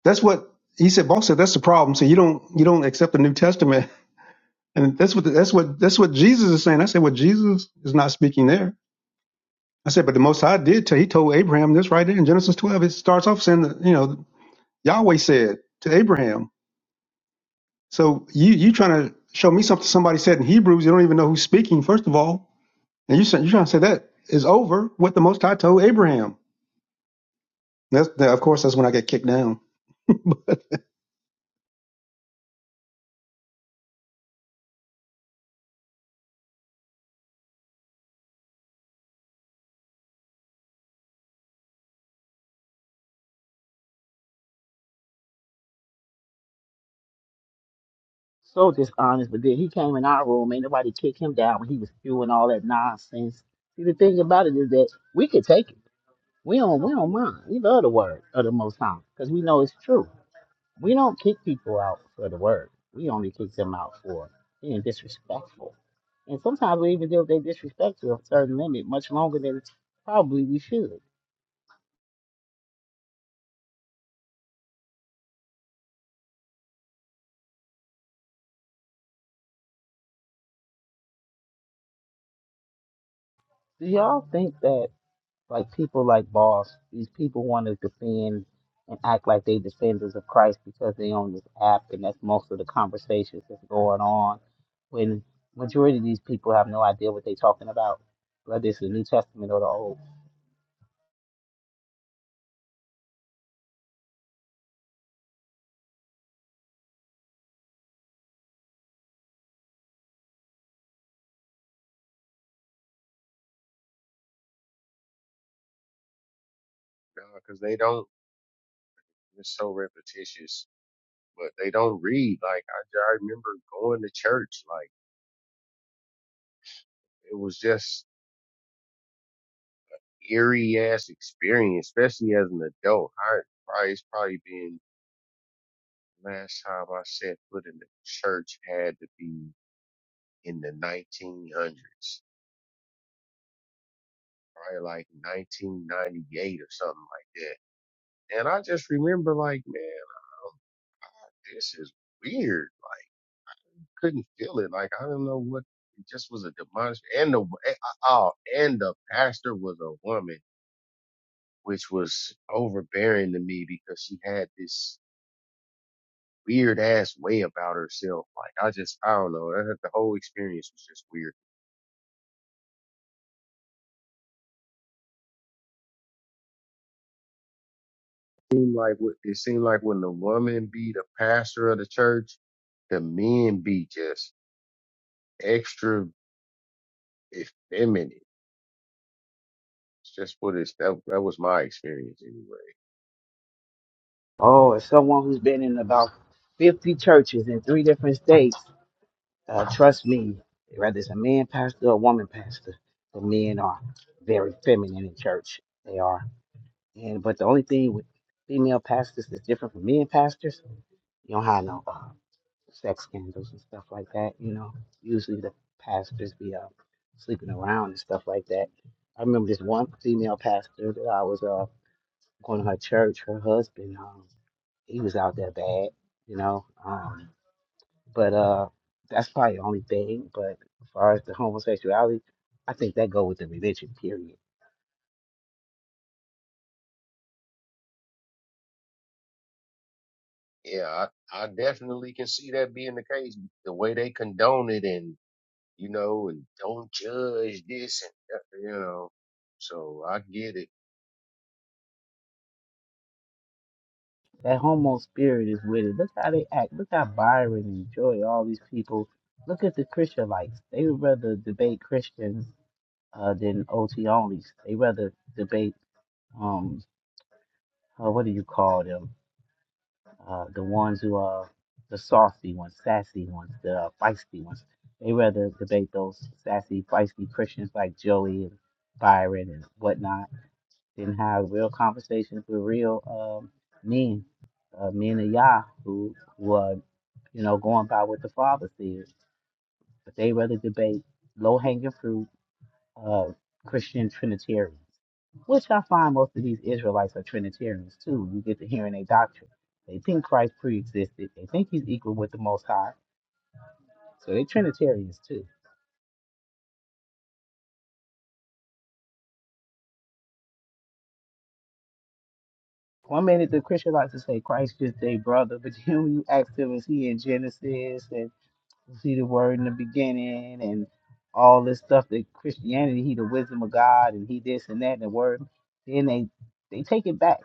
[SPEAKER 8] that's what he said. Paul said that's the problem. So you don't you don't accept the New Testament, *laughs* and that's what that's what that's what Jesus is saying. I said, well, Jesus is not speaking there. I said, but the Most High did tell. He told Abraham this right there in Genesis 12. It starts off saying that you know Yahweh said to Abraham. So you you trying to show me something somebody said in Hebrews? You don't even know who's speaking. First of all, and you you trying to say that is over what the Most High told Abraham. That's that, of course that's when I get kicked down. *laughs* But
[SPEAKER 2] So dishonest. But then he came in our room. Ain't nobody kick him down when he was spewing all that nonsense. See, the thing about it is that we could take it. We don't, we don't mind. We love the word of the Most High because we know it's true. We don't kick people out for the word. We only kick them out for being disrespectful. And sometimes we even deal with their disrespect to a certain limit much longer than probably we should. Do y'all think that like people like Boss, these people want to defend and act like they defenders of Christ because they on this app and that's most of the conversations that's going on when majority of these people have no idea what they're talking about, whether it's the New Testament or the Old.
[SPEAKER 6] now, because they don't. It's so repetitious, but they don't read. Like I, I remember going to church, like it was just eerie ass experience, especially as an adult. I probably it's probably been last time I set foot in the church had to be in the 1900s, probably like 1998 or something like that. And I just remember like, man, this is weird. Like, I couldn't feel it. Like I don't know what. It just was a demonic, and the oh, and the pastor was a woman, which was overbearing to me because she had this. weird ass way about herself. Like I just I don't know. That, the whole experience was just weird. It seemed like it seemed like when the woman be the pastor of the church, the men be just extra effeminate. It's just what it's that, that was my experience anyway.
[SPEAKER 2] Oh, as someone who's been in about 50 churches in three different states, uh, trust me, whether it's a man pastor or a woman pastor, the men are very feminine in church. They are. And but the only thing with female pastors that's different from men pastors, you don't have no uh, sex scandals and stuff like that. You know, usually the pastors be uh, sleeping around and stuff like that. I remember this one female pastor that I was uh, going to her church. Her husband. Um, he was out there bad, you know. Um, but uh, that's probably the only thing. But as far as the homosexuality, I think that go with the religion. Period.
[SPEAKER 6] Yeah, I, I definitely can see that being the case. The way they condone it and you know and don't judge this and that, you know. So I get
[SPEAKER 2] That homo spirit is with it. Look how they act. Look how Byron and Joy, all these people. Look at the Christianites. They would rather debate Christians uh, than OT onlys. They rather debate um, uh, what do you call them? uh, the ones who are the saucy ones, sassy ones, the uh, feisty ones. They rather debate those sassy, feisty Christians like Joey and Byron and whatnot than have real conversations with real um, men, uh, men of Yah who, who are, you know, going by what the Father says. But they rather debate low hanging fruit uh, Christian Trinitarians, which I find most of these Israelites are Trinitarians too. You get to hearing their doctrine. They think Christ pre-existed. They think he's equal with the Most High. So they're Trinitarians too. One minute the Christian likes to say Christ just their brother, but *laughs* then when you ask them, is he in Genesis and you see the word in the beginning and all this stuff that Christianity, he the wisdom of God and he this and that and the word, then they they take it back.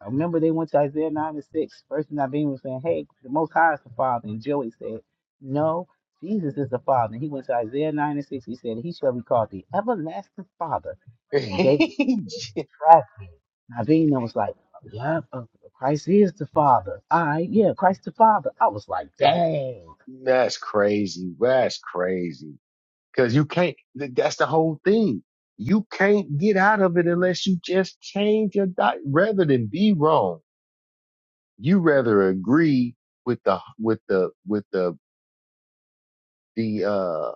[SPEAKER 2] I remember they went to Isaiah 9 and 6. First Naveen was saying, Hey, the Most High is the Father. And Joey said, No, Jesus is the Father. And he went to Isaiah 9 and 6. He said, He shall be called the Everlasting Father. And they
[SPEAKER 6] it. *laughs*
[SPEAKER 2] tracked him. Naveen was like, Yeah, uh, Christ is the Father. I, yeah, Christ the Father. I was like, Dang.
[SPEAKER 6] That's crazy. That's crazy. Cause you can't, th- that's the whole thing. You can't get out of it unless you just change your diet rather than be wrong. You rather agree with the, with the, with the, the, uh,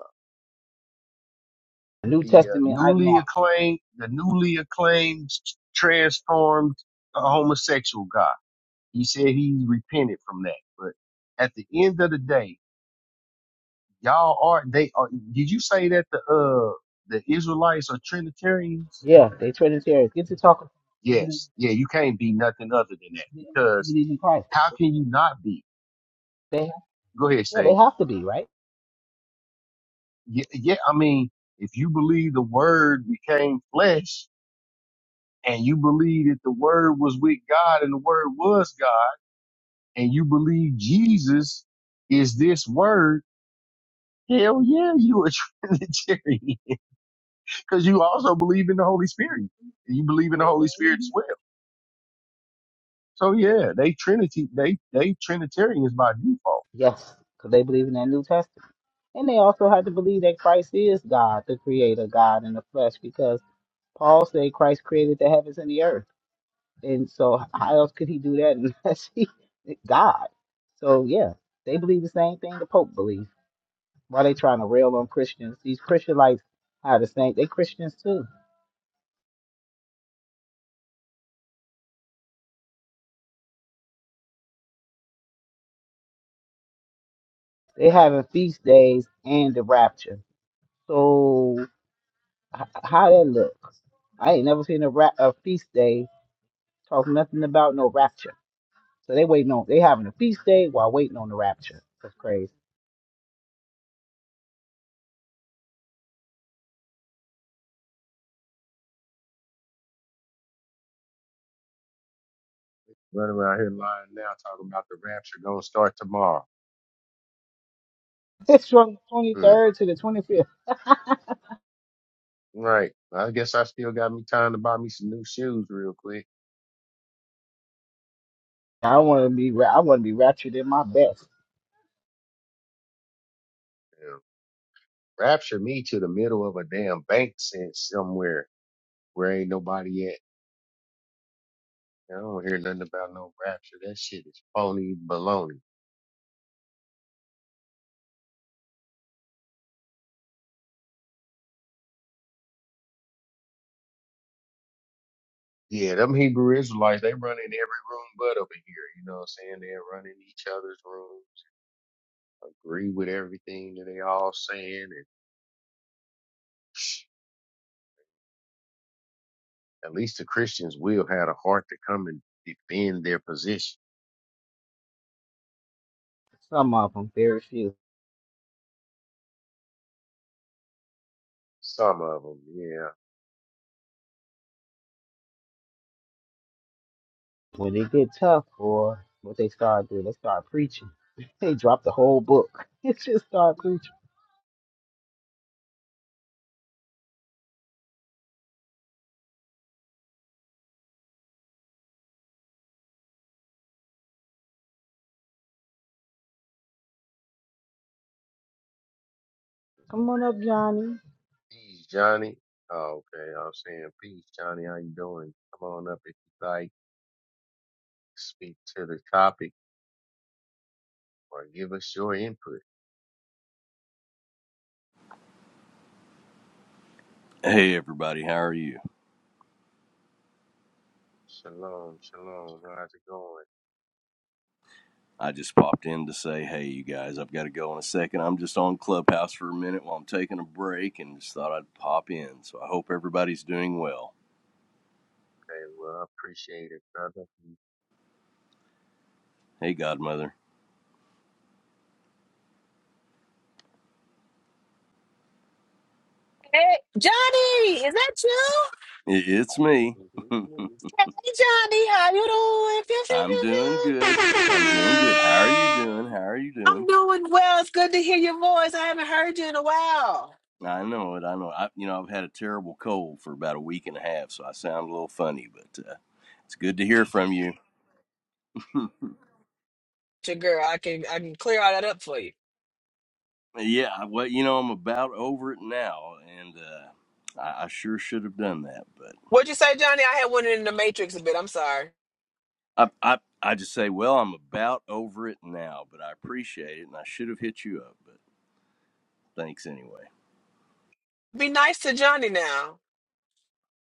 [SPEAKER 2] New
[SPEAKER 6] the uh,
[SPEAKER 2] Testament
[SPEAKER 6] newly
[SPEAKER 2] ideology.
[SPEAKER 6] acclaimed, the newly acclaimed transformed uh, homosexual guy. He said he's repented from that. But at the end of the day, Y'all are they are did you say that the uh the Israelites are Trinitarians?
[SPEAKER 2] Yeah, they Trinitarians. Get to talking. They believe,
[SPEAKER 6] Yes. Yeah, you can't be nothing other than that
[SPEAKER 2] they
[SPEAKER 6] because
[SPEAKER 2] believe in Christ.
[SPEAKER 6] how can you not be?
[SPEAKER 2] They,
[SPEAKER 6] Go ahead,
[SPEAKER 2] yeah, they
[SPEAKER 6] say.
[SPEAKER 2] have to be, right?
[SPEAKER 6] Yeah, yeah, I mean, if you believe the word became flesh and you believe that the word was with God and the word was God and you believe Jesus is this word, hell yeah, you a *laughs* Trinitarian because you also believe in the Holy Spirit. You believe in the Holy Spirit as well. So yeah, they Trinity, they they Trinitarians by default.
[SPEAKER 2] Yes, because they believe in that New Testament. And they also have to believe that Christ is God, the creator God in the flesh, because Paul said Christ created the heavens and the earth. And so how else could he do that unless *laughs* he God? So yeah, they believe the same thing the Pope believes. Why they trying to rail on Christians? These Christianites are the same. They Christians too. They having feast days and the rapture. So h- how that look? I ain't never seen a, ra- a feast day talk nothing about no rapture. So they waiting on they having a feast day while waiting on the rapture. That's crazy. *laughs*
[SPEAKER 6] Running around here lying now, talking about the rapture gonna start tomorrow.
[SPEAKER 2] It's from twenty
[SPEAKER 6] Hmm.
[SPEAKER 2] third to the twenty fifth.
[SPEAKER 6] Right. I guess I still got me time to buy me some new shoes real quick.
[SPEAKER 2] I want to be ra- I want to be raptured in my best.
[SPEAKER 6] Yeah. Rapture me to the middle of a damn bank sense somewhere where ain't nobody at. I don't hear nothing about no rapture. That shit is phony baloney. Yeah, them Hebrew Israelites, they run in every room but over here. You know what I'm saying? They run in each other's rooms, agree with everything that they all saying. and. At least the Christians will had a heart to come and defend their position.
[SPEAKER 2] Some of them, very few.
[SPEAKER 6] Some of them, yeah.
[SPEAKER 2] When they get tough, or what they start doing, they start preaching. *laughs* They drop the whole book. *laughs* They just start preaching. Come on up, Johnny.
[SPEAKER 6] Peace, Johnny. Oh, okay, I'm saying peace, Johnny. How you doing? Come on up if you like. Speak to the topic or give us your input.
[SPEAKER 10] Hey everybody, how are you?
[SPEAKER 6] Shalom, shalom. How's it going?
[SPEAKER 10] I just popped in to say, hey you guys, I've got to go in a second. I'm just on Clubhouse for a minute while I'm taking a break and just thought I'd pop in. So I hope everybody's doing well.
[SPEAKER 6] Okay, well, I appreciate it, brother.
[SPEAKER 10] Hey Godmother,
[SPEAKER 3] Hey Johnny, is that you?
[SPEAKER 10] it's me. *laughs*
[SPEAKER 3] Hey Johnny, how you doing? Pew
[SPEAKER 10] I'm
[SPEAKER 3] pew
[SPEAKER 10] doing
[SPEAKER 3] pew
[SPEAKER 10] good. I'm doing good. How are you
[SPEAKER 3] pew.
[SPEAKER 10] doing? How are you
[SPEAKER 3] I'm
[SPEAKER 10] doing?
[SPEAKER 3] doing well. It's good to hear your voice. I haven't heard you in a while.
[SPEAKER 10] I know it. I know. I, you know, I've had a terrible cold for about a week and a half, so I sound a little funny, but uh, it's good to hear from you. *laughs*
[SPEAKER 3] your girl. I can I can clear all that up for you.
[SPEAKER 10] Yeah, well, you know, I'm about over it now, and uh, I, I sure should have done that. But
[SPEAKER 3] What'd you say, Johnny? I had one in the Matrix a bit. I'm sorry.
[SPEAKER 10] I, I, I just say, well, I'm about over it now, but I appreciate it, and I should have hit you up, but thanks anyway.
[SPEAKER 3] Be nice to Johnny now.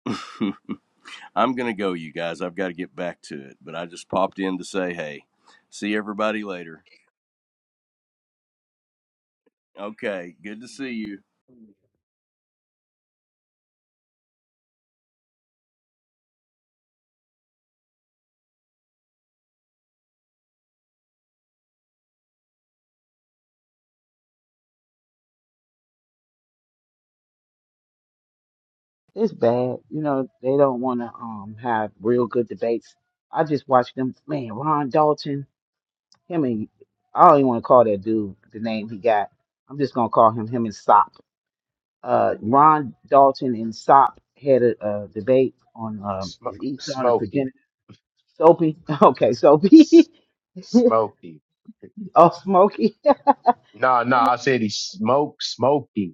[SPEAKER 10] *laughs* I'm gonna go, you guys. I've got to get back to it, but I just popped in to say, hey, see everybody later. Okay, good to see you.
[SPEAKER 2] It's bad. You know they don't want to um have real good debates. I just watched them. Man, Ron Dalton, him and I don't even want to call that dude the name he got. I'm just gonna call him him and Sop. uh, Ron Dalton and Sop had a, uh debate on um, is
[SPEAKER 6] Sm-
[SPEAKER 2] Esau the
[SPEAKER 6] smoking.
[SPEAKER 2] progenitor? Soapy, *laughs* okay, Soapy,
[SPEAKER 6] S- smoking. *laughs*
[SPEAKER 2] *laughs* oh Smokey,
[SPEAKER 6] No, no, I said he smoked smoking.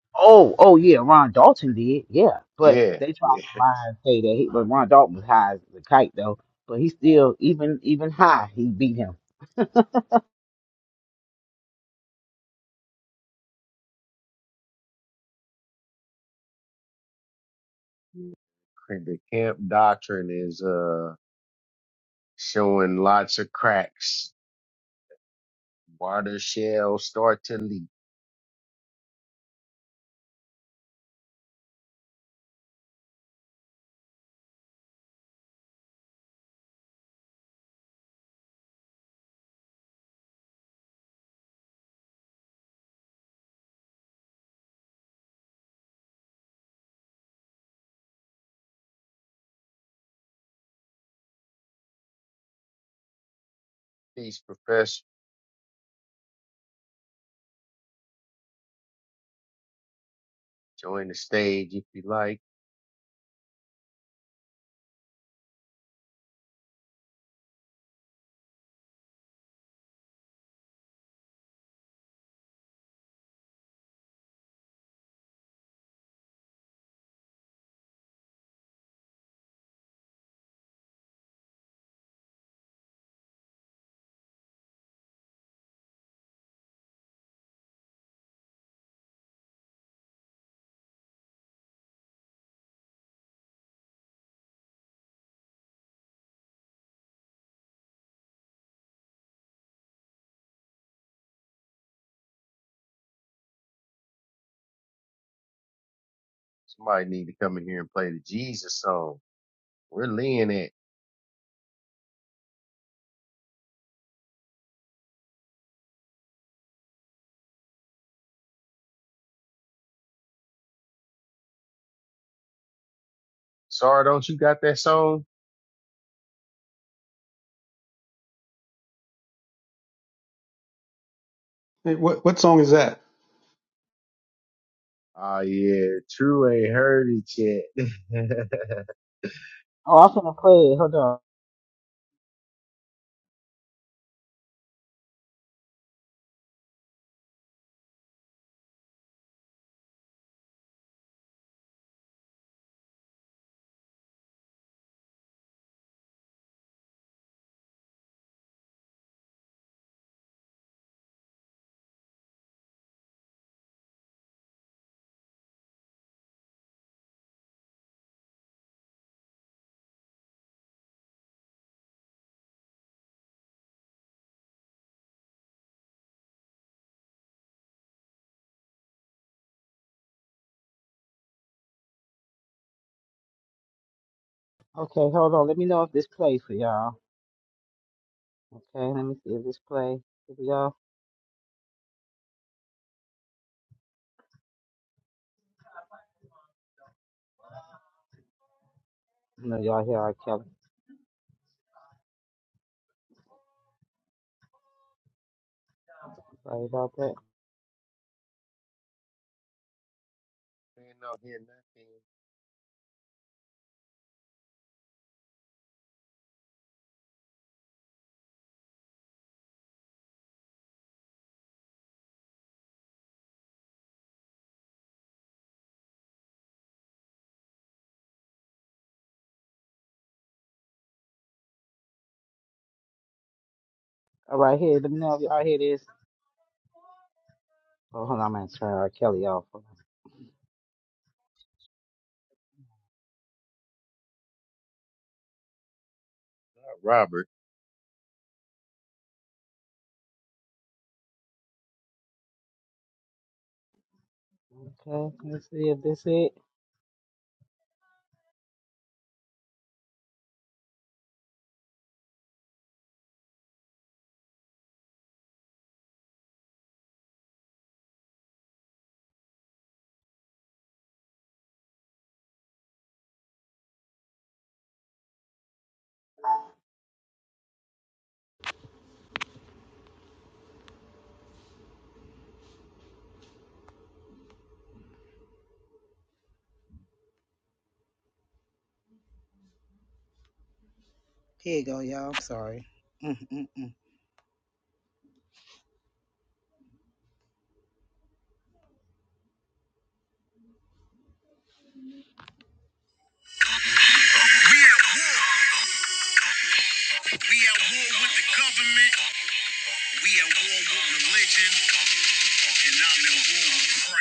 [SPEAKER 2] oh oh yeah, Ron Dalton did, yeah, but
[SPEAKER 6] Yeah,
[SPEAKER 2] they tried
[SPEAKER 6] yeah.
[SPEAKER 2] to lie and say that, he, but Ron Dalton was high as a kite though, but he still even even high he beat him.
[SPEAKER 6] The camp doctrine is, uh, showing lots of cracks. Water shall start to leak. Please, Professor. Join the stage if you like. Somebody need to come in here and play the Jesus song. We're leaning it. Sorry, don't you got that song?
[SPEAKER 8] hey, what what song is that?
[SPEAKER 6] Oh yeah, true ain't heard it yet. *laughs* ain't
[SPEAKER 2] Oh, I'm gonna play it. Hold on. Okay, hold on. Let me know if this plays for y'all. Okay, let me see if this play for y'all. I know y'all hear R. Kelly. Sorry about that.
[SPEAKER 6] no hear nothing
[SPEAKER 2] All right, here. Let me know if y'all hear this. Oh, hold on, I'm gonna turn R. Kelly off. Hold
[SPEAKER 6] about Robert.
[SPEAKER 2] on. Okay, let's see if this it. Here you go, y'all. I'm sorry. Mm-mm-mm. We at war. We at war with the government. We at war with religion, and I'm at war with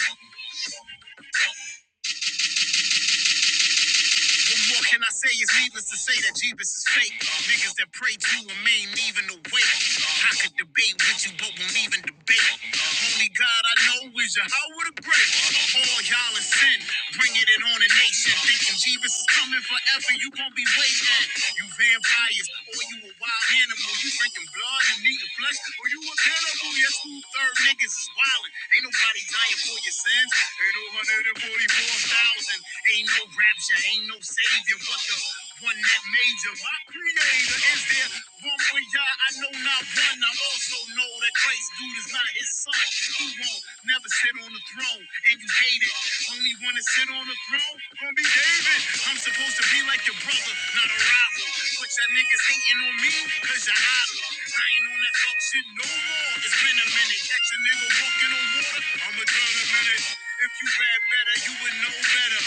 [SPEAKER 2] Christ. *laughs* And what can I say? It's needless to say that Jeebus is fake. Niggas that pray to him ain't even awake. I could debate with you, but won't even debate. Only God I know is Yahweh the Great. All y'all is sin, bringing it on a nation. Thinking Jeebus is coming forever, you gon' be waiting. You vampires, or you a wild animal. You drinking blood and eating flesh, or you a cannibal. Your school third niggas is wildin'. Ain't nobody dying for your sins. Ain't no 144,000. Ain't no rapture, ain't no savior, but the one that made you. My creator is there. One way, y'all, I know not one. I also know that Christ, dude, is not his son. He won't never sit on the throne, and you hate it. Only one to sit on the throne gonna be David. I'm supposed to be like your brother, not a rival. But y'all niggas hating on me, cause y'all idle. I ain't on that fuck shit no more. It's been a minute. Catch a nigga walking on water. I'ma drown a minute. If you rap better, you would know better.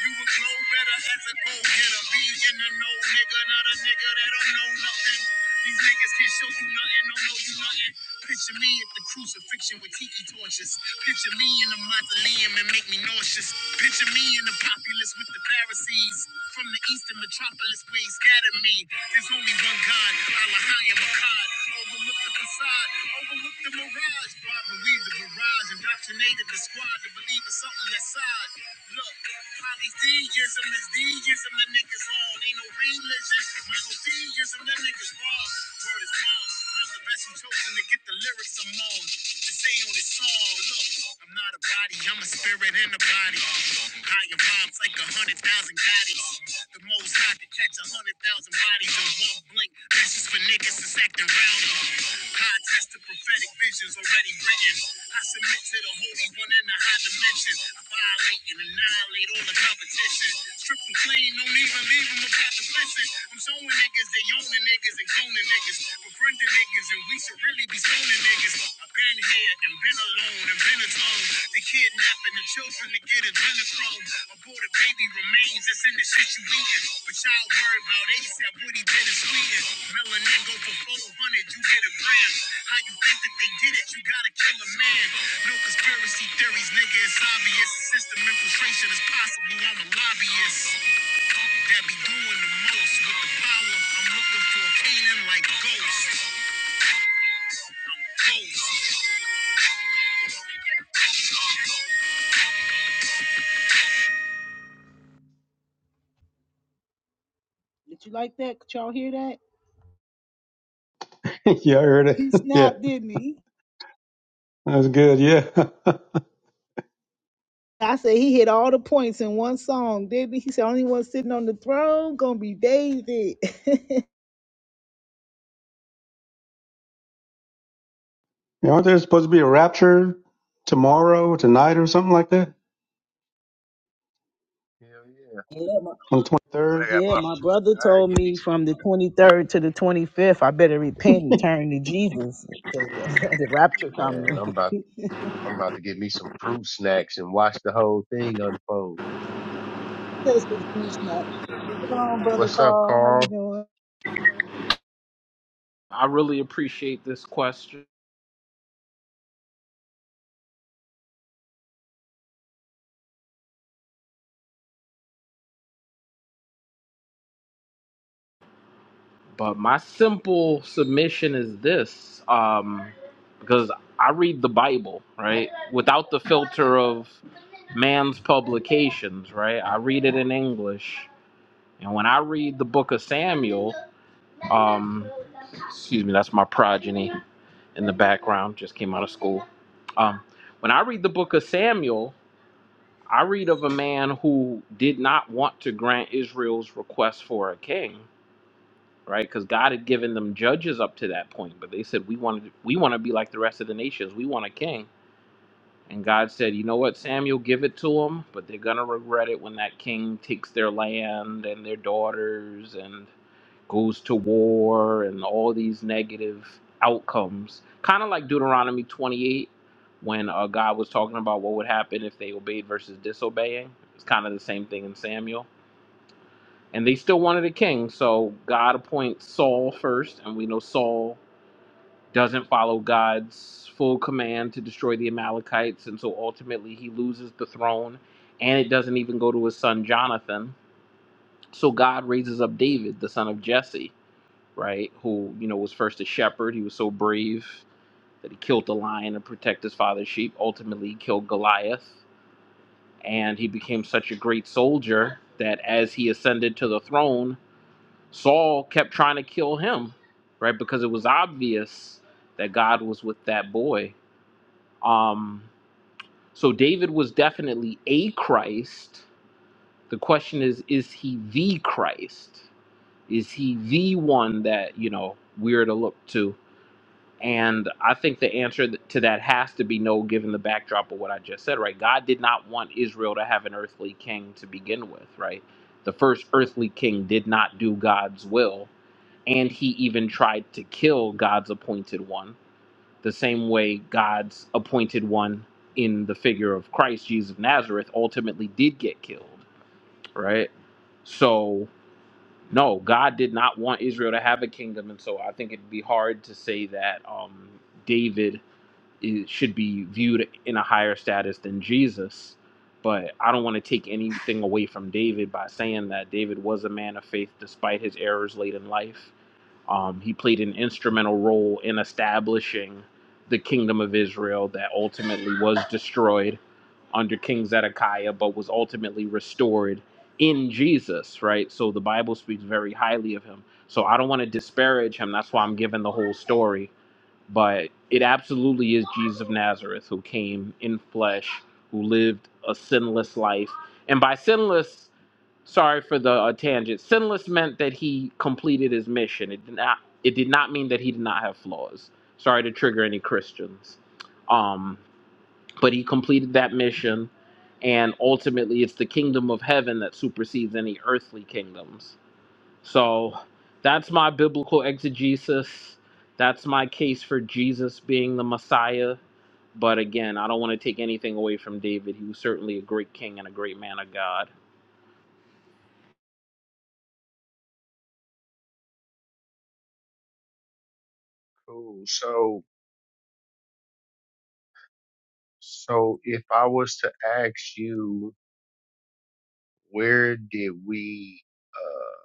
[SPEAKER 2] You. would Flow better as a go getter. Be in the know, nigga, not a nigga that don't know nothing. These niggas can show you nothing, don't know you nothing. Picture me at the crucifixion with tiki torches. Picture me in the mausoleum and make me nauseous. Picture me in the populace with the Pharisees. From the eastern metropolis where he scattered me. There's only one God, Allah, I am a God. Overlook the facade, overlook the mirage. Bob believed the mirage, indoctrinated the squad to believe in something that's side. Look, polytheism is deism, the niggas on. Ain't no religion, monotheism, the niggas wrong. Word is bond. I'm the best you chosen to get the lyrics I'm on to say on this song. Look, I'm not a body, I'm a spirit and a body. Higher vibes like a hundred thousand bodies. The most high can catch a hundred thousand bodies in one blink. That's just for niggas that's acting rowdy. High test the prophetic visions already written. I submit to the holy one in the high dimension. I violate and annihilate all the competition. Strip 'em clean, don't even leave 'em a proposition. I'm showing niggas they own the niggas and been cooning niggas, befriending niggas, and we should really be stoning niggas. I've been here and been alone and been alone. They kidnapping the children to get adrenochrome. Aborted baby remains, that's in the shit you eating. But y'all worry about ASAP, Woody been in Sweden. Melanin go for 400, you get a gram. How you think that they did it? You gotta kill a man. No conspiracy theories, nigga, it's obvious. System infiltration is possible, I'm a lobbyist that be doing the most with the power. I'm looking for a Canaan like ghosts. Ghosts. Did you like that? Could y'all hear that?
[SPEAKER 8] *laughs* yeah, I heard it.
[SPEAKER 2] He
[SPEAKER 8] *laughs* yeah,
[SPEAKER 2] snapped, didn't he?
[SPEAKER 8] that was good. Yeah, *laughs*
[SPEAKER 2] I said he hit all the points in one song, didn't he? He said only one sitting on the throne gonna be David. *laughs* yeah,
[SPEAKER 8] Yeah, aren't there supposed to be a rapture tomorrow, or tonight, or something like that
[SPEAKER 6] Hell yeah.
[SPEAKER 2] my,
[SPEAKER 8] on the twenty
[SPEAKER 6] I
[SPEAKER 8] third?
[SPEAKER 6] got
[SPEAKER 2] yeah,
[SPEAKER 6] my
[SPEAKER 2] my
[SPEAKER 6] fruit.
[SPEAKER 2] brother
[SPEAKER 6] I gotta
[SPEAKER 2] told
[SPEAKER 6] give me
[SPEAKER 2] me
[SPEAKER 6] some
[SPEAKER 2] from the 23rd to the 25th, I better repent and turn to Jesus. 'cause *laughs* the
[SPEAKER 6] hey,
[SPEAKER 2] rapture coming. *laughs*
[SPEAKER 6] man, I'm about I'm about to get me some fruit snacks and watch the whole thing unfold.
[SPEAKER 2] That's what he snapped. Hello, brother
[SPEAKER 6] What's up,
[SPEAKER 2] Carl? How you
[SPEAKER 6] Carl?
[SPEAKER 2] doing?
[SPEAKER 11] I really appreciate this question, but my simple submission is this um, because I read the Bible, right? Without the filter of man's publications, right? I read it in English. And when I read the book of Samuel, um, excuse me, that's my progeny in the background, just came out of school. Um, when I read the book of Samuel, I read of a man who did not want to grant Israel's request for a king right? Because God had given them judges up to that point, but they said we want to we want to be like the rest of the nations. We want a king, and God said, you know what, Samuel, give it to them, but they're gonna regret it when that king takes their land and their daughters and goes to war and all these negative outcomes. Kind of like Deuteronomy 28, when uh, God was talking about what would happen if they obeyed versus disobeying. It's kind of the same thing in Samuel and they still wanted a king. So God appoints Saul first, and we know Saul doesn't follow God's full command to destroy the Amalekites, and so ultimately he loses the throne, and it doesn't even go to his son Jonathan. So God raises up David, the son of Jesse, right? Who you know was first a shepherd. He was so brave that he killed the lion to protect his father's sheep. Ultimately, he killed Goliath, and he became such a great soldier that as he ascended to the throne Saul kept trying to kill him, right? Because it was obvious that God was with that boy. Um, so David was definitely a Christ. The question is, is he the Christ? Is he the one that, you know, we're to look to? And I think the answer th- to that has to be no, given the backdrop of what I just said, right? God did not want Israel to have an earthly king to begin with, right? The first earthly king did not do God's will and he even tried to kill God's appointed one, the same way God's appointed one in the figure of Christ Jesus of Nazareth ultimately did get killed, right? So, no, God did not want Israel to have a kingdom, and so I think it'd be hard to say that um, David is, should be viewed in a higher status than Jesus. But I don't want to take anything away from David by saying that David was a man of faith despite his errors late in life um, he played an instrumental role in establishing the kingdom of Israel that ultimately was destroyed under King Zedekiah, but was ultimately restored in Jesus, right? So the Bible speaks very highly of him. So I don't want to disparage him. That's why I'm giving the whole story. But it absolutely is Jesus of Nazareth who came in flesh, who lived a sinless life. And by sinless, Sorry for the uh, tangent. Sinless meant that he completed his mission. It did not. It did not mean that he did not have flaws. Sorry to trigger any Christians. Um, but he completed that mission, and ultimately, it's the kingdom of heaven that supersedes any earthly kingdoms. So, that's my biblical exegesis. That's my case for Jesus being the Messiah. But again, I don't want to take anything away from David. He was certainly a great king and a great man of God.
[SPEAKER 6] Cool. So So if I was to ask you, where did we, uh,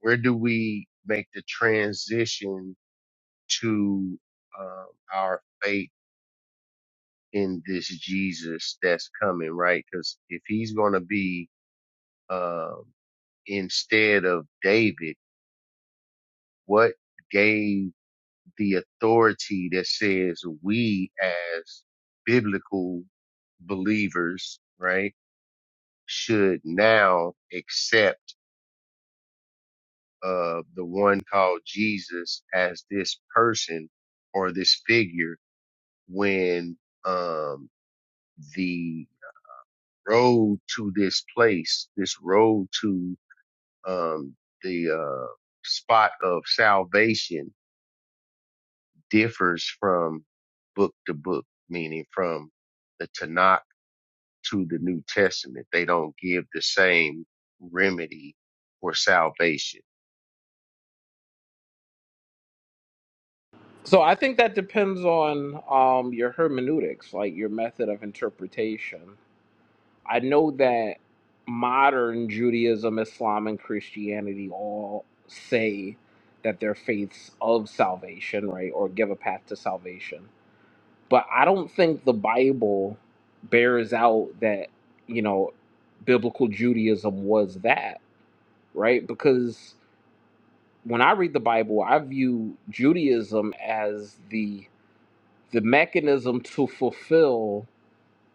[SPEAKER 6] where do we make the transition to um, our faith in this Jesus that's coming, right? Because if he's going to be um, instead of David, what gave the authority that says we as biblical believers, right, should now accept? uh, the one called Jesus as this person or this figure when um, the road to this place, this road to um, the uh, spot of salvation differs from book to book, meaning from the Tanakh to the New Testament. They don't give the same remedy for salvation,
[SPEAKER 11] So I think that depends on um, your hermeneutics, like your method of interpretation. I know that modern Judaism, Islam, and Christianity all say that they're faiths of salvation, right, or give a path to salvation. But I don't think the Bible bears out that, you know, biblical Judaism was that, right? Because when I read the Bible, I view Judaism as the the mechanism to fulfill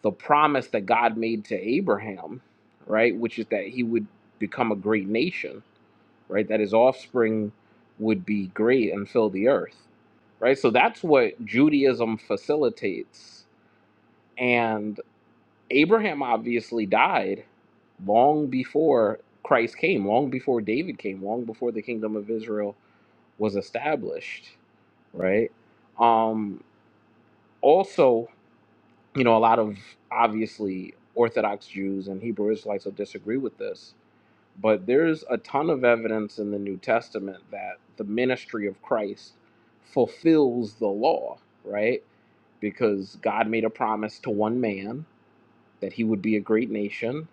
[SPEAKER 11] the promise that God made to Abraham, right, which is that he would become a great nation, right, that his offspring would be great and fill the earth, right? So that's what Judaism facilitates. And Abraham obviously died long before Christ came, long before David came, long before the kingdom of Israel was established, right? Um, also, you know, a lot of obviously Orthodox Jews and Hebrew Israelites will disagree with this, but there's a ton of evidence in the New Testament that the ministry of Christ fulfills the law, right? Because God made a promise to one man that he would be a great nation,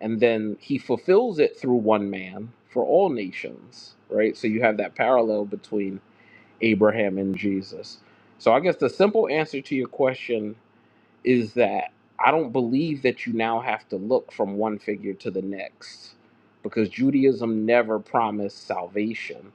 [SPEAKER 11] and then he fulfills it through one man for all nations, right? So you have that parallel between Abraham and Jesus. So I guess the simple answer to your question is that I don't believe that you now have to look from one figure to the next because Judaism never promised salvation.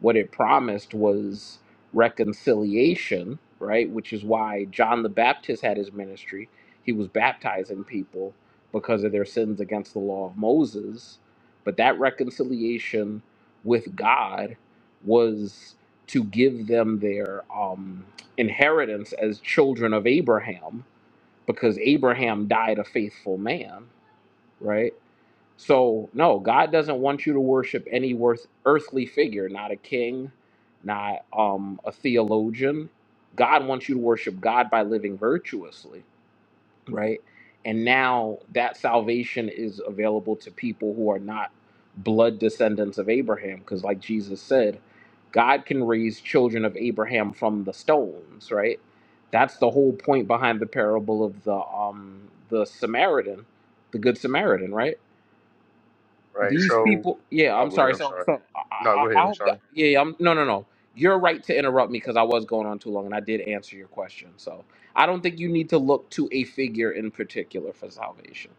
[SPEAKER 11] What it promised was reconciliation, right? Which is why John the Baptist had his ministry. He was baptizing people because of their sins against the law of Moses. But that reconciliation with God was to give them their um, inheritance as children of Abraham because Abraham died a faithful man, right? So, no, God doesn't want you to worship any worth, earthly figure, not a king, not um, a theologian. God wants you to worship God by living virtuously right? And now that salvation is available to people who are not blood descendants of Abraham, because like Jesus said, God can raise children of Abraham from the stones, right? That's the whole point behind the parable of the um the Samaritan, the good Samaritan, right?
[SPEAKER 6] right?
[SPEAKER 11] these
[SPEAKER 6] So,
[SPEAKER 11] people yeah
[SPEAKER 6] oh,
[SPEAKER 11] i'm
[SPEAKER 6] go ahead.
[SPEAKER 11] sorry
[SPEAKER 6] I'm
[SPEAKER 11] so
[SPEAKER 6] sorry.
[SPEAKER 11] so
[SPEAKER 6] No,
[SPEAKER 11] i
[SPEAKER 6] go
[SPEAKER 11] i, I
[SPEAKER 6] ahead. I'm
[SPEAKER 11] hope
[SPEAKER 6] sorry.
[SPEAKER 11] that yeah yeah, i'm no no no you're right to interrupt me because i was going on too long and i did answer your question so i don't think you need to look to a figure in particular for salvation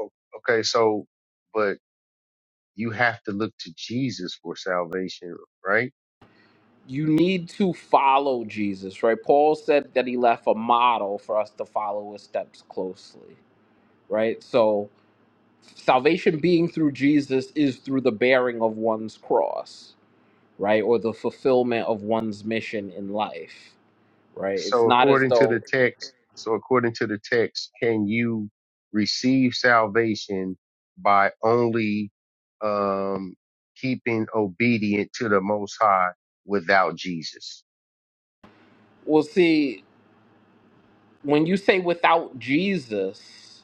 [SPEAKER 6] O- Okay, so, but you have to look to Jesus for salvation, right?
[SPEAKER 11] you need to follow jesus right paul said that he left a model for us to follow his steps closely right so salvation being through jesus is through the bearing of one's cross right or the fulfillment of one's mission in life right it's
[SPEAKER 6] So
[SPEAKER 11] not as
[SPEAKER 6] according to
[SPEAKER 11] though
[SPEAKER 6] the text, so according to the text, can you receive salvation by only, um, keeping obedient to the most high without Jesus,
[SPEAKER 11] Well, see, when you say without Jesus,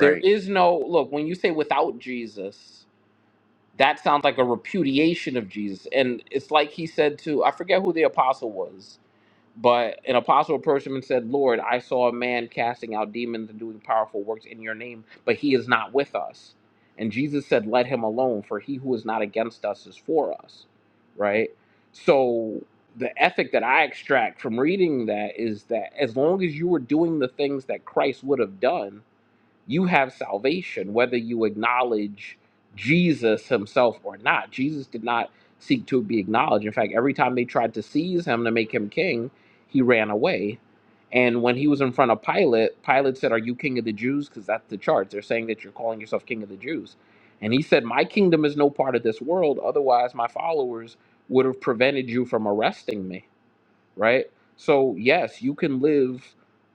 [SPEAKER 11] there is no look, when you say without Jesus, that sounds like a repudiation of Jesus. And it's like he said to, I forget who the apostle was. But an apostle approached him and said, Lord, I saw a man casting out demons and doing powerful works in your name, but he is not with us. And Jesus said, Let him alone, for he who is not against us is for us. Right? So the ethic that I extract from reading that is that as long as you were doing the things that Christ would have done, you have salvation whether you acknowledge Jesus himself or not. Jesus did not seek to be acknowledged. In fact, every time they tried to seize him to make him king, he ran away. And when he was in front of Pilate, Pilate said, Are you king of the Jews? Because that's the charge. They're saying that you're calling yourself king of the Jews. And he said, My kingdom is no part of this world. Otherwise, my followers would have prevented you from arresting me, right? So, yes, you can live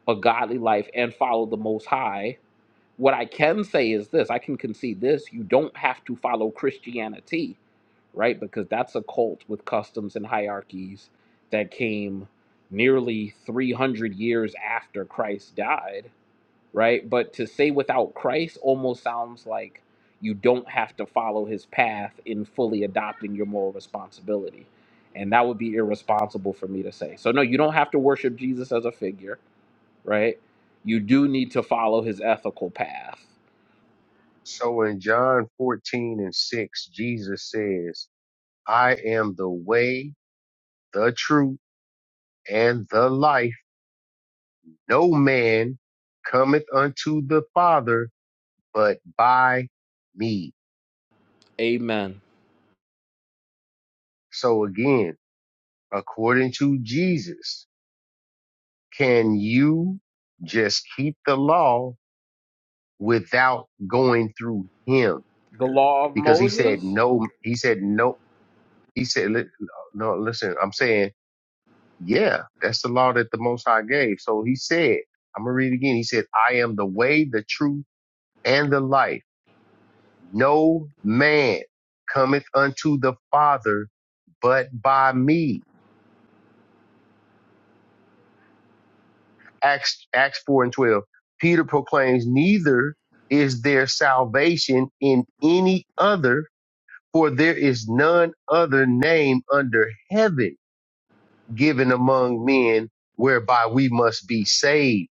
[SPEAKER 11] a godly life and follow the Most High what I can say is this I can concede this you don't have to follow Christianity, right? Because that's a cult with customs and hierarchies that came nearly 300 years after Christ died, right? But to say without Christ almost sounds like you don't have to follow his path in fully adopting your moral responsibility. And that would be irresponsible for me to say. So, no, you don't have to worship Jesus as a figure, right? You do need to follow his ethical path
[SPEAKER 6] So in John 14 and 6, Jesus says, I am the way, the truth, and the life No man cometh unto the Father but by me.
[SPEAKER 11] Amen.
[SPEAKER 6] So again, according to Jesus, can you just keep the law without going through him?
[SPEAKER 11] The law of
[SPEAKER 6] Because he said
[SPEAKER 11] Moses,
[SPEAKER 6] no, he said no, he said, li- no, listen, I'm saying, yeah, that's the law that the Most High gave. So he said, I'm going to read it again. He said, I am the way, the truth, and the life. No man cometh unto the Father but by me. Acts, Acts 4 and 12. Peter proclaims, Neither is there salvation in any other, for there is none other name under heaven given among men whereby we must be saved.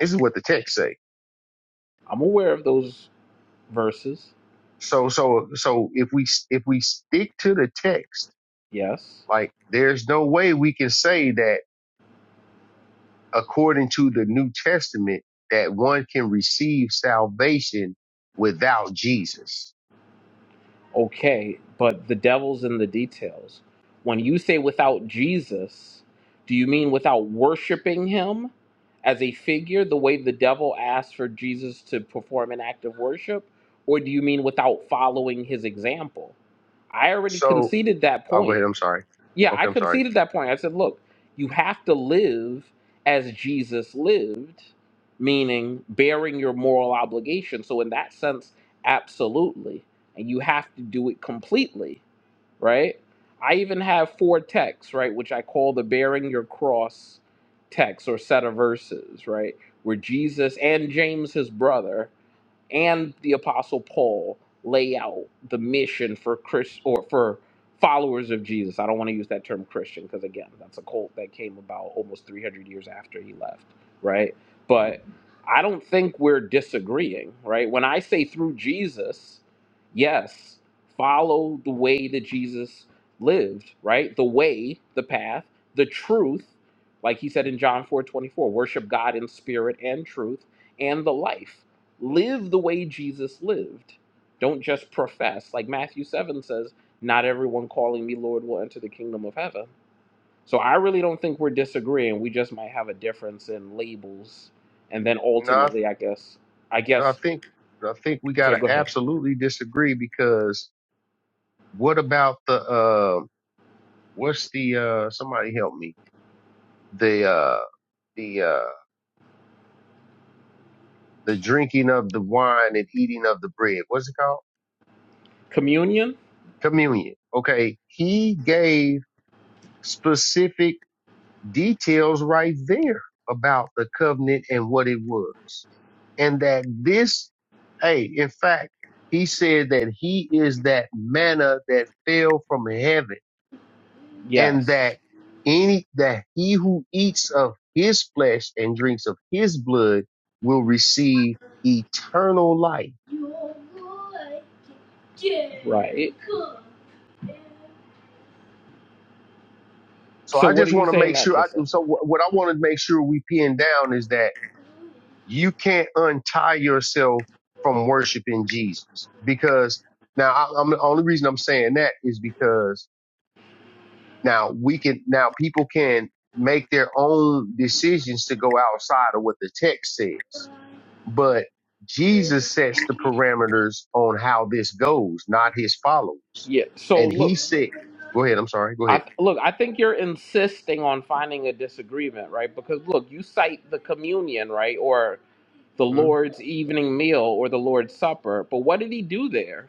[SPEAKER 6] This is what the text say.
[SPEAKER 11] I'm aware of those verses.
[SPEAKER 6] So, so, so if we, if we stick to the text,
[SPEAKER 11] Yes.
[SPEAKER 6] like there's no way we can say that according to the New Testament that one can receive salvation without Jesus.
[SPEAKER 11] Okay. But the devil's in the details. When you say without Jesus, do you mean without worshiping him as a figure, the way the devil asked for Jesus to perform an act of worship? Or do you mean without following his example? I already
[SPEAKER 6] So
[SPEAKER 11] conceded that
[SPEAKER 6] I'll go
[SPEAKER 11] point.
[SPEAKER 6] ahead. I'm sorry.
[SPEAKER 11] Yeah, I
[SPEAKER 6] Okay, I'm sorry.
[SPEAKER 11] conceded that point. I said, look, you have to live as Jesus lived, meaning bearing your moral obligation. So, in that sense, absolutely. And you have to do it completely, right? I even have four texts, right, which I call the bearing your cross text or set of verses, right, where Jesus and James, his brother, and the apostle paul lay out the mission for chris or for followers of jesus i don't want to use that term christian because again that's a cult that came about almost 300 years after he left right but i don't think we're disagreeing right when i say through jesus yes follow the way that jesus lived right the way the path the truth like he said in john 4 24: worship god in spirit and truth and the life live the way Jesus lived. Don't just profess. Like Matthew 7 says, not everyone calling me Lord will enter the kingdom of heaven. So I really don't think we're disagreeing. We just might have a difference in labels. And then
[SPEAKER 6] No, I,
[SPEAKER 11] ultimately, I guess, I
[SPEAKER 6] no, I
[SPEAKER 11] guess,
[SPEAKER 6] think no, I think we
[SPEAKER 11] sorry,
[SPEAKER 6] gotta
[SPEAKER 11] go ahead.
[SPEAKER 6] absolutely disagree because what about the uh, what's the uh, somebody help me the uh, the uh, the drinking of the wine and eating of the bread. What's it called?
[SPEAKER 11] Communion?
[SPEAKER 6] Communion. Okay, he gave specific details right there about the covenant and what it was. And that this, hey, in fact, he said that he is that manna that fell from heaven and
[SPEAKER 11] Yes.
[SPEAKER 6] that any, that he who eats of his flesh and drinks of his blood will receive eternal life.
[SPEAKER 11] Yeah. Right.
[SPEAKER 6] So
[SPEAKER 11] So
[SPEAKER 6] I
[SPEAKER 11] what are
[SPEAKER 6] just
[SPEAKER 11] you
[SPEAKER 6] want to
[SPEAKER 11] saying
[SPEAKER 6] make
[SPEAKER 11] that
[SPEAKER 6] sure
[SPEAKER 11] to
[SPEAKER 6] I,
[SPEAKER 11] say?
[SPEAKER 6] so what what I want to make sure we pin down is that you can't untie yourself from worshiping Jesus because now I, I'm the only reason I'm saying that is because now we can now people can make their own decisions to go outside of what the text says, but Jesus sets the parameters on how this goes, not his followers.
[SPEAKER 11] Yeah. So
[SPEAKER 6] And he
[SPEAKER 11] look,
[SPEAKER 6] said, "Go ahead. I'm sorry. Go
[SPEAKER 11] I
[SPEAKER 6] ahead."
[SPEAKER 11] look, I think you're insisting on finding a disagreement, right? Because look, you cite the communion, right? Or the
[SPEAKER 6] Mhm.
[SPEAKER 11] Lord's evening meal or the Lord's supper. But what did he do there?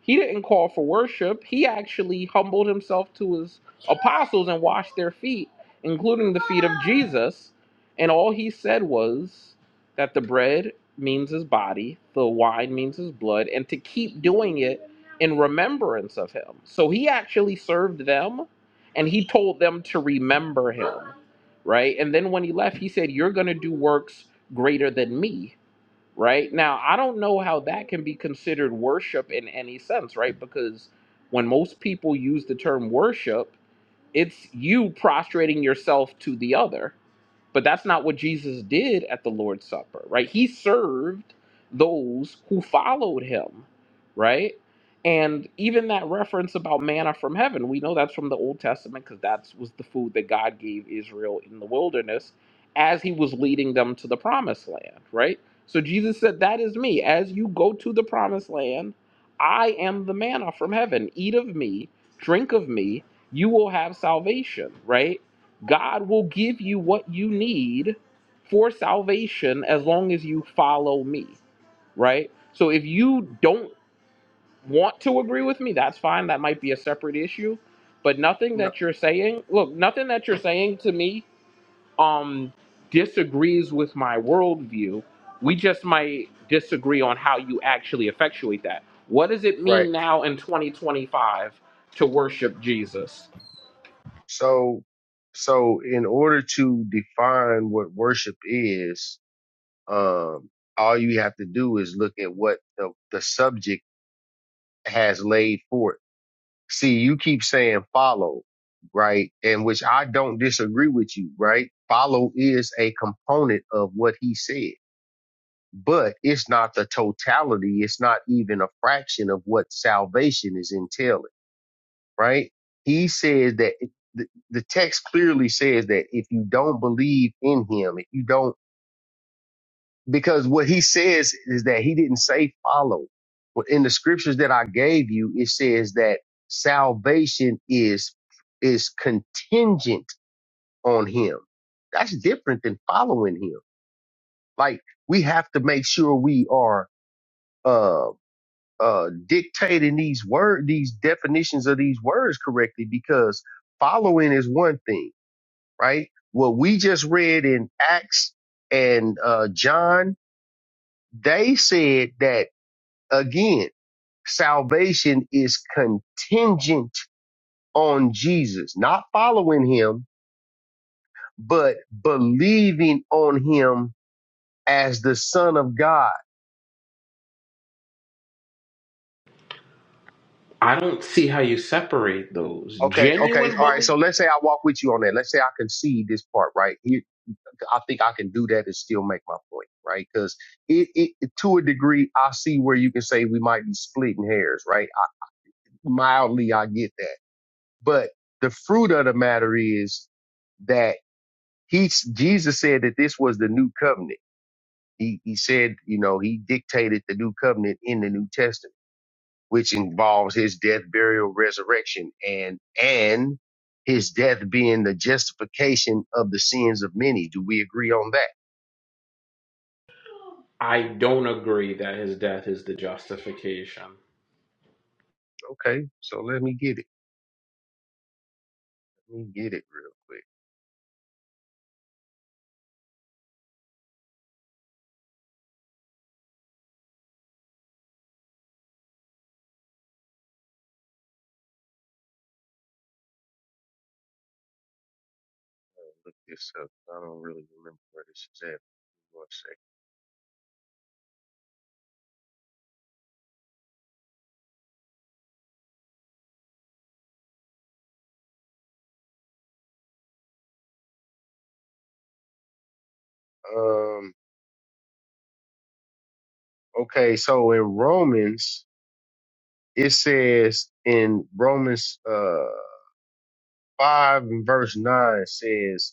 [SPEAKER 11] He didn't call for worship. He actually humbled himself to his apostles and washed their feet, including the feet of Jesus. And all he said was that the bread means his body, the wine means his blood, and to keep doing it in remembrance of him. So he actually served them and he told them to remember him, right? And then when he left, he said, You're going to do works greater than me right? Now, I don't know how that can be considered worship in any sense, right? Because when most people use the term worship, it's you prostrating yourself to the other, but that's not what Jesus did at the Lord's Supper, right? He served those who followed him, right? And even that reference about manna from heaven, we know that's from the Old Testament because that was the food that God gave Israel in the wilderness as he was leading them to the promised land, right? So Jesus said, That is me. As you go to the promised land, I am the manna from heaven. Eat of me, drink of me, you will have salvation, right? God will give you what you need for salvation as long as you follow me, right? So if you don't want to agree with me, that's fine. That might be a separate issue, but nothing
[SPEAKER 6] No,
[SPEAKER 11] that you're saying, look, nothing that you're saying to me um disagrees with my worldview. We just might disagree on how you actually effectuate that. What does it
[SPEAKER 6] right.
[SPEAKER 11] mean now in 2025 to worship Jesus?
[SPEAKER 6] So, so in order to define what worship is, Um, all you have to do is look at what the, the subject has laid forth. See, you keep saying follow, right? And which I don't disagree with you, right? Follow is a component of what he said, but it's not the totality. It's not even a fraction of what salvation is entailing, right? He says that it- the, the text clearly says that if you don't believe in him, if you don't because what he says is that he didn't say follow. But in the scriptures that I gave you, it says that salvation is is contingent on him. That's different than following him. Like we have to make sure we are uh uh dictating these word these definitions of these words correctly because following is one thing, right? What we just read in Acts and uh John, they said that Again, salvation is contingent on Jesus, not following him, but believing on him as the son of God.
[SPEAKER 11] I don't see how you separate those.
[SPEAKER 6] Okay. Okay.
[SPEAKER 11] Genuine
[SPEAKER 6] All right. So
[SPEAKER 11] bully,
[SPEAKER 6] let's say I walk with you on that. Let's say I concede this part, right? You- I think I can do that and still make my point, right? Because it, it, to a degree, I see where you can say we might be splitting hairs, right? I, mildly, I get that. But the fruit of the matter is, that. He Jesus said that this was the new covenant. He he said, you know, he dictated the new covenant in the New Testament, which involves his death, burial, resurrection, and and his death being the justification of the sins of many. Do we agree on that?
[SPEAKER 11] I don't agree that his death is the justification.
[SPEAKER 6] Okay, so let me get it. Let me get it real quick. Look this up. I don't really remember where this is at. One second. Um. Okay, so in Romans, it says in Romans. Uh. 5 and verse 9 says,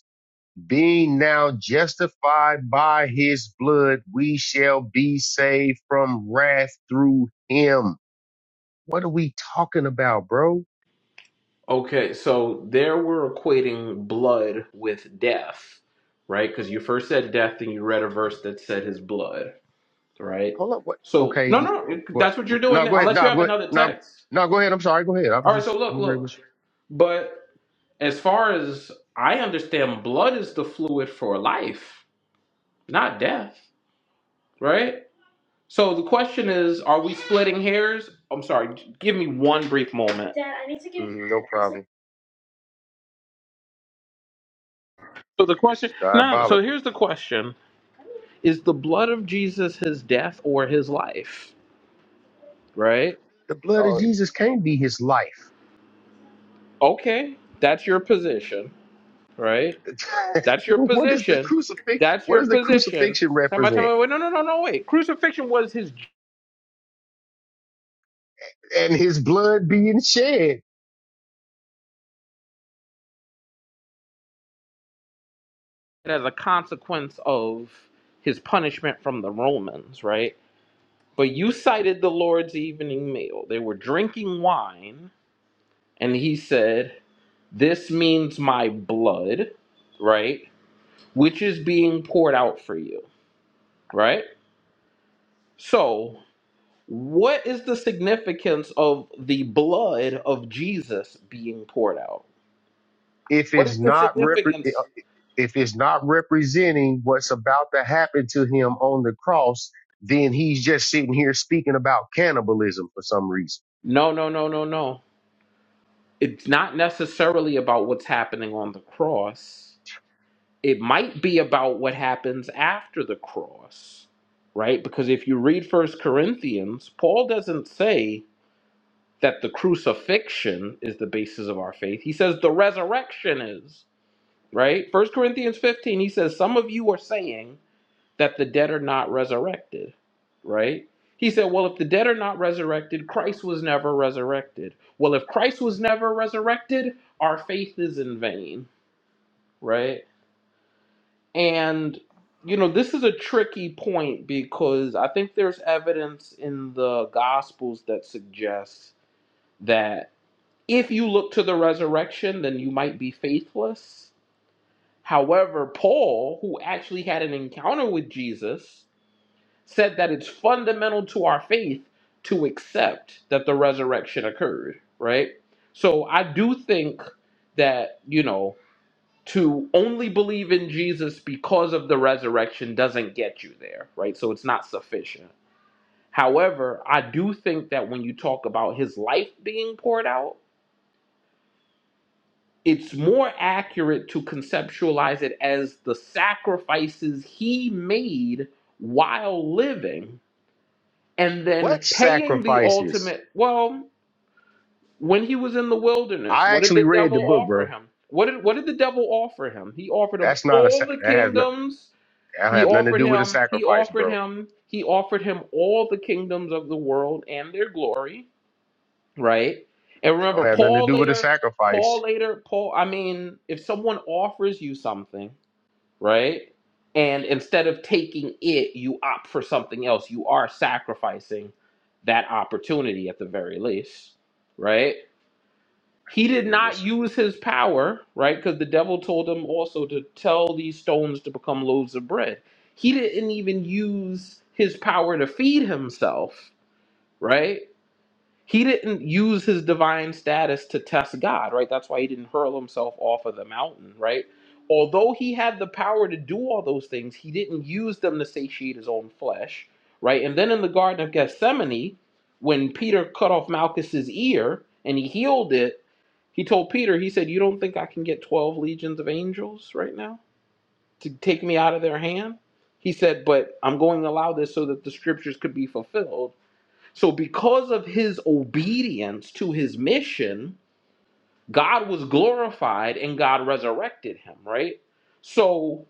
[SPEAKER 6] Being now justified by his blood, we shall be saved from wrath through him. What are we talking about, bro?
[SPEAKER 11] Okay, so there we're equating blood with death, right? Because you first said death, then you read a verse that said his blood, right?
[SPEAKER 6] Hold up. What?
[SPEAKER 11] So,
[SPEAKER 6] Okay.
[SPEAKER 11] no,
[SPEAKER 6] yeah,
[SPEAKER 11] no,
[SPEAKER 6] oh,
[SPEAKER 11] it-
[SPEAKER 6] Go
[SPEAKER 11] that's what you're
[SPEAKER 6] ahead. No,
[SPEAKER 11] doing,
[SPEAKER 6] go ahead.
[SPEAKER 11] unless you
[SPEAKER 6] No,
[SPEAKER 11] have
[SPEAKER 6] go ahead.
[SPEAKER 11] another
[SPEAKER 6] No,
[SPEAKER 11] text.
[SPEAKER 6] no, go ahead. I'm sorry. Go ahead. I was
[SPEAKER 11] All right, so
[SPEAKER 6] just, I'm
[SPEAKER 11] look,
[SPEAKER 6] agreeing
[SPEAKER 11] look.
[SPEAKER 6] with
[SPEAKER 11] But as far as I understand, blood is the fluid for life, not death, right? So the question is, are we splitting hairs? I'm sorry, give me one brief moment. Dad, I need to
[SPEAKER 6] you.
[SPEAKER 11] give.
[SPEAKER 6] Mm, no problem.
[SPEAKER 11] So the
[SPEAKER 6] This
[SPEAKER 11] question,
[SPEAKER 6] is
[SPEAKER 11] no, so
[SPEAKER 6] diabolical.
[SPEAKER 11] here's the question. Is the blood of Jesus his death or his life? Right?
[SPEAKER 6] The blood of
[SPEAKER 11] Oh.
[SPEAKER 6] Jesus can't be his life.
[SPEAKER 11] Okay, that's your position, right?
[SPEAKER 6] *laughs*
[SPEAKER 11] That's your
[SPEAKER 6] what is the
[SPEAKER 11] position.
[SPEAKER 6] crucifix?
[SPEAKER 11] That's
[SPEAKER 6] What
[SPEAKER 11] your
[SPEAKER 6] does the
[SPEAKER 11] position.
[SPEAKER 6] crucifixion
[SPEAKER 11] Time by time,
[SPEAKER 6] represent?
[SPEAKER 11] I went. no, no, no, no, wait. Crucifixion was his j-
[SPEAKER 6] And his blood being shed.
[SPEAKER 11] as a consequence of his punishment from the Romans, right? But you cited the Lord's evening meal. They were drinking wine, and he said, This means my blood, right? Which is being poured out for you, right? So, what is the significance of the blood of Jesus being poured out?
[SPEAKER 6] if
[SPEAKER 11] What is
[SPEAKER 6] it's
[SPEAKER 11] the
[SPEAKER 6] not repre-
[SPEAKER 11] significance?
[SPEAKER 6] if it's not representing what's about to happen to him on the cross, then he's just sitting here speaking about cannibalism for some reason.
[SPEAKER 11] No, no, no, no, no. It's not necessarily about what's happening on the cross it might be about what happens after the cross, right? Because if you read First Corinthians, Paul doesn't say that the crucifixion is the basis of our faith. He says the resurrection is, right? First Corinthians 15, he says, Some of you are saying that the dead are not resurrected, right? He said, Well, if the dead are not resurrected, Christ was never resurrected. Well, if Christ was never resurrected, our faith is in vain, right? And, you know, this is a tricky point because I think there's evidence in the Gospels that suggests that if you look to the resurrection, then you might be faithless. However, Paul, who actually had an encounter with Jesus, said that it's fundamental to our faith to accept that the resurrection occurred, right? So I do think that, you know, to only believe in Jesus because of the resurrection doesn't get you there, right? So it's not sufficient. However, I do think that when you talk about his life being poured out, it's more accurate to conceptualize it as the sacrifices he made while living and
[SPEAKER 6] What
[SPEAKER 11] then paying the
[SPEAKER 6] sacrifices?
[SPEAKER 11] ultimate. Well, when he was in the wilderness,
[SPEAKER 6] I
[SPEAKER 11] what did
[SPEAKER 6] actually
[SPEAKER 11] the
[SPEAKER 6] read
[SPEAKER 11] devil
[SPEAKER 6] the book,
[SPEAKER 11] offer
[SPEAKER 6] bro.
[SPEAKER 11] him? What did, what did the devil offer him? He offered him
[SPEAKER 6] That's not a sa-
[SPEAKER 11] all the
[SPEAKER 6] that has not,
[SPEAKER 11] kingdoms
[SPEAKER 6] that
[SPEAKER 11] He
[SPEAKER 6] have nothing to
[SPEAKER 11] offered
[SPEAKER 6] do with a
[SPEAKER 11] him, he
[SPEAKER 6] sacrifice,
[SPEAKER 11] offered
[SPEAKER 6] bro.
[SPEAKER 11] him, he offered him all the kingdoms of the world and their glory, right? And
[SPEAKER 6] That don't
[SPEAKER 11] remember,
[SPEAKER 6] have nothing to
[SPEAKER 11] Paul
[SPEAKER 6] do with a
[SPEAKER 11] later, Paul
[SPEAKER 6] sacrifice.
[SPEAKER 11] later, Paul, I mean, if someone offers you something, right? And instead of taking it, you opt for something else. You are sacrificing that opportunity at the very least, right?
[SPEAKER 6] I
[SPEAKER 11] He did
[SPEAKER 6] mean,
[SPEAKER 11] not
[SPEAKER 6] it's,
[SPEAKER 11] use his power, right? Because the devil told him also to tell these stones to become loaves of bread. He didn't even use his power to feed himself, right? He didn't use his divine status to test God, right? That's why he didn't hurl himself off of the mountain, right? Although he had the power to do all those things, he didn't use them to satiate his own flesh, right? And then in the Garden of Gethsemane, when Peter cut off Malchus's ear and he healed it, he told Peter, he said, You don't think I can get 12 legions of angels right now to take me out of their hand? He said, But I'm going to allow this so that the scriptures could be fulfilled. So, because of his obedience to his mission, God was glorified and God resurrected him, right? So,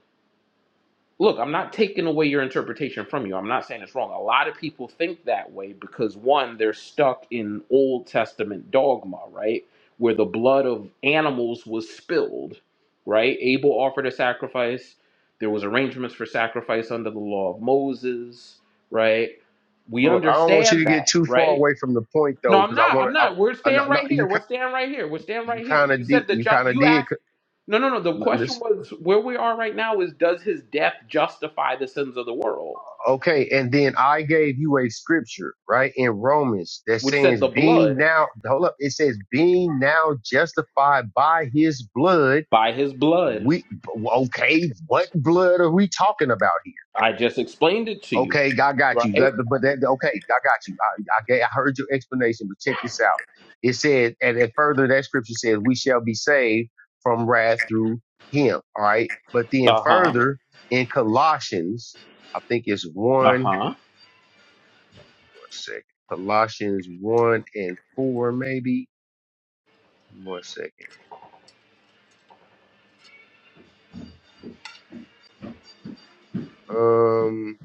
[SPEAKER 11] look, I'm not taking away your interpretation from you. I'm not saying it's wrong. A lot of people think that way because one, they're stuck in Old Testament dogma, right? Where the blood of animals was spilled, right? Abel offered a sacrifice. There was arrangements for sacrifice under the law of Moses, right? We
[SPEAKER 6] hold up. I don't want you to
[SPEAKER 11] understand
[SPEAKER 6] get
[SPEAKER 11] that,
[SPEAKER 6] too far
[SPEAKER 11] right?
[SPEAKER 6] away from the point
[SPEAKER 11] No,
[SPEAKER 6] though,
[SPEAKER 11] I'm
[SPEAKER 6] because I
[SPEAKER 11] not.
[SPEAKER 6] want
[SPEAKER 11] I'm
[SPEAKER 6] to.
[SPEAKER 11] not. We're
[SPEAKER 6] I, I no,
[SPEAKER 11] staying
[SPEAKER 6] no,
[SPEAKER 11] right here.
[SPEAKER 6] you ki-
[SPEAKER 11] We're staying right here. We're staying
[SPEAKER 6] you
[SPEAKER 11] right
[SPEAKER 6] kind
[SPEAKER 11] here. You
[SPEAKER 6] of did
[SPEAKER 11] said the
[SPEAKER 6] you kind
[SPEAKER 11] just.
[SPEAKER 6] of
[SPEAKER 11] You
[SPEAKER 6] did.
[SPEAKER 11] asked.
[SPEAKER 6] c-
[SPEAKER 11] No, no, no. The
[SPEAKER 6] no,
[SPEAKER 11] question
[SPEAKER 6] Let's
[SPEAKER 11] was where we are right now is does his death justify the sins of the world?
[SPEAKER 6] Okay, and then I gave you a scripture, right, in Romans that
[SPEAKER 11] Which said
[SPEAKER 6] says,
[SPEAKER 11] the
[SPEAKER 6] being
[SPEAKER 11] blood
[SPEAKER 6] now, hold up, it says, being now justified by his blood,
[SPEAKER 11] by his blood.
[SPEAKER 6] we, okay, what blood are we talking about here?
[SPEAKER 11] I just explained it to you,
[SPEAKER 6] Okay, I got you.
[SPEAKER 11] right?
[SPEAKER 6] That- But that, okay, I got you. I, I, ga- I heard your explanation, but check this out. It said, and then further, that scripture says, we shall be saved from wrath through him, all right? But then
[SPEAKER 11] Uh huh.
[SPEAKER 6] further, in Colossians, I think it's
[SPEAKER 11] Uh
[SPEAKER 6] 1.
[SPEAKER 11] huh.
[SPEAKER 6] One second. Colossians 1 and 4, maybe. One second. Um,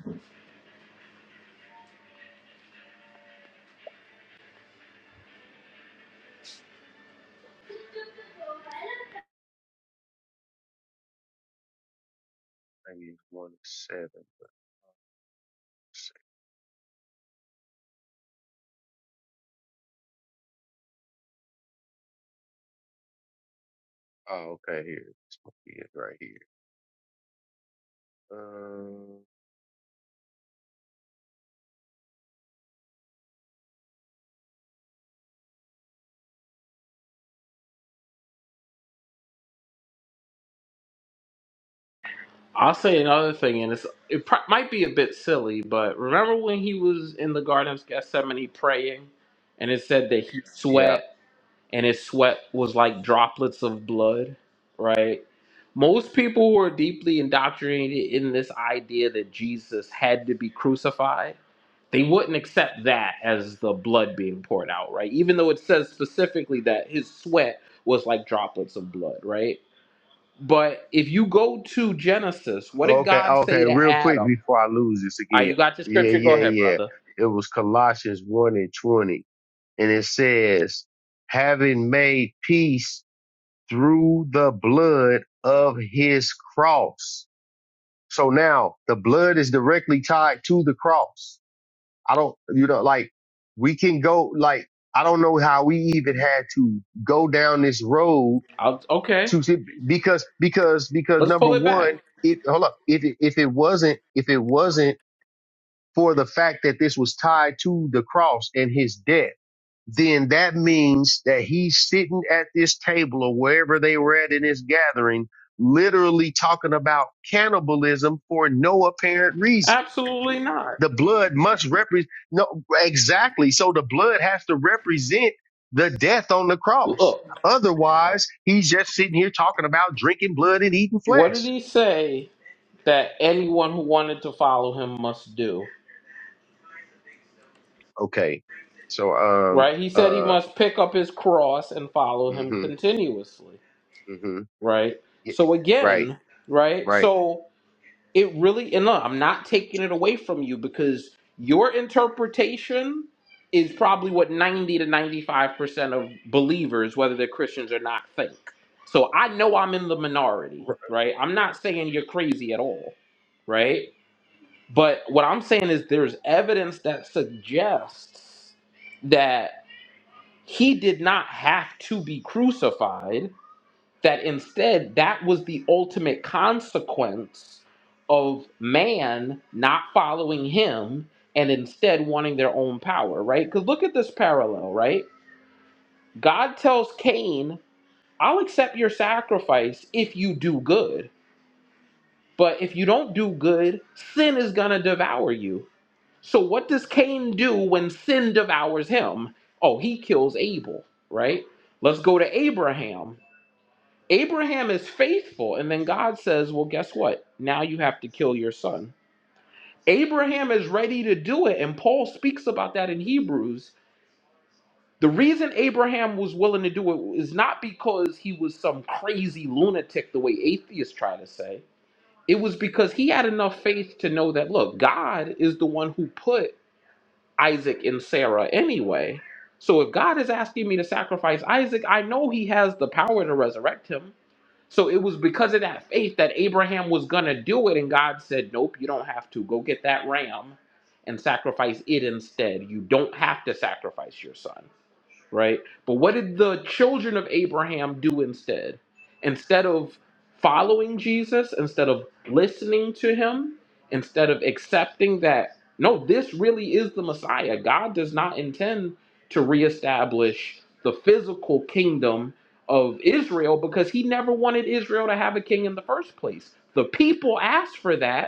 [SPEAKER 6] maybe it's 1 and 7. One second. Oh, okay. Here. This must be it right here. Um, oh,
[SPEAKER 11] I'll
[SPEAKER 6] look,
[SPEAKER 11] say
[SPEAKER 6] I
[SPEAKER 11] another thing,
[SPEAKER 6] lost
[SPEAKER 11] and it's it pro- might be a bit silly, but remember when he was in the Garden of Gethsemane praying, and it said that he
[SPEAKER 6] that. Yeah.
[SPEAKER 11] sweat and his sweat was like droplets of blood, right? Most people who are deeply indoctrinated in this idea that Jesus had to be crucified, they wouldn't accept that as the blood being poured out, right? Even though it says specifically that his sweat was like droplets of blood, right? But if you go to Genesis, what
[SPEAKER 6] Oh,
[SPEAKER 11] did
[SPEAKER 6] Okay.
[SPEAKER 11] God
[SPEAKER 6] oh,
[SPEAKER 11] say
[SPEAKER 6] Okay.
[SPEAKER 11] to
[SPEAKER 6] Real quick
[SPEAKER 11] Adam?
[SPEAKER 6] before I lose this
[SPEAKER 11] All right,
[SPEAKER 6] again.
[SPEAKER 11] you got your
[SPEAKER 6] Yeah.
[SPEAKER 11] scripture. Go
[SPEAKER 6] Yeah.
[SPEAKER 11] ahead,
[SPEAKER 6] Yeah.
[SPEAKER 11] brother.
[SPEAKER 6] It was Colossians 1 and 20. And it says, having made peace through the blood of his cross So now the blood is directly tied to the cross. I don't, you know, like we can go, like, I don't know how we even had to go down this road
[SPEAKER 11] I'll, okay,
[SPEAKER 6] to see, because, because, because
[SPEAKER 11] let's
[SPEAKER 6] number
[SPEAKER 11] pull it back.
[SPEAKER 6] one, it, hold up, if it, if it wasn't, if it wasn't for the fact that this was tied to the cross and his death, then that means that he's sitting at this table or wherever they were at in this gathering, literally talking about cannibalism for no apparent reason
[SPEAKER 11] Absolutely not.
[SPEAKER 6] the blood must represent no exactly so the blood has to represent the death on the cross
[SPEAKER 11] Look,
[SPEAKER 6] otherwise he's just sitting here talking about drinking blood and eating
[SPEAKER 11] what did
[SPEAKER 6] flesh
[SPEAKER 11] he say? that anyone who wanted to follow him must do.
[SPEAKER 6] okay so um
[SPEAKER 11] Right? He said he
[SPEAKER 6] uh
[SPEAKER 11] must pick up his cross and follow him
[SPEAKER 6] mhm
[SPEAKER 11] continuously.
[SPEAKER 6] mhm
[SPEAKER 11] Right?
[SPEAKER 6] yeah,
[SPEAKER 11] So
[SPEAKER 6] right
[SPEAKER 11] again, right?
[SPEAKER 6] right
[SPEAKER 11] So it really and look, I'm not taking it away from you because your interpretation is probably what 90 to 95% of believers, whether they're Christians or not, think. So I know I'm in the minority,
[SPEAKER 6] R-
[SPEAKER 11] right? I'm not saying you're crazy at all, right? But what I'm saying is there's evidence that suggests that he did not have to be crucified, that instead that was the ultimate consequence of man not following him and instead wanting their own power, right? Because look at this parallel, right? God tells Cain, I'll accept your sacrifice if you do good. But if you don't do good, sin is going to devour you. So what does Cain do when sin devours him? Oh, he kills Abel, right? Let's go to Abraham. Abraham is faithful, and then God says, Well, guess what? Now you have to kill your son. Abraham is ready to do it, and Paul speaks about that in Hebrews. The reason Abraham was willing to do it is not because he was some crazy lunatic, the way atheists try to say. It was because he had enough faith to know that, look, God is the one who put Isaac and Sarah anyway. So if God is asking me to sacrifice Isaac, I know he has the power to resurrect him. So it was because of that faith that Abraham was going to do it. And God said, Nope, you don't have to. Go get that ram and sacrifice it instead. You don't have to sacrifice your son right? But what did the children of Abraham do instead? Instead of following Jesus, instead of listening to him, instead of accepting that, no, this really is the Messiah, God does not intend to reestablish the physical kingdom of Israel because he never wanted Israel to have a king in the first place. The people asked for that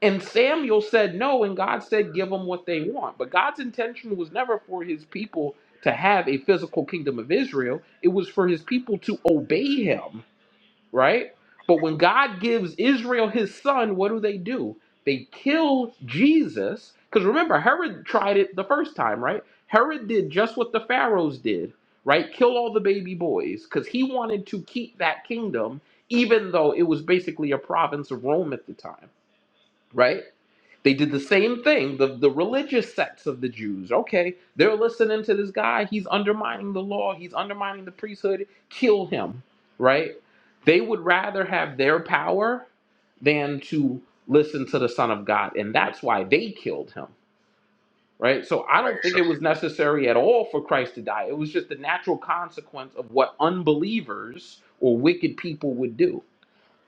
[SPEAKER 11] and Samuel said no, and God said, give them what they want. But God's intention was never for his people to have a physical kingdom of Israel, it was for his people to obey him, right? But when God gives Israel his son, what do they do? They kill Jesus. Because remember, Herod tried it the first time, right? Herod did just what the Pharaohs did, right? Kill all the baby boys because he wanted to keep that kingdom, even though it was basically a province of Rome at the time right? They did the same thing. The, the religious sects of the Jews, okay, they're listening to this guy. He's undermining the law, he's undermining the priesthood. Kill him, right? They would rather have their power than to listen to the Son of God. And that's why they killed him, right? So I
[SPEAKER 6] all
[SPEAKER 11] don't
[SPEAKER 6] right
[SPEAKER 11] think it was necessary at all for Christ to die. It was just the natural consequence of what unbelievers or wicked people would do.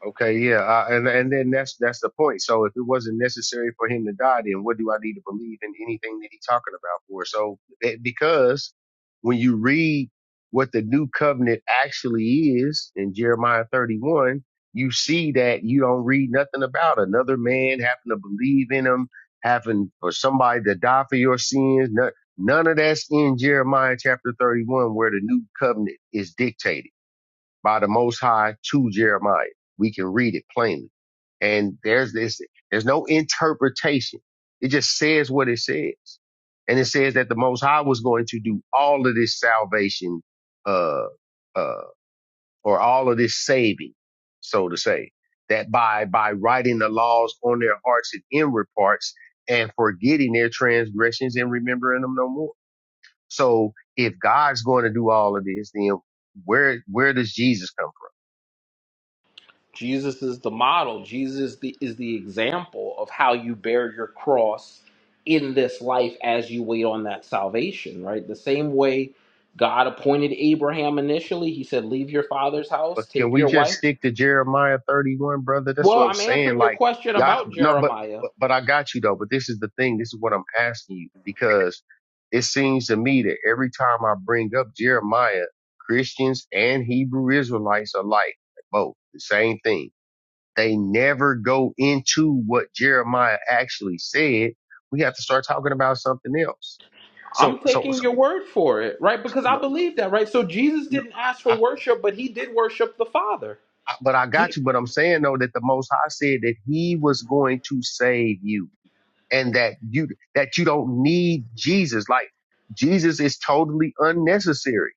[SPEAKER 6] Okay, yeah, uh, and and then that's that's the point. So if it wasn't necessary for him to die, then what do I need to believe in anything that he's talking about for? So it, because when you read what the new covenant actually is in Jeremiah 31, you see that you don't read nothing about another man having to believe in him, having for somebody to die for your sins. None, none of that's in Jeremiah chapter 31 where the new covenant is dictated by the Most High to Jeremiah. We can read it plainly. And there's this, there's no interpretation. It just says what it says. And it says that the Most High was going to do all of this salvation, uh, uh, or all of this saving, so to say, that by, by writing the laws on their hearts and inward parts and forgetting their transgressions and remembering them no more. So if God's going to do all of this, then where, where does Jesus come from?
[SPEAKER 11] Jesus is the model. Jesus the, is the example of how you bear your cross in this life as you wait on that salvation, right? The same way God appointed Abraham initially, he said, Leave your father's house,
[SPEAKER 6] But can
[SPEAKER 11] take
[SPEAKER 6] we
[SPEAKER 11] your
[SPEAKER 6] just
[SPEAKER 11] wife.
[SPEAKER 6] stick to Jeremiah 31, brother? That's
[SPEAKER 11] Well,
[SPEAKER 6] what I'm
[SPEAKER 11] I'm
[SPEAKER 6] saying.
[SPEAKER 11] answering your
[SPEAKER 6] Like,
[SPEAKER 11] question
[SPEAKER 6] y'all,
[SPEAKER 11] about
[SPEAKER 6] no, but,
[SPEAKER 11] Jeremiah.
[SPEAKER 6] but, but I got you though. But this is the thing. This is what I'm asking you because it seems to me that every time I bring up Jeremiah, Christians and Hebrew Israelites are like both the same thing. They never go into what Jeremiah actually said. We have to start talking about something else. So,
[SPEAKER 11] I'm
[SPEAKER 6] so,
[SPEAKER 11] taking
[SPEAKER 6] so
[SPEAKER 11] your word for it, right? Because I
[SPEAKER 6] no,
[SPEAKER 11] believe
[SPEAKER 6] no,
[SPEAKER 11] that, right? So Jesus
[SPEAKER 6] no.
[SPEAKER 11] didn't ask for worship, but he did worship the Father.
[SPEAKER 6] But I
[SPEAKER 11] Gee,
[SPEAKER 6] got you. But I'm saying though that the Most High said that He was going to save you, and that you that you don't need Jesus. Like Jesus is totally unnecessary,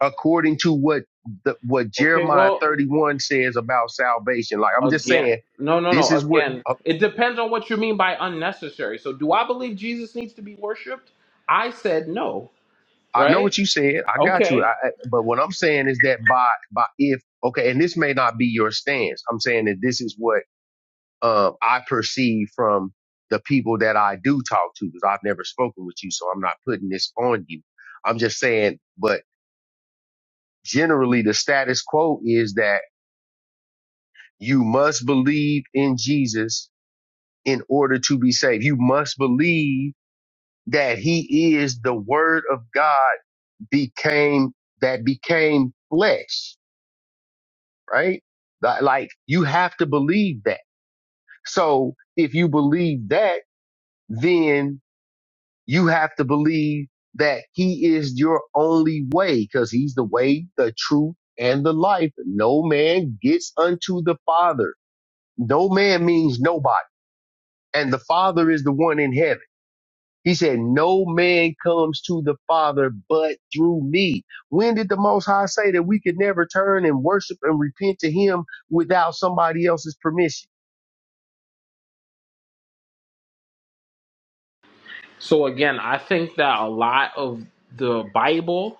[SPEAKER 6] according to what the what
[SPEAKER 11] okay,
[SPEAKER 6] Jeremiah
[SPEAKER 11] well,
[SPEAKER 6] 31 says about salvation. Like I'm just
[SPEAKER 11] Again.
[SPEAKER 6] saying,
[SPEAKER 11] No, no,
[SPEAKER 6] this
[SPEAKER 11] no.
[SPEAKER 6] is where
[SPEAKER 11] Again,
[SPEAKER 6] uh,
[SPEAKER 11] it depends on what you mean by unnecessary. So, do I believe Jesus needs to be worshiped? I said no,
[SPEAKER 6] I know
[SPEAKER 11] right?
[SPEAKER 6] what you said. I got you.
[SPEAKER 11] Okay.
[SPEAKER 6] I, I- but what I'm saying is that by by if okay, and this may not be your stance. I'm saying that this is what uh, I perceive from the people that I do talk to, because I've never spoken with you, so I'm not putting this on you. I'm just saying, but generally the status quo is that you must believe in Jesus in order to be saved. You must believe that he is the word of God became, that became flesh, right? Li- Like you have to believe that. So if you believe that, then you have to believe that he is your only way because he's the way, the truth, and the life. No man gets unto the Father. No man means nobody. And the Father is the one in heaven. He said, no man comes to the Father but through me. When did the Most High say that we could never turn and worship and repent to him without somebody else's permission?
[SPEAKER 11] So, again, I think that a lot of the Bible,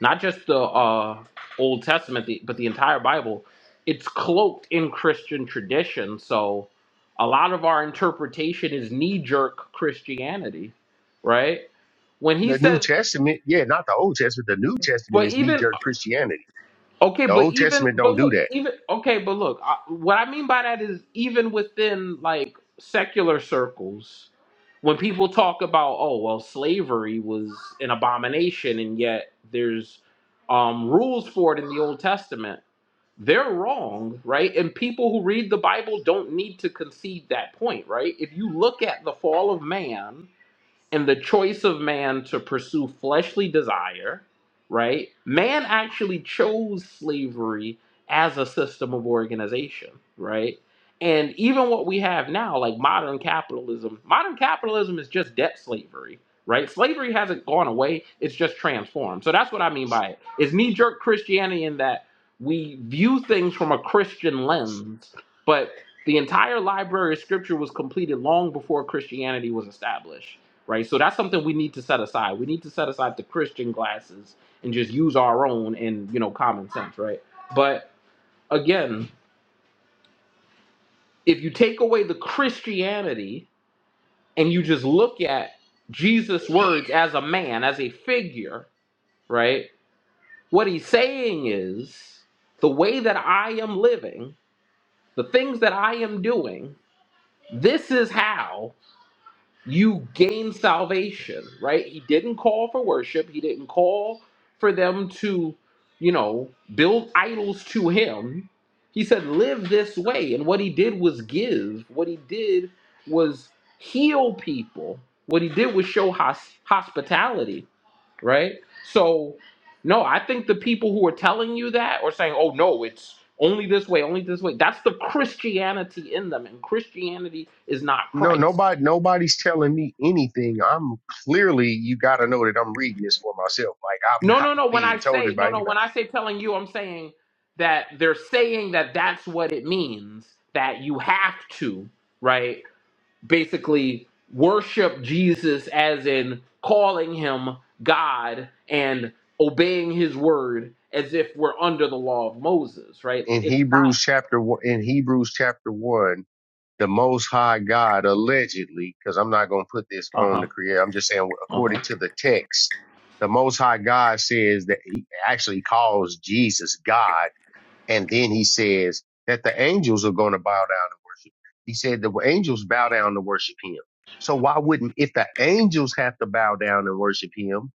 [SPEAKER 11] not just the uh, Old Testament, the, but the entire Bible, it's cloaked in Christian tradition. So, a lot of our interpretation is knee jerk Christianity, right? when he
[SPEAKER 6] The New
[SPEAKER 11] says
[SPEAKER 6] Testament, yeah, not the Old Testament. The New Testament
[SPEAKER 11] but
[SPEAKER 6] is knee
[SPEAKER 11] even
[SPEAKER 6] jerk Christianity.
[SPEAKER 11] Okay,
[SPEAKER 6] The
[SPEAKER 11] but
[SPEAKER 6] Old
[SPEAKER 11] even
[SPEAKER 6] Testament
[SPEAKER 11] but
[SPEAKER 6] don't do that.
[SPEAKER 11] look, even okay, but look, I, what I mean by that is even within like secular circles, when people talk about oh well, slavery was an abomination, and yet there's um, rules for it in the Old Testament. They're wrong, right? And people who read the Bible don't need to concede that point, right? If you look at the fall of man, and the choice of man to pursue fleshly desire, right? Man actually chose slavery as a system of organization, right? And even what we have now, like modern capitalism, modern capitalism is just debt slavery, right? Slavery hasn't gone away, it's just transformed. So that's what I mean by it. It's knee jerk Christianity in that we view things from a Christian lens, but the entire library of scripture was completed long before Christianity was established right? So that's something we need to set aside. We need to set aside the Christian glasses and just use our own and you know common sense, right? But again, if you take away the Christianity and you just look at Jesus' words as a man, as a figure, right? What he's saying is the way that I am living, the things that I am doing, this is how you gain salvation, right? He didn't call for worship. He didn't call for them to, you know, build idols to him. He said, live this way. And what he did was give. What he did was heal people. What he did was show hos- hospitality, right? So, no, I think the people who are telling you that or saying, oh, no, it's only this way, only this way, that's the Christianity in them. And Christianity is not
[SPEAKER 6] No,
[SPEAKER 11] Christ.
[SPEAKER 6] nobody, nobody's telling me anything. I'm clearly, you got to know that I'm reading this for myself. Like I'm *laughs*
[SPEAKER 11] No,
[SPEAKER 6] not
[SPEAKER 11] no, no. When
[SPEAKER 6] being
[SPEAKER 11] I
[SPEAKER 6] told this
[SPEAKER 11] say no,
[SPEAKER 6] by
[SPEAKER 11] no.
[SPEAKER 6] anybody.
[SPEAKER 11] When I say telling you, I'm saying that they're saying that that's what it means. That you have to, right? Basically, worship Jesus as in calling him God and obeying his word as if we're under the law of Moses, right?
[SPEAKER 6] In
[SPEAKER 11] It's not
[SPEAKER 6] Hebrews chapter one, in Hebrews chapter one, the Most High God allegedly, because I'm not going to put this
[SPEAKER 11] Uh
[SPEAKER 6] on
[SPEAKER 11] huh.
[SPEAKER 6] the creator. I'm just saying,
[SPEAKER 11] Uh
[SPEAKER 6] according
[SPEAKER 11] huh.
[SPEAKER 6] to the text, the Most High God says that he actually calls Jesus God And then he says that the angels are going to bow down and worship. He said the angels bow down to worship him. So why wouldn't, if the angels have to bow down and worship him,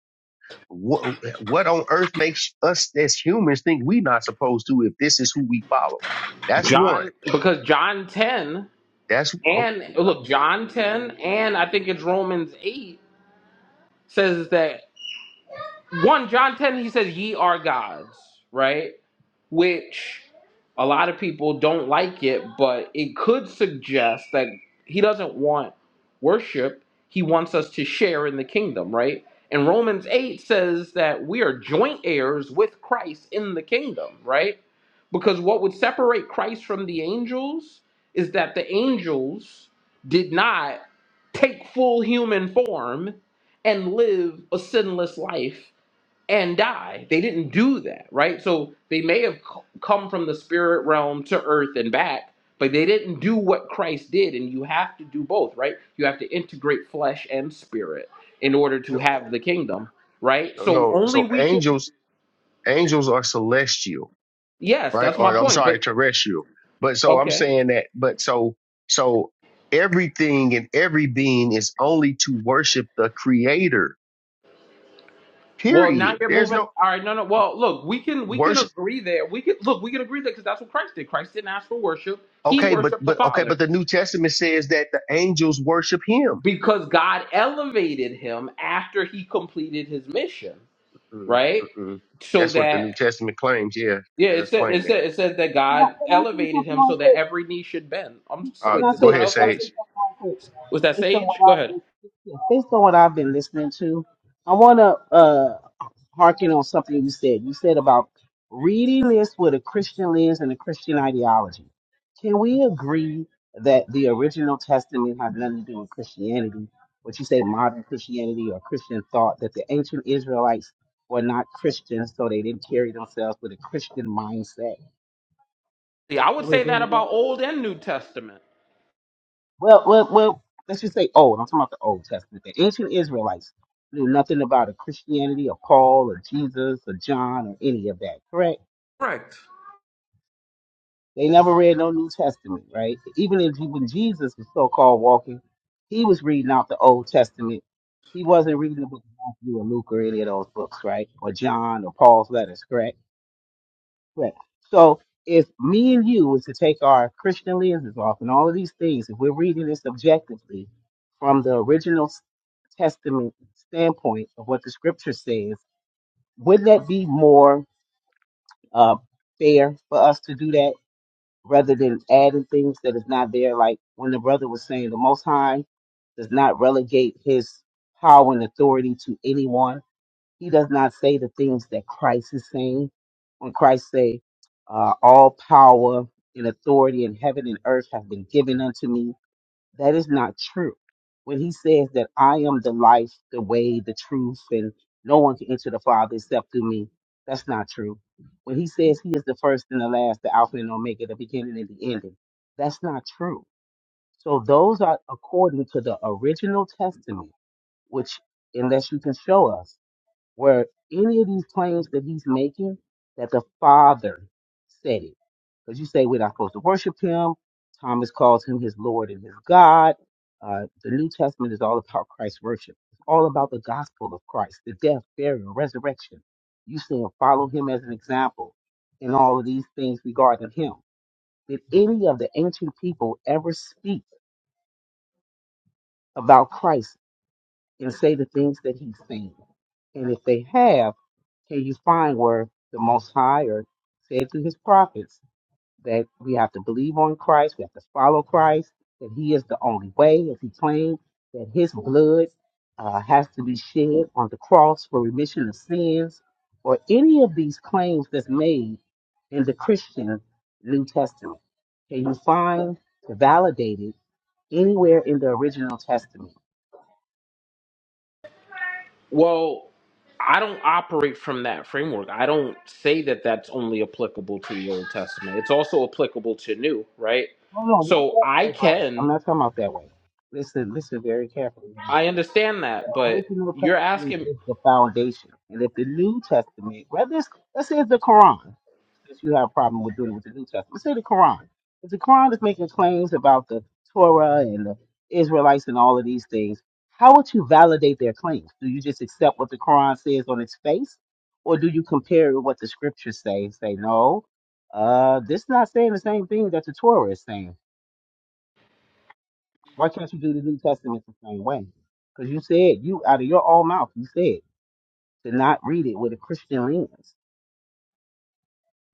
[SPEAKER 6] what, what on earth makes us as humans think we not supposed to if this is who we follow? That's one.
[SPEAKER 11] John because John 10
[SPEAKER 6] That's oh,
[SPEAKER 11] and
[SPEAKER 6] no,
[SPEAKER 11] look John 10 and I think it's Romans 8 says that one John 10 he says ye are gods, right? Which a lot of people don't like it, but it could suggest that he doesn't want worship. He wants us to share in the kingdom, right? And Romans 8 says that we are joint heirs with Christ in the kingdom, right? Because what would separate Christ from the angels is that the angels did not take full human form and live a sinless life and die. They didn't do that, right? So they may have c- come from the spirit realm to earth and back, but they didn't do what Christ did. And you have to do both, right? You have to integrate flesh and spirit in order to
[SPEAKER 6] no.
[SPEAKER 11] have the kingdom, right? So
[SPEAKER 6] no.
[SPEAKER 11] only
[SPEAKER 6] So
[SPEAKER 11] we can,
[SPEAKER 6] angels, angels are celestial
[SPEAKER 11] yes,
[SPEAKER 6] right?
[SPEAKER 11] that's
[SPEAKER 6] Or
[SPEAKER 11] my
[SPEAKER 6] I'm
[SPEAKER 11] point.
[SPEAKER 6] sorry,
[SPEAKER 11] But
[SPEAKER 6] terrestrial. But so I'm
[SPEAKER 11] okay.
[SPEAKER 6] saying that, but so, so everything and every being is only to worship the creator,
[SPEAKER 11] Well, now
[SPEAKER 6] period.
[SPEAKER 11] you're
[SPEAKER 6] There's
[SPEAKER 11] moving.
[SPEAKER 6] no
[SPEAKER 11] All right, no, no. Well, look, we can we can
[SPEAKER 6] worship.
[SPEAKER 11] agree there. We can look, we can agree there because that's what Christ did. Christ didn't ask for worship; he
[SPEAKER 6] Okay. But,
[SPEAKER 11] worshipped the
[SPEAKER 6] but, okay. But
[SPEAKER 11] Father.
[SPEAKER 6] the New Testament says that the angels worship him.
[SPEAKER 11] because God elevated him after he completed his mission,
[SPEAKER 6] Mm,
[SPEAKER 11] right?
[SPEAKER 6] mm, mm.
[SPEAKER 11] So
[SPEAKER 6] That's what the
[SPEAKER 11] that
[SPEAKER 6] New Testament claims. Yeah.
[SPEAKER 11] yeah,
[SPEAKER 6] It
[SPEAKER 11] it
[SPEAKER 6] does
[SPEAKER 11] said
[SPEAKER 6] claim
[SPEAKER 11] it
[SPEAKER 6] that.
[SPEAKER 11] said it says that God elevated him
[SPEAKER 2] Real
[SPEAKER 11] so that
[SPEAKER 2] quick,
[SPEAKER 11] every knee should bend. I'm so,
[SPEAKER 6] Uh,
[SPEAKER 2] Can
[SPEAKER 11] wait,
[SPEAKER 2] I
[SPEAKER 11] did
[SPEAKER 6] go
[SPEAKER 2] say
[SPEAKER 11] someone
[SPEAKER 6] ahead,
[SPEAKER 2] can
[SPEAKER 11] else
[SPEAKER 2] I
[SPEAKER 11] want to
[SPEAKER 2] say
[SPEAKER 11] speak?
[SPEAKER 6] Sage.
[SPEAKER 2] something real quick?
[SPEAKER 11] Was that
[SPEAKER 2] Based on
[SPEAKER 11] Sage?
[SPEAKER 2] what
[SPEAKER 11] Go
[SPEAKER 2] I've
[SPEAKER 11] ahead.
[SPEAKER 2] been, based on what I've been listening to, I wanna uh harken on something you said. You said about reading this with a Christian lens and a Christian ideology. Can we agree that the original testament had nothing to do with Christianity? What you say modern Christianity or Christian thought that the ancient Israelites were not Christians, so they didn't carry themselves with a Christian mindset.
[SPEAKER 11] See, I
[SPEAKER 2] Can
[SPEAKER 11] would
[SPEAKER 2] we
[SPEAKER 11] say
[SPEAKER 2] agree
[SPEAKER 11] that
[SPEAKER 2] with that?
[SPEAKER 11] about Old and New Testament.
[SPEAKER 2] Well, well, well, let's just say old. I'm talking about the Old Testament. The ancient Israelites knew nothing about a Christianity or Paul or Jesus or John or any of that, correct?
[SPEAKER 11] Correct.
[SPEAKER 2] They never read no New Testament, right? Even if, when Jesus was so called walking, he was reading out the Old Testament. He wasn't reading the book of Matthew or Luke or any of those books, right? Or John or Paul's letters, correct? Correct. So if me and you was to take our Christian lenses off and all of these things, if we're reading this objectively, from the original Testament standpoint of what the scripture says, wouldn't that be more uh, fair for us to do that rather than adding things that is not there? Like when the brother was saying, the Most High does not relegate his power and authority to anyone. He does not say the things that Christ is saying. When Christ say, uh, "All power and authority in heaven and earth have been given unto me," That is not true. When he says that I am the life, the way, the truth, and no one can enter the Father except through me, that's not true. When he says he is the first and the last, the Alpha and Omega, the beginning and the ending, that's not true. So those are according to the original testament, which, unless you can show us, where any of these claims that he's making that the Father said it. Because you say we're not supposed to worship him. Thomas calls him his Lord and his God. Uh, the New Testament is all about Christ's worship. It's all about the gospel of Christ, the death, burial, resurrection. You saying follow him as an example in all of these things regarding him. Did any of the ancient people ever speak about Christ and say the things that he's seen? And if they have, can you find where the Most High or said through his prophets that we have to believe on Christ, we have to follow Christ, that he is the only way, as he claimed, that his blood uh, has to be shed on the cross for remission of sins, or any of these claims that's made in the Christian New Testament? Can you find to validate it anywhere in the original Testament?
[SPEAKER 11] Well, I don't operate from that framework. I don't say that that's only applicable to the Old Testament. It's also applicable to New, right?
[SPEAKER 2] No, no, not
[SPEAKER 11] So
[SPEAKER 2] that
[SPEAKER 11] I
[SPEAKER 2] way, brother. I'm
[SPEAKER 11] can,
[SPEAKER 2] not talking about that way. Listen, listen very carefully.
[SPEAKER 11] I
[SPEAKER 2] The
[SPEAKER 11] understand that, but
[SPEAKER 2] original
[SPEAKER 11] you're
[SPEAKER 2] testament
[SPEAKER 11] asking.
[SPEAKER 2] is the foundation. And if the New Testament, whether it's, let's say it's the Quran, since you have a problem with doing it with the New Testament, let's say the Quran. If the Quran is making claims about the Torah and the Israelites and all of these things, how would you validate their claims? Do you just accept what the Quran says on its face? Or do you compare it with what the scriptures say and say, no, uh, this is not saying the same thing that the Torah is saying? Why can't you do the New Testament the same way? Because you said you out of your own mouth, you said to not read it with a Christian lens.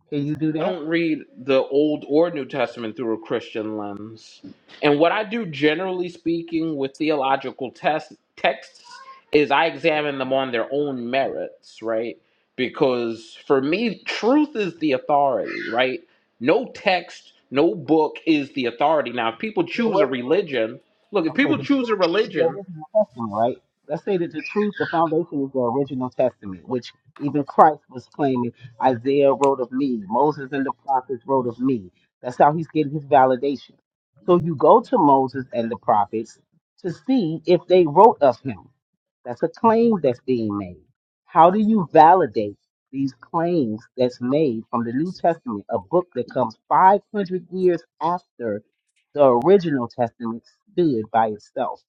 [SPEAKER 2] Can you do
[SPEAKER 11] I
[SPEAKER 2] that?
[SPEAKER 11] don't read the Old or New Testament through a Christian lens. And what I do, generally speaking, with theological test, texts is I examine them on their own merits, right? Because for me, truth is the authority, right? No text, no book is the authority. Now, if people
[SPEAKER 2] Well,
[SPEAKER 11] choose a
[SPEAKER 2] what is it?
[SPEAKER 11] religion, look, if
[SPEAKER 2] Okay,
[SPEAKER 11] people
[SPEAKER 2] the truth
[SPEAKER 11] choose a
[SPEAKER 2] is the
[SPEAKER 11] religion,
[SPEAKER 2] original testament, right? Let's say that the truth, the foundation is the original testament, which even Christ was claiming Isaiah wrote of me, Moses and the prophets wrote of me. That's how he's getting his validation. So you go to Moses and the prophets to see if they wrote of him. That's a claim that's being made. How do you validate these claims that's made from the New Testament, a book that comes 500 years after the original Testament stood by itself?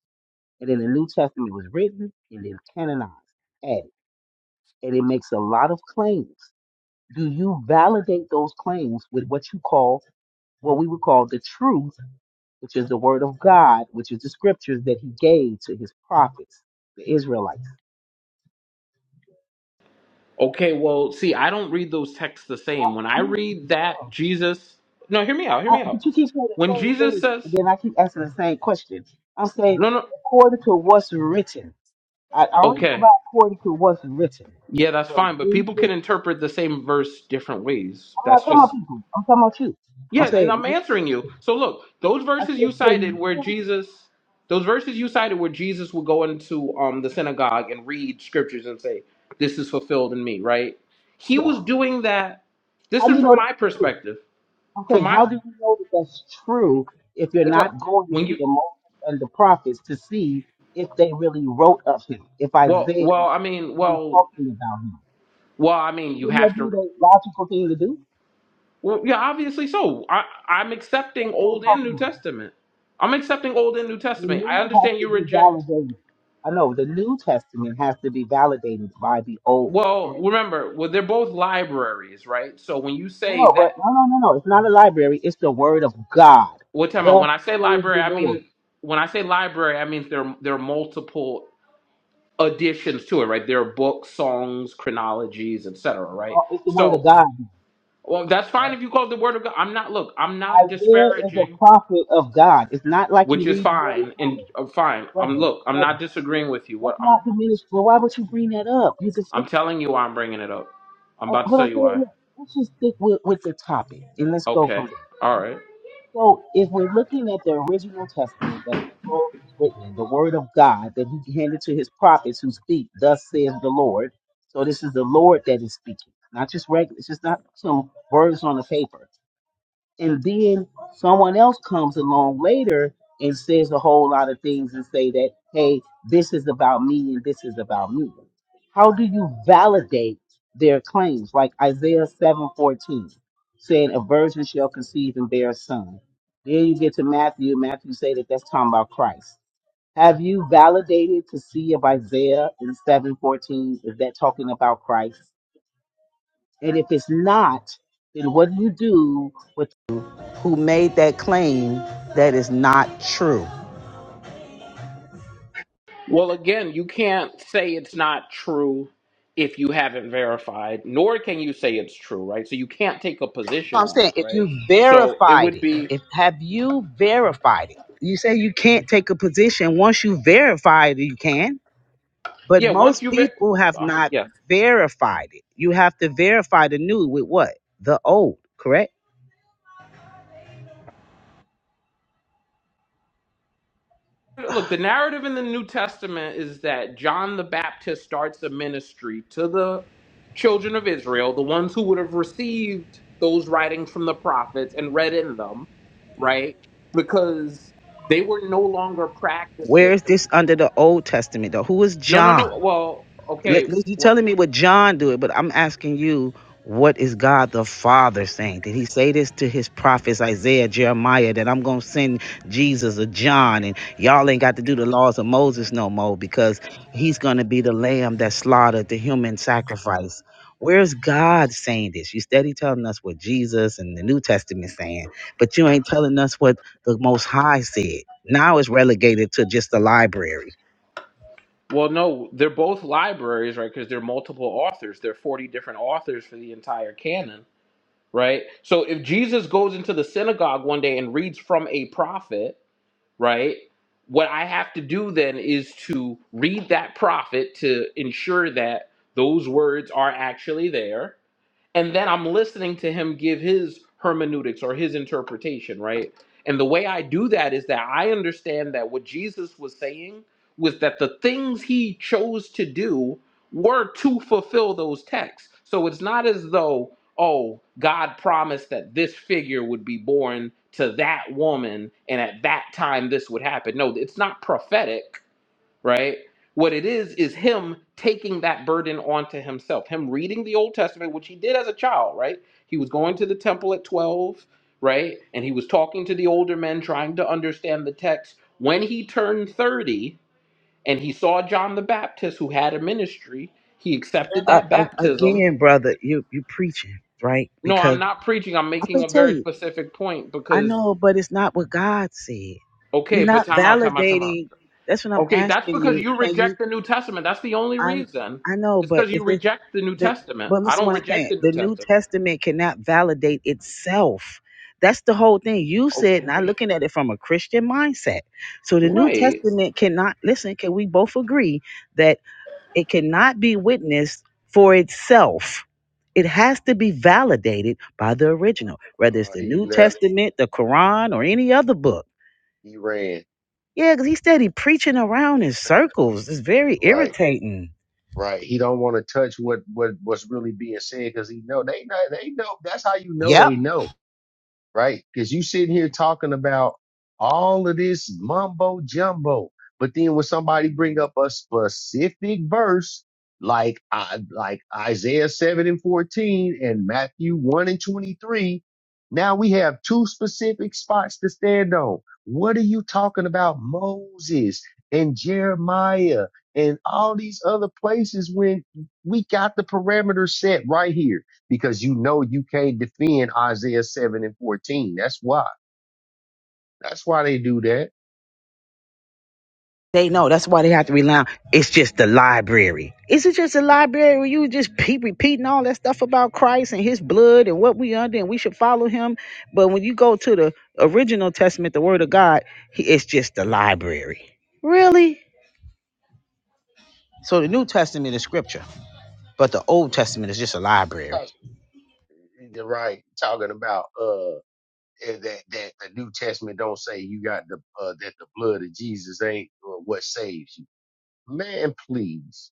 [SPEAKER 2] And then the New Testament was written and then canonized, added, and it makes a lot of claims. Do you validate those claims with what you call, what we would call the truth, which is the word of God, which is the scriptures that he gave to his prophets, the Israelites?
[SPEAKER 11] okay, well, see, I don't read those texts the same. When I read that, Jesus, no, hear me out, hear
[SPEAKER 2] Uh,
[SPEAKER 11] me out.
[SPEAKER 2] but you keep saying the
[SPEAKER 11] When
[SPEAKER 2] same
[SPEAKER 11] Jesus
[SPEAKER 2] thing,
[SPEAKER 11] says,
[SPEAKER 2] and then I keep asking the same question. I'm saying
[SPEAKER 11] No, no.
[SPEAKER 2] according to what's written. I I only go by
[SPEAKER 11] Okay.
[SPEAKER 2] according to what's written.
[SPEAKER 11] Yeah, that's
[SPEAKER 2] But
[SPEAKER 11] fine. But people
[SPEAKER 2] Jesus-
[SPEAKER 11] can interpret the same verse different ways.
[SPEAKER 2] I'm not
[SPEAKER 11] That's
[SPEAKER 2] talking about
[SPEAKER 11] just
[SPEAKER 2] people. I'm talking about you. I'm
[SPEAKER 11] yeah. And
[SPEAKER 2] saying,
[SPEAKER 11] I'm answering you. So look, those
[SPEAKER 2] I
[SPEAKER 11] verses
[SPEAKER 2] said,
[SPEAKER 11] you cited
[SPEAKER 2] can
[SPEAKER 11] where
[SPEAKER 2] you?
[SPEAKER 11] Jesus, those verses you cited where Jesus would go into um the synagogue and read scriptures and say, "This is fulfilled in me." Right? He was
[SPEAKER 2] Yes.
[SPEAKER 11] doing that. This
[SPEAKER 2] How do
[SPEAKER 11] is
[SPEAKER 2] you know
[SPEAKER 11] from my
[SPEAKER 2] that's true?
[SPEAKER 11] perspective.
[SPEAKER 2] I'm
[SPEAKER 11] From
[SPEAKER 2] saying,
[SPEAKER 11] my
[SPEAKER 2] how do you know that that's true if you're
[SPEAKER 11] what's up?
[SPEAKER 2] not going to
[SPEAKER 11] when
[SPEAKER 2] the
[SPEAKER 11] you
[SPEAKER 2] Moses and the prophets to see if they really wrote of him? If
[SPEAKER 11] well
[SPEAKER 2] Isaiah
[SPEAKER 11] well I mean
[SPEAKER 2] really
[SPEAKER 11] well
[SPEAKER 2] talking about him?
[SPEAKER 11] well I mean you
[SPEAKER 2] Wouldn't that
[SPEAKER 11] have
[SPEAKER 2] be
[SPEAKER 11] to.
[SPEAKER 2] the logical thing to do?
[SPEAKER 11] Well, yeah, obviously so. I, I'm
[SPEAKER 2] That's
[SPEAKER 11] accepting
[SPEAKER 2] what I'm
[SPEAKER 11] Old and
[SPEAKER 2] talking
[SPEAKER 11] New
[SPEAKER 2] about.
[SPEAKER 11] Testament. I'm accepting Old and New
[SPEAKER 2] The
[SPEAKER 11] Testament. I
[SPEAKER 2] new has
[SPEAKER 11] understand
[SPEAKER 2] to
[SPEAKER 11] you
[SPEAKER 2] be
[SPEAKER 11] reject.
[SPEAKER 2] validated. I know the New Testament has to be validated by the Old.
[SPEAKER 11] Well,
[SPEAKER 2] Correct.
[SPEAKER 11] remember, well, they're both libraries, right? So when you
[SPEAKER 2] No, no,
[SPEAKER 11] say
[SPEAKER 2] but
[SPEAKER 11] that,
[SPEAKER 2] no, no, no, no. It's not a library. It's the Word of God.
[SPEAKER 11] what time?
[SPEAKER 2] The
[SPEAKER 11] When I say
[SPEAKER 2] saith
[SPEAKER 11] library,
[SPEAKER 2] the
[SPEAKER 11] I
[SPEAKER 2] Lord.
[SPEAKER 11] mean when I say library, I mean there there are multiple additions to it, right? There are books, songs, chronologies, etc.,
[SPEAKER 2] Oh,
[SPEAKER 11] right?
[SPEAKER 2] it's the Word of
[SPEAKER 11] So,
[SPEAKER 2] God.
[SPEAKER 11] well, that's fine
[SPEAKER 2] Right.
[SPEAKER 11] if you call it the Word of God. I'm not. Look, I'm not
[SPEAKER 2] Isaiah is a
[SPEAKER 11] disparaging
[SPEAKER 2] prophet of God. It's not like you
[SPEAKER 11] which is
[SPEAKER 2] read Harry
[SPEAKER 11] fine and
[SPEAKER 2] Potter,
[SPEAKER 11] uh, fine. I'm
[SPEAKER 2] brother,
[SPEAKER 11] look, I'm
[SPEAKER 2] brother.
[SPEAKER 11] not disagreeing with you.
[SPEAKER 2] That's
[SPEAKER 11] What I'm
[SPEAKER 2] not diminished. Well, why would you bring that up? You just
[SPEAKER 11] I'm
[SPEAKER 2] uh,
[SPEAKER 11] telling you why I'm bringing it up. I'm about to
[SPEAKER 2] what
[SPEAKER 11] tell
[SPEAKER 2] I'm
[SPEAKER 11] you
[SPEAKER 2] saying.
[SPEAKER 11] why.
[SPEAKER 2] look, Let's just stick with, with the topic and let's go from
[SPEAKER 11] Okay.
[SPEAKER 2] there.
[SPEAKER 11] All right.
[SPEAKER 2] So if we're looking at the original testament that the scroll is written in, the word of God that he handed to his prophets who speak, thus says the Lord. So this is the Lord that is speaking, not just regular. It's just not some words on the paper and then someone else comes along later and says a whole lot of things and say that hey this is about me and this is about me how do you validate their claims like isaiah 7:14 saying a virgin shall conceive and bear a son then you get to matthew matthew say that that's talking about christ have you validated to see if isaiah in 7:14 is that talking about christ and if it's not then what do you do who made that claim that is not true.
[SPEAKER 11] Well, again, you can't say it's not true if you haven't verified, nor can you say it's true, right? So you can't take a position
[SPEAKER 2] I'm
[SPEAKER 11] on it,
[SPEAKER 2] saying if
[SPEAKER 11] right?
[SPEAKER 2] you
[SPEAKER 11] So it
[SPEAKER 2] verified
[SPEAKER 11] would
[SPEAKER 2] it,
[SPEAKER 11] be,
[SPEAKER 2] if have you verified it? You say you can't take a position once you verify it, you can. But
[SPEAKER 11] yeah, once
[SPEAKER 2] most
[SPEAKER 11] you ver,
[SPEAKER 2] people have
[SPEAKER 11] uh,
[SPEAKER 2] not
[SPEAKER 11] yes.
[SPEAKER 2] verified it. You have to verify the new with what? The old, correct?
[SPEAKER 11] look, the narrative in the New Testament is that John the Baptist starts a ministry to the children of Israel, the ones who would have received those writings from the prophets and read in them, right? Because they were no longer
[SPEAKER 2] Where
[SPEAKER 11] practicing.
[SPEAKER 2] is this under the Old Testament though? Who is
[SPEAKER 11] No, no,
[SPEAKER 2] John?
[SPEAKER 11] no. Well,
[SPEAKER 2] Let-
[SPEAKER 11] okay.
[SPEAKER 2] you
[SPEAKER 11] What?
[SPEAKER 2] telling me what John do it, but I'm asking you, what is God the Father saying? Did He say this to His prophets Isaiah, Jeremiah, that I'm gonna send Jesus or John, and y'all ain't got to do the laws of Moses no more because He's gonna be the Lamb that slaughtered the human sacrifice. Where's God saying this? You steady telling us what Jesus and the New Testament saying, but you ain't telling us what the Most High said. Now it's relegated to just the library.
[SPEAKER 11] Well, no, they're both libraries, right? Because they're multiple authors. There are 40 different authors for the entire canon, right? So if Jesus goes into the synagogue one day and reads from a prophet, right? What I have to do then is to read that prophet to ensure that those words are actually there and then I'm listening to him give his hermeneutics or his interpretation, right? And the way I do that is that I understand that what Jesus was saying was that the things he chose to do were to fulfill those texts. So it's not as though, oh, God promised that this figure would be born to that woman and at that time this would happen. No, it's not prophetic right? What it is is him taking that burden onto himself. Him reading the Old Testament, which he did as a child, right? He was going to the temple at 12, right? And he was talking to the older men trying to understand the text. When he turned 30 and he saw John the Baptist who had a ministry, he accepted
[SPEAKER 2] uh,
[SPEAKER 11] that
[SPEAKER 2] uh,
[SPEAKER 11] baptism.
[SPEAKER 2] again, brother, you you preaching right
[SPEAKER 11] No, I'm
[SPEAKER 2] because
[SPEAKER 11] not preaching. I'm
[SPEAKER 2] I
[SPEAKER 11] making a
[SPEAKER 2] could tell
[SPEAKER 11] very
[SPEAKER 2] you,
[SPEAKER 11] specific point
[SPEAKER 2] I
[SPEAKER 11] because
[SPEAKER 2] know, but it's not what God said. You're
[SPEAKER 11] okay, but
[SPEAKER 2] not
[SPEAKER 11] time out, time out, time out.
[SPEAKER 2] validating. That's what I'm
[SPEAKER 11] Okay, that's
[SPEAKER 2] asking
[SPEAKER 11] because
[SPEAKER 2] you.
[SPEAKER 11] you
[SPEAKER 2] Can you?
[SPEAKER 11] reject the New Testament. That's the only
[SPEAKER 2] I
[SPEAKER 11] reason.
[SPEAKER 2] I know,
[SPEAKER 11] It's
[SPEAKER 2] but
[SPEAKER 11] because
[SPEAKER 2] if
[SPEAKER 11] you
[SPEAKER 2] it
[SPEAKER 11] reject the New
[SPEAKER 2] the
[SPEAKER 11] Testament.
[SPEAKER 2] but
[SPEAKER 11] I
[SPEAKER 2] listen, to
[SPEAKER 11] don't
[SPEAKER 2] what I'm
[SPEAKER 11] reject
[SPEAKER 2] saying,
[SPEAKER 11] the New
[SPEAKER 2] the New
[SPEAKER 11] Testament.
[SPEAKER 2] Testament cannot validate itself. That's the whole thing. You said not
[SPEAKER 11] Okay.
[SPEAKER 2] looking at it from a Christian mindset. So the New
[SPEAKER 11] Right.
[SPEAKER 2] Testament cannot listen. Can we both agree It cannot be witnessed for itself. It has to be validated by the original, whether it's
[SPEAKER 6] Uh,
[SPEAKER 2] the
[SPEAKER 6] he
[SPEAKER 2] New
[SPEAKER 6] left.
[SPEAKER 2] Testament, the Quran, or any other book.
[SPEAKER 6] He ran.
[SPEAKER 2] Yeah, because he steady preaching around in circles. It's very
[SPEAKER 6] Right.
[SPEAKER 2] irritating.
[SPEAKER 6] Right. He don't want to touch what, what, what's really being said because he know they know, they know. That's how you know
[SPEAKER 2] Yep.
[SPEAKER 6] they know right? Because you sitting here talking about all of this mumbo jumbo, but then when somebody bring up a specific verse like I like Isaiah seven and fourteen and Matthew one and twenty three, now we have two specific spots to stand on. What are you talking about, Moses and Jeremiah and all these other places when we got the parameters set right here? because you know you can't defend Isaiah 7 and 14. That's why. That's why they do that.
[SPEAKER 2] They know that's why they have to rely on it's just the library. Is it just a library where you just keep repeating all that stuff about Christ and his blood and what we under and we should follow him? But when you go to the original testament, the word of God, he- it's just the library. Really? So the New Testament is scripture, but the Old Testament is just a library.
[SPEAKER 6] Talk- You're right. Talking about uh eh, that that the New Testament don't say you got the uh, that the blood of Jesus ain't uh, what saves you. Man, please.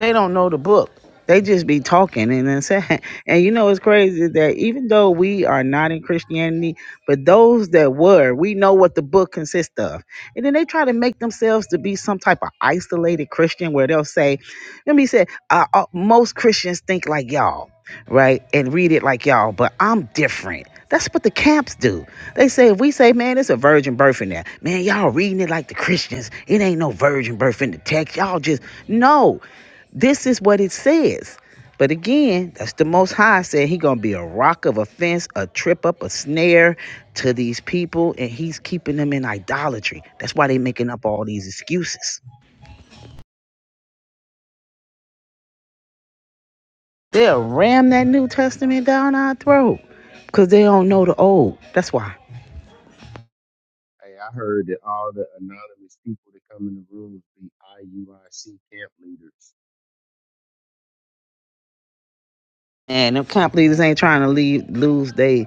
[SPEAKER 2] They don't know the book. They just be talking and then saying, *laughs* and you know it's crazy that even though we are not in Christianity, but those that were, we know what the book consists of. And then they try to make themselves to be some type of isolated Christian where they'll say, Let me say, uh, uh, most Christians think like y'all, right? And read it like y'all, but I'm different. That's what the camps do. They say, if we say, man, it's a virgin birth in there, man, y'all reading it like the Christians. It ain't no virgin birth in the text. Y'all just, no, this is what it says. But again, that's the most high said he gonna be a rock of offense, a trip up, a snare to these people, and he's keeping them in idolatry. That's why they making up all these excuses. They'll ram that New Testament down our throat because they don't know the old. That's why.
[SPEAKER 6] Hey, I heard that all the anonymous people that come in the room be IUIC camp leaders.
[SPEAKER 2] And them camp leaders ain't trying to leave, lose their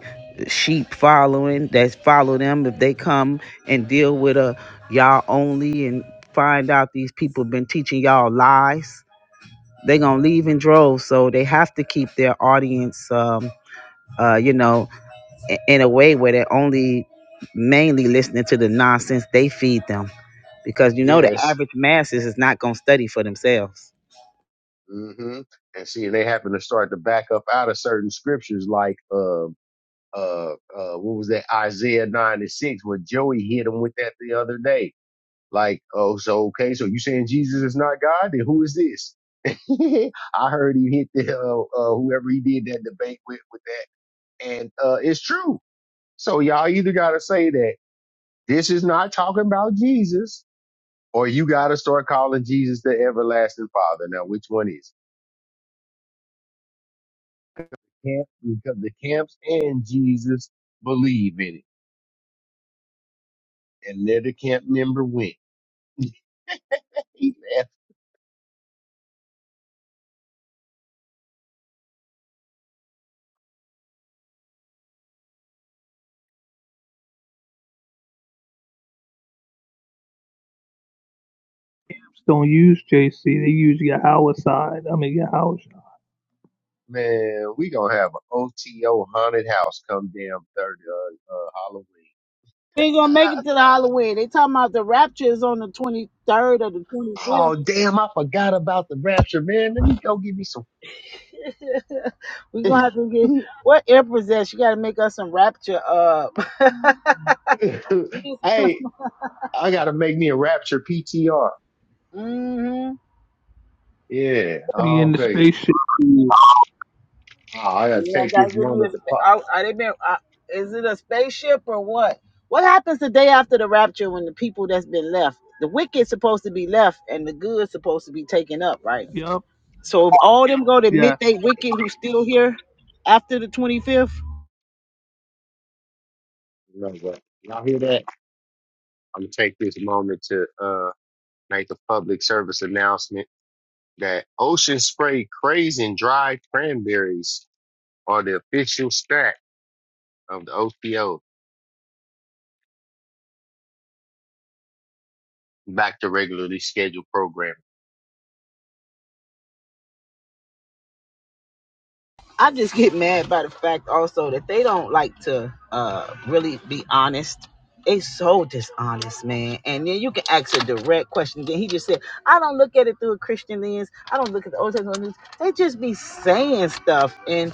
[SPEAKER 2] sheep following that follow them if they come and deal with a y'all only and find out these people been teaching y'all lies. They gonna leave in droves, so they have to keep their audience, um, uh, you know, i- in a way where they're only mainly listening to the nonsense they feed them because you know the
[SPEAKER 6] Yes.
[SPEAKER 2] average masses is not going to study for themselves
[SPEAKER 6] hmm And see, they happen to start to back up out of certain scriptures like uh uh, uh, what was that? Isaiah 9 and 6, where Joey hit him with that the other day. Like, oh, so, okay, so you saying Jesus is not God? Then who is this? *laughs* I heard he hit the, uh, uh, whoever he did that debate with, with that. And, uh, it's true. So y'all either got to say that this is not talking about Jesus or you got to start calling Jesus the everlasting father. Now, which one is it? Camp, because the camps and Jesus believe in it and let the camp member win. *laughs* Amen.
[SPEAKER 12] don't use JC. They use Yahweh side. I mean Yahweh
[SPEAKER 6] Man, we gonna have an OTO haunted house come damn thirty uh, uh, Halloween.
[SPEAKER 2] We ain't gonna make it
[SPEAKER 6] *laughs*
[SPEAKER 2] to the Halloween. They talking about the rapture is on the twenty third or the twenty
[SPEAKER 6] Ah,
[SPEAKER 2] fifth.
[SPEAKER 6] Oh damn, I forgot about the rapture, man. Let me go give me some.
[SPEAKER 2] We gonna have to get what empress that? She gotta make us some rapture. Uh,
[SPEAKER 6] *laughs*
[SPEAKER 2] *laughs*
[SPEAKER 6] hey, I gotta make me a rapture PTR.
[SPEAKER 2] hmm
[SPEAKER 6] Yeah,
[SPEAKER 12] be in the
[SPEAKER 6] okay.
[SPEAKER 12] spaceship.
[SPEAKER 6] Oh, I gotta
[SPEAKER 2] Yeah, I
[SPEAKER 6] take
[SPEAKER 2] gotta
[SPEAKER 6] this
[SPEAKER 2] give me a.
[SPEAKER 6] moment to
[SPEAKER 2] sp-
[SPEAKER 6] pop.
[SPEAKER 2] I, I didn't. mean- I, is it a spaceship or what? What happens the day after the rapture when the people that's been left, the wicked supposed to be left and the good supposed to be taken up, right?
[SPEAKER 12] Yep.
[SPEAKER 2] So if all them go to admit
[SPEAKER 12] Yes.
[SPEAKER 2] they wicked who's still here after the 25th,
[SPEAKER 6] No, but y'all hear that? I'm gonna take this moment to uh make a public service announcement that Ocean Spray Craze and Dried Cranberries are the official snack of the OTO back to regularly scheduled programming.
[SPEAKER 2] I just get mad by the fact also that they don't like to uh really be honest. They so dishonest, man. And then you can ask a direct question. Then he just said, I don't look at it through a Christian lens. I don't look at the Old Testament lens. They just be saying stuff and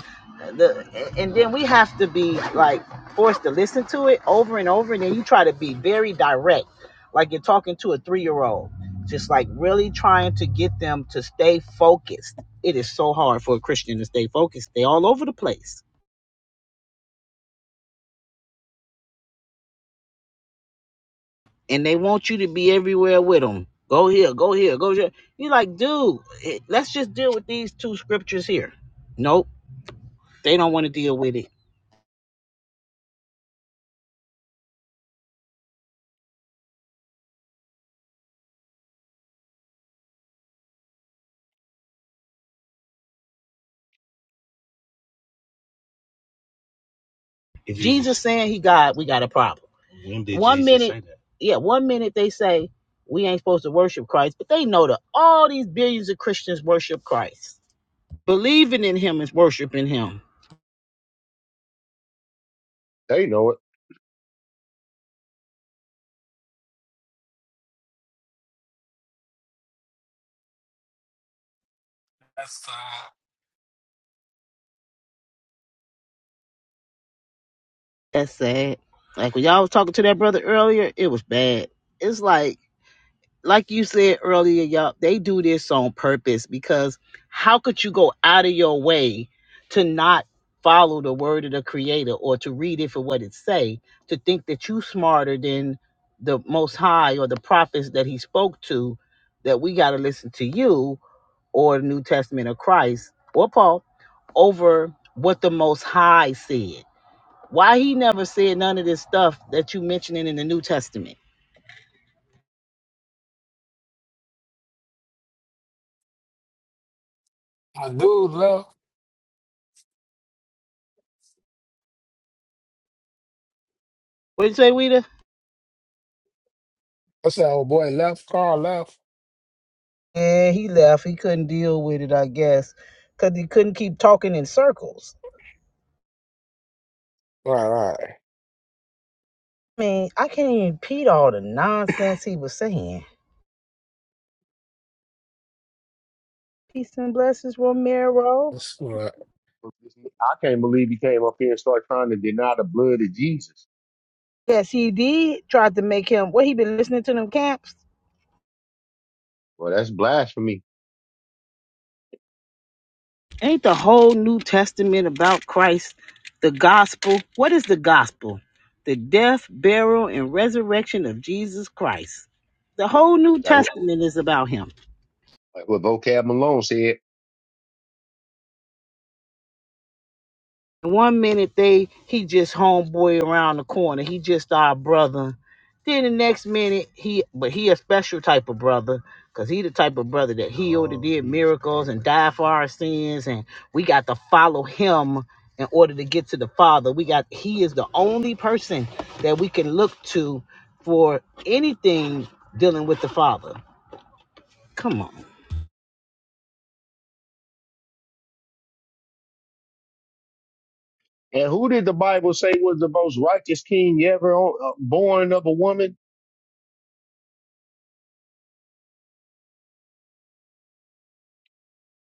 [SPEAKER 2] the and then we have to be like forced to listen to it over and over and then you try to be very direct, like you're talking to a three year old. Just like really trying to get them to stay focused it is so hard for a Christian to stay focused. They all over the place, and they want you to be everywhere with them. Go here, go here, go here. You're like, dude, eh, let's just deal with these two scriptures here. Nope, they don't want to deal with it. If Jesus saying he God, we got a problem. one Jesus minute, yeah, one minute they say we ain't supposed to worship Christ, but they know that all these billions of Christians worship Christ. Believing in Him is worshiping Him.
[SPEAKER 6] They know it.
[SPEAKER 1] That's uh,
[SPEAKER 2] That's sad. Like when y'all was talking to that brother earlier, it was bad. It's like like you said earlier, y'all, they do this on purpose because how could you go out of your way to not follow the word of the creator or to read it for what it say, to think that you smarter than the most high or the prophets that he spoke to, that we gotta listen to you or the New Testament of Christ or Paul over what the most high said. Why he never said none of this stuff that you mentioning in the New Testament?
[SPEAKER 1] my dude left.
[SPEAKER 2] What did you say, Weta?
[SPEAKER 1] I said, "Oh boy, left. Carl left."
[SPEAKER 2] Yeah, he left. He couldn't deal with it, I guess, because he couldn't keep talking in circles.
[SPEAKER 1] Right, right.
[SPEAKER 2] I mean, I can't even repeat all the nonsense he was saying. Peace and blessings, Romero.
[SPEAKER 1] That's right.
[SPEAKER 6] I can't believe he came up here and started trying to deny the blood of Jesus.
[SPEAKER 2] Yes, he did. Tried to make him. What he been listening to them camps?
[SPEAKER 6] Well, that's blasphemy.
[SPEAKER 2] Ain't the whole New Testament about Christ, the gospel? What is the gospel? The death, burial, and resurrection of Jesus Christ. The whole New
[SPEAKER 6] That what,
[SPEAKER 2] Testament is about him.
[SPEAKER 6] like what vocab Malone said.
[SPEAKER 2] One minute they he just homeboy around the corner. He just our brother. Then the next minute he but he a special type of brother. Cause he the type of brother that healed and did miracles and died for our sins and we got to follow him in order to get to the Father. We got he is the only person that we can look to for anything dealing with the Father. Come on.
[SPEAKER 6] And who did the Bible say was the most righteous king ever on, uh, born of a woman?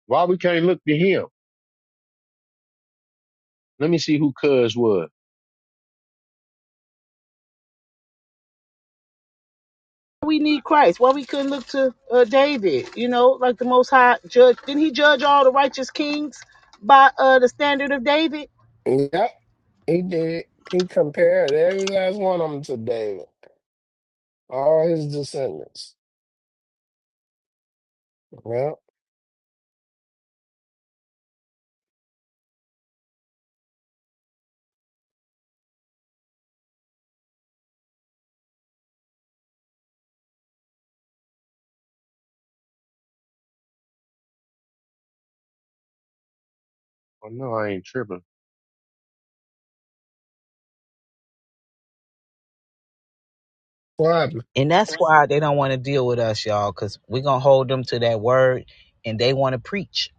[SPEAKER 6] Why we can't look to him? Let me see who Cuz was.
[SPEAKER 2] we need Christ? Why we couldn't look to uh, David? You know, like the Most High judge. Didn't he judge all the righteous kings by uh, the standard of David?
[SPEAKER 1] Yep, he did. He compared every last one of them to David, all his descendants. Yep.
[SPEAKER 6] Oh no, I ain't tripping.
[SPEAKER 1] What happened?
[SPEAKER 2] And that's why they don't want to deal with us, y'all, because we're going to hold them to that word and they want to preach.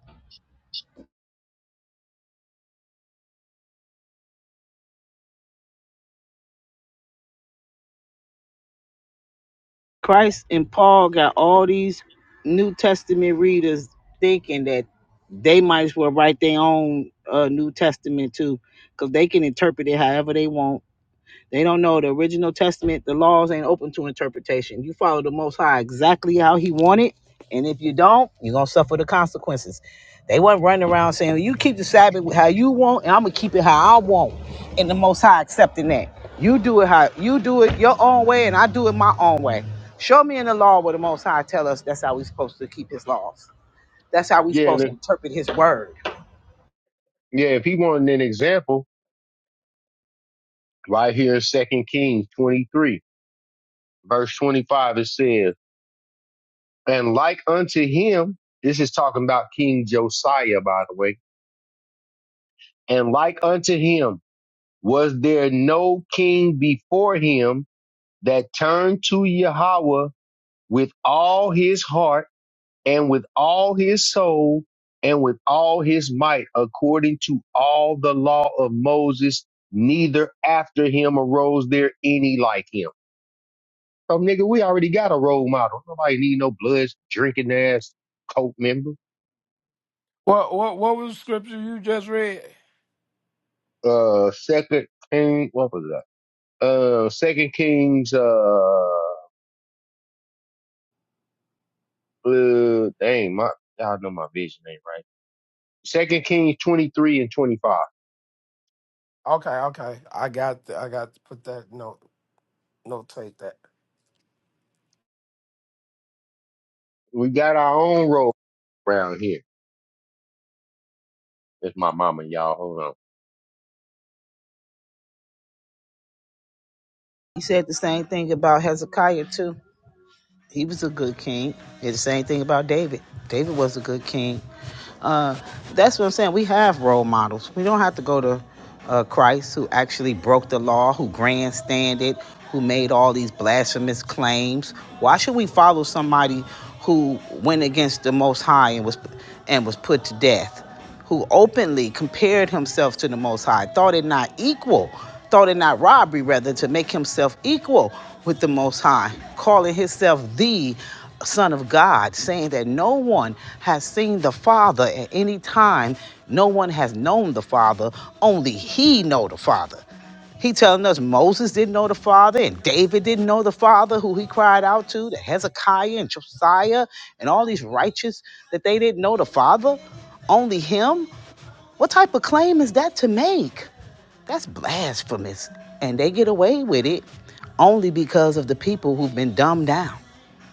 [SPEAKER 2] Christ and Paul got all these New Testament readers thinking that they might as well write their own uh, New Testament too, because they can interpret it however they want They don't know the original testament. The laws ain't open to interpretation. You follow the Most High exactly how He wanted, and if you don't, you're gonna suffer the consequences. They wasn't running around saying, well, "You keep the Sabbath how you want, and I'm gonna keep it how I want," and the Most High accepting that. You do it how you do it your own way, and I do it my own way. Show me in the law where the Most High tell us that's how we supposed to keep His laws. That's how we
[SPEAKER 6] Yeah, and
[SPEAKER 2] supposed to
[SPEAKER 6] if,
[SPEAKER 2] interpret His word.
[SPEAKER 6] yeah. If he wanted an example, right here, in Second Kings twenty three, verse twenty five, it says. And like unto him, this is talking about King Josiah, by the way. And like unto him, was there no king before him that turned to Yahweh with all his heart and with all his soul and with all his might, according to all the law of Moses? Neither after him arose there any like him. So, nigga, we already got a role model. Nobody need no blood drinking ass cult member.
[SPEAKER 1] What what what was the scripture you just read?
[SPEAKER 6] uh second king what was that uh second kings uh, uh dang my y'all know my vision ain't right second Kings 23 and 25
[SPEAKER 1] Okay, okay. I got. the, I got to put that note. No, take that.
[SPEAKER 6] we got our own role around here that's my mama y'all hold on
[SPEAKER 2] He said the same thing about Hezekiah too He was a good king. Did the same thing about David. David was a good king. Uh, that's what I'm saying. We have role models. We don't have to go to uh, Christ, who actually broke the law, who grandstanded, who made all these blasphemous claims. Why should we follow somebody who went against the Most High and was and was put to death? who openly compared himself to the Most High, thought it not equal, thought it not robbery, rather, to make himself equal with the Most High, calling himself the Son of God, saying that no one has seen the Father at any time, no one has known the Father, only he know the Father. He telling us Moses didn't know the Father and David didn't know the Father who he cried out to, the Hezekiah and Josiah and all these righteous that they didn't know the Father, only him. What type of claim is that to make? That's blasphemous. And they get away with it only because of the people who've been dumbed down.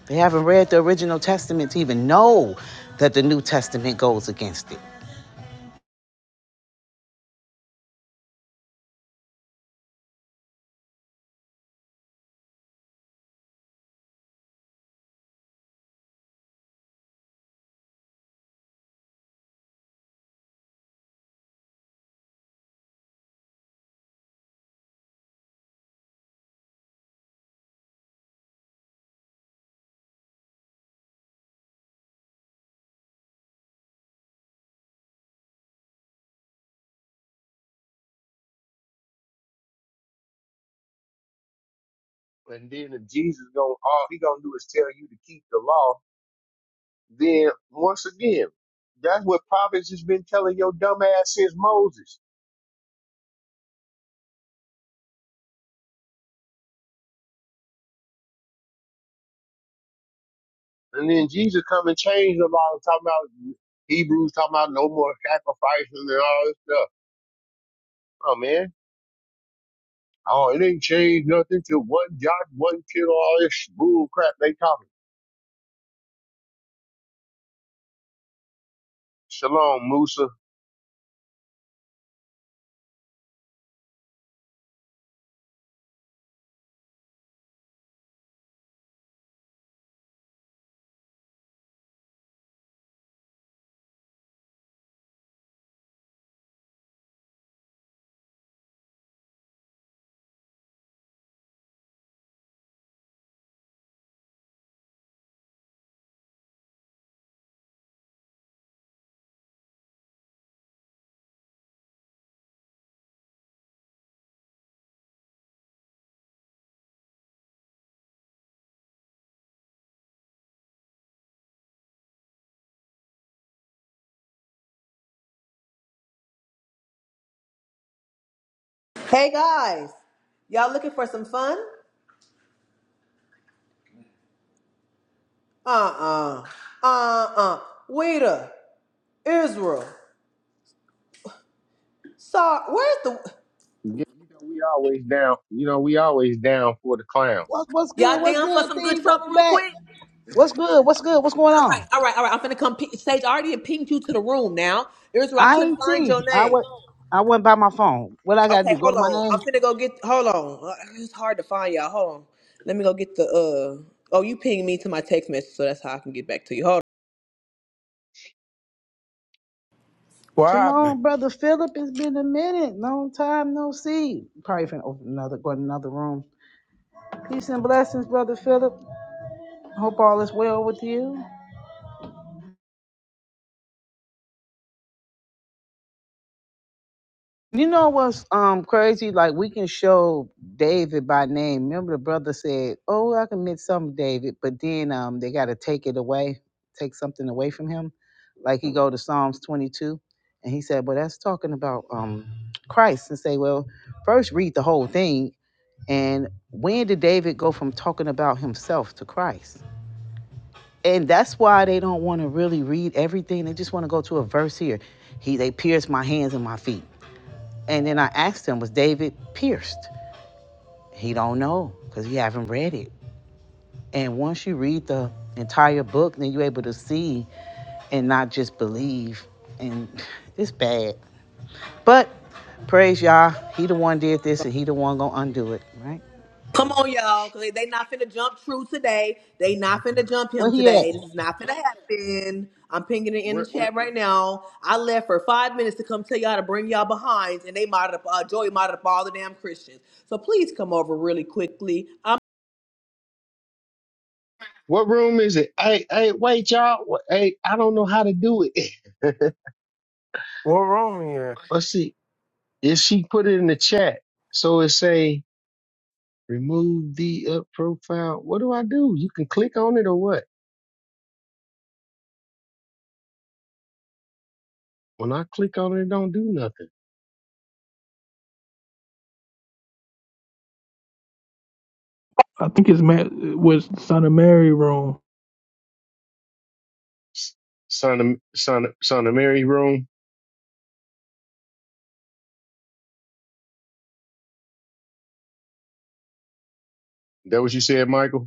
[SPEAKER 2] They haven't read the original testament to even know that the New Testament goes against it.
[SPEAKER 6] and then if jesus gonna all he gonna do is tell you to keep the law then once again that's what prophets has been telling your dumb ass since moses and then jesus come and change the law talking about hebrews talking about no more sacrifices and all this stuff Oh man. Oh, it ain't changed nothing to one yacht, one kid, all this bull crap they talking. Shalom, Musa.
[SPEAKER 3] Hey guys, y'all looking for some fun? Uh-uh. Uh-uh. Weta, Israel. Sorry, where's the
[SPEAKER 6] Yeah, you know we always down. You know we always down for the clown.
[SPEAKER 2] What's what's good?
[SPEAKER 3] Y'all
[SPEAKER 2] What's
[SPEAKER 3] down for
[SPEAKER 2] good,
[SPEAKER 3] some good
[SPEAKER 2] Thee?
[SPEAKER 3] trouble
[SPEAKER 2] Welcome
[SPEAKER 3] real
[SPEAKER 2] back.
[SPEAKER 3] quick?
[SPEAKER 2] What's good? What's good? What's going
[SPEAKER 3] All
[SPEAKER 2] on?
[SPEAKER 3] right, all right, all right. I'm finna come ping, Sage I already pinged you to the room now. Israel, I
[SPEAKER 2] I
[SPEAKER 3] couldn't
[SPEAKER 2] ain't
[SPEAKER 3] find your
[SPEAKER 2] see. I
[SPEAKER 3] name.
[SPEAKER 2] went. I went by my phone. What I gotta
[SPEAKER 3] Okay,
[SPEAKER 2] do? Go
[SPEAKER 3] hold
[SPEAKER 2] to my
[SPEAKER 3] on. I'm
[SPEAKER 2] name.
[SPEAKER 3] finna go get. Hold on. Uh, It's hard to find y'all. Hold on. Let me go get the. uh Oh, you pinged me to my text message, so that's how I can get back to you. Hold. On.
[SPEAKER 1] What happened?
[SPEAKER 2] Shalom, brother Philip. It's been a minute. Long time no see. Probably finna open another, go in another room. Peace and blessings, brother Philip. Hope all is well with you. You know what's um crazy? Like we can show David by name. Remember the brother said, "Oh, I can admit something, David," but then um they got to take it away, take something away from him. Like he go to Psalms 22, and he said, "Well, that's talking about um Christ," and say, "Well, first read the whole thing." And when did David go from talking about himself to Christ? And that's why they don't want to really read everything. They just want to go to a verse here. He they pierced my hands and my feet. And then I asked him, was David pierced? He don't know because he haven't read it. And once you read the entire book, then you're able to see and not just believe. And *laughs* it's bad. But praise y'all. he the one did this and he the one gonna undo it, right?
[SPEAKER 3] Come on, y'all, cause they, they not finna jump True today. They not finna jump
[SPEAKER 2] Where
[SPEAKER 3] him
[SPEAKER 2] he at?
[SPEAKER 3] today. This is not finna happen. I'm pinging it in the
[SPEAKER 6] Where,
[SPEAKER 3] chat right now. I left for five minutes to come tell y'all to bring y'all behinds, and they modded up. Uh, Joey modded up all the damn Christians. So please come over really quickly.
[SPEAKER 6] what room is it? Hey, hey, wait, y'all. Wha- Hey, I don't know how to do it. *laughs*
[SPEAKER 1] What room here?
[SPEAKER 6] Let's see. If she put it in the chat, so it say remove the up profile. What do I do? You can click on it or what? When I click on it, it don't do nothing.
[SPEAKER 12] I think it's Ma- was the Son of Mary room.
[SPEAKER 6] S- Son of son of son of Mary room. That what you said, Michael?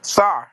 [SPEAKER 1] Sorry.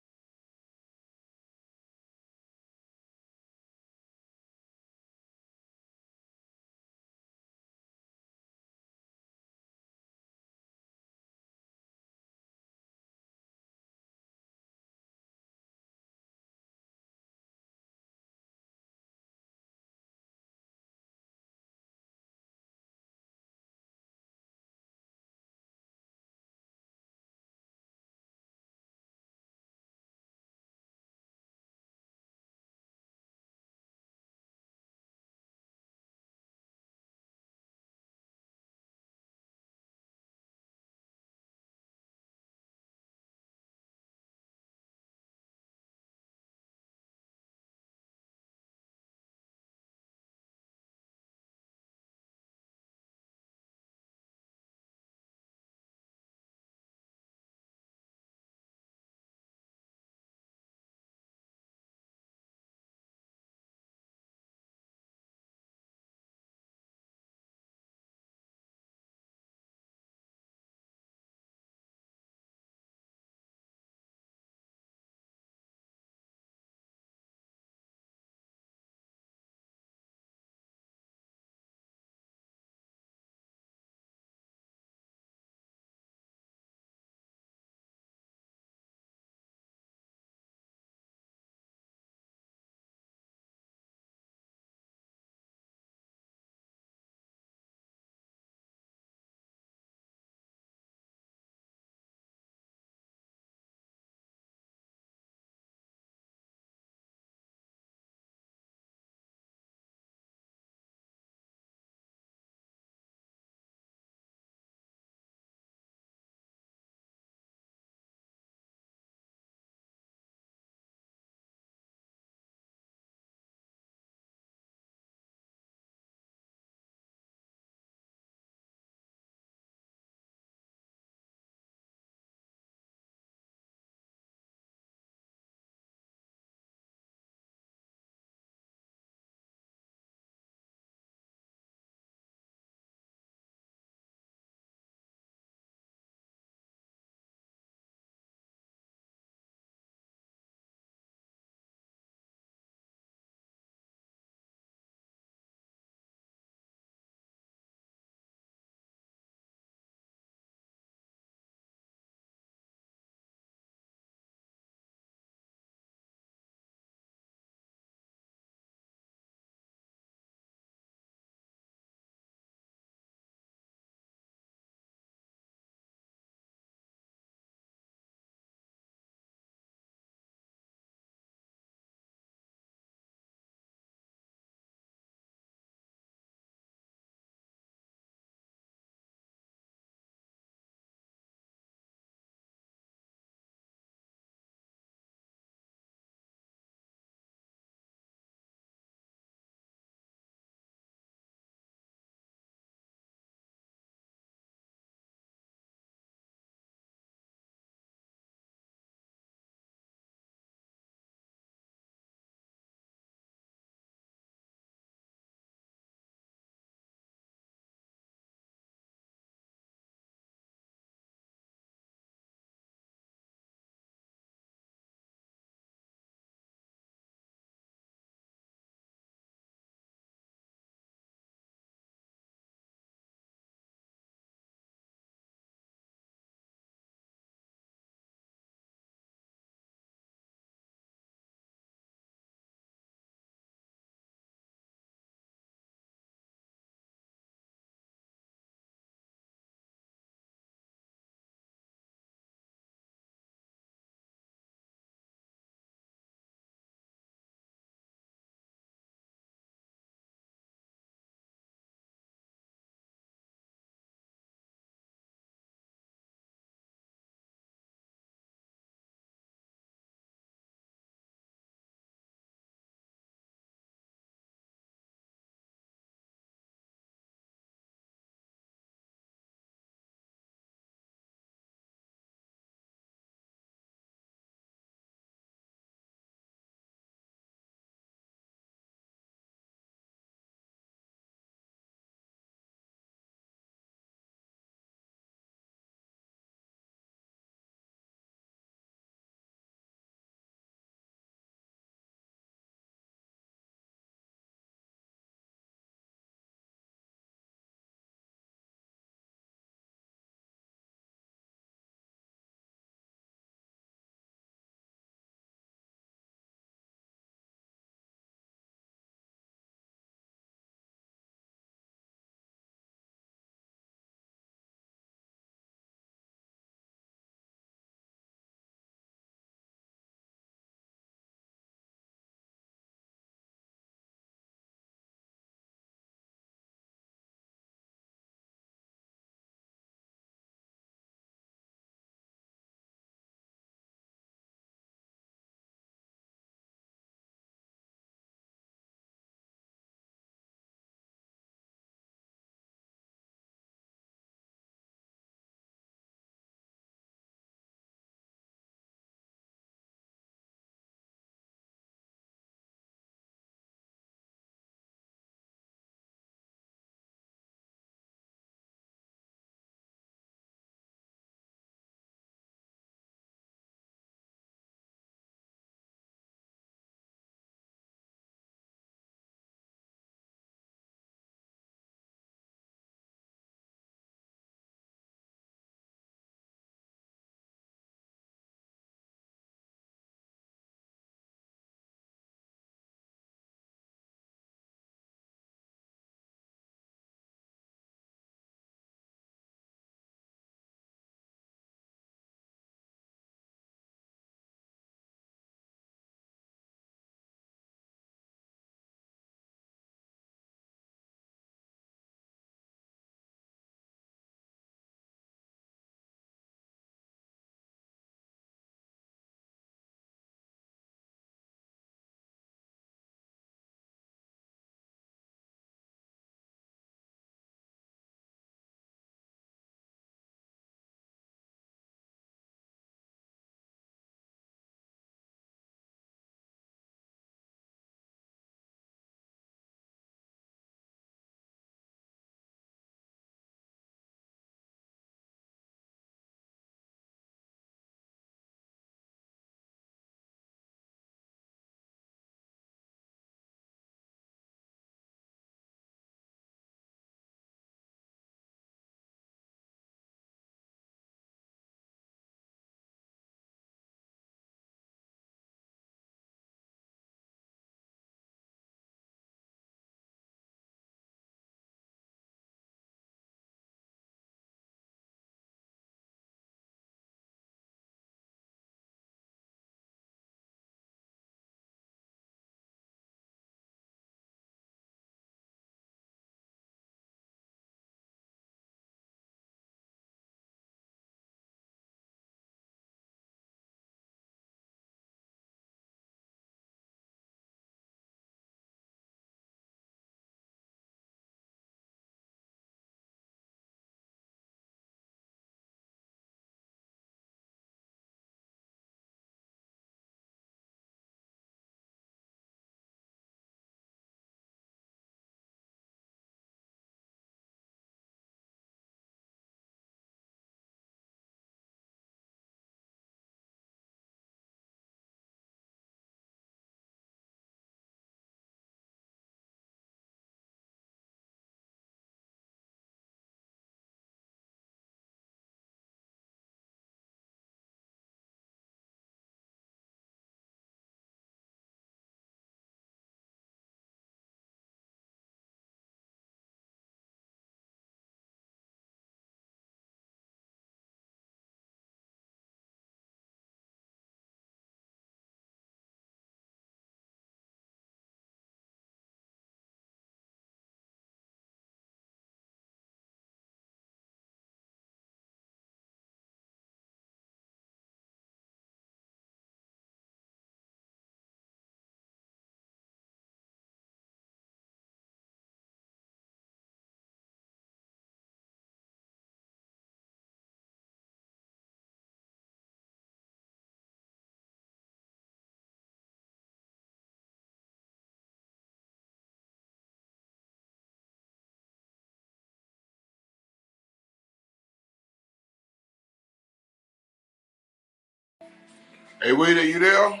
[SPEAKER 13] Hey, wait, are you there?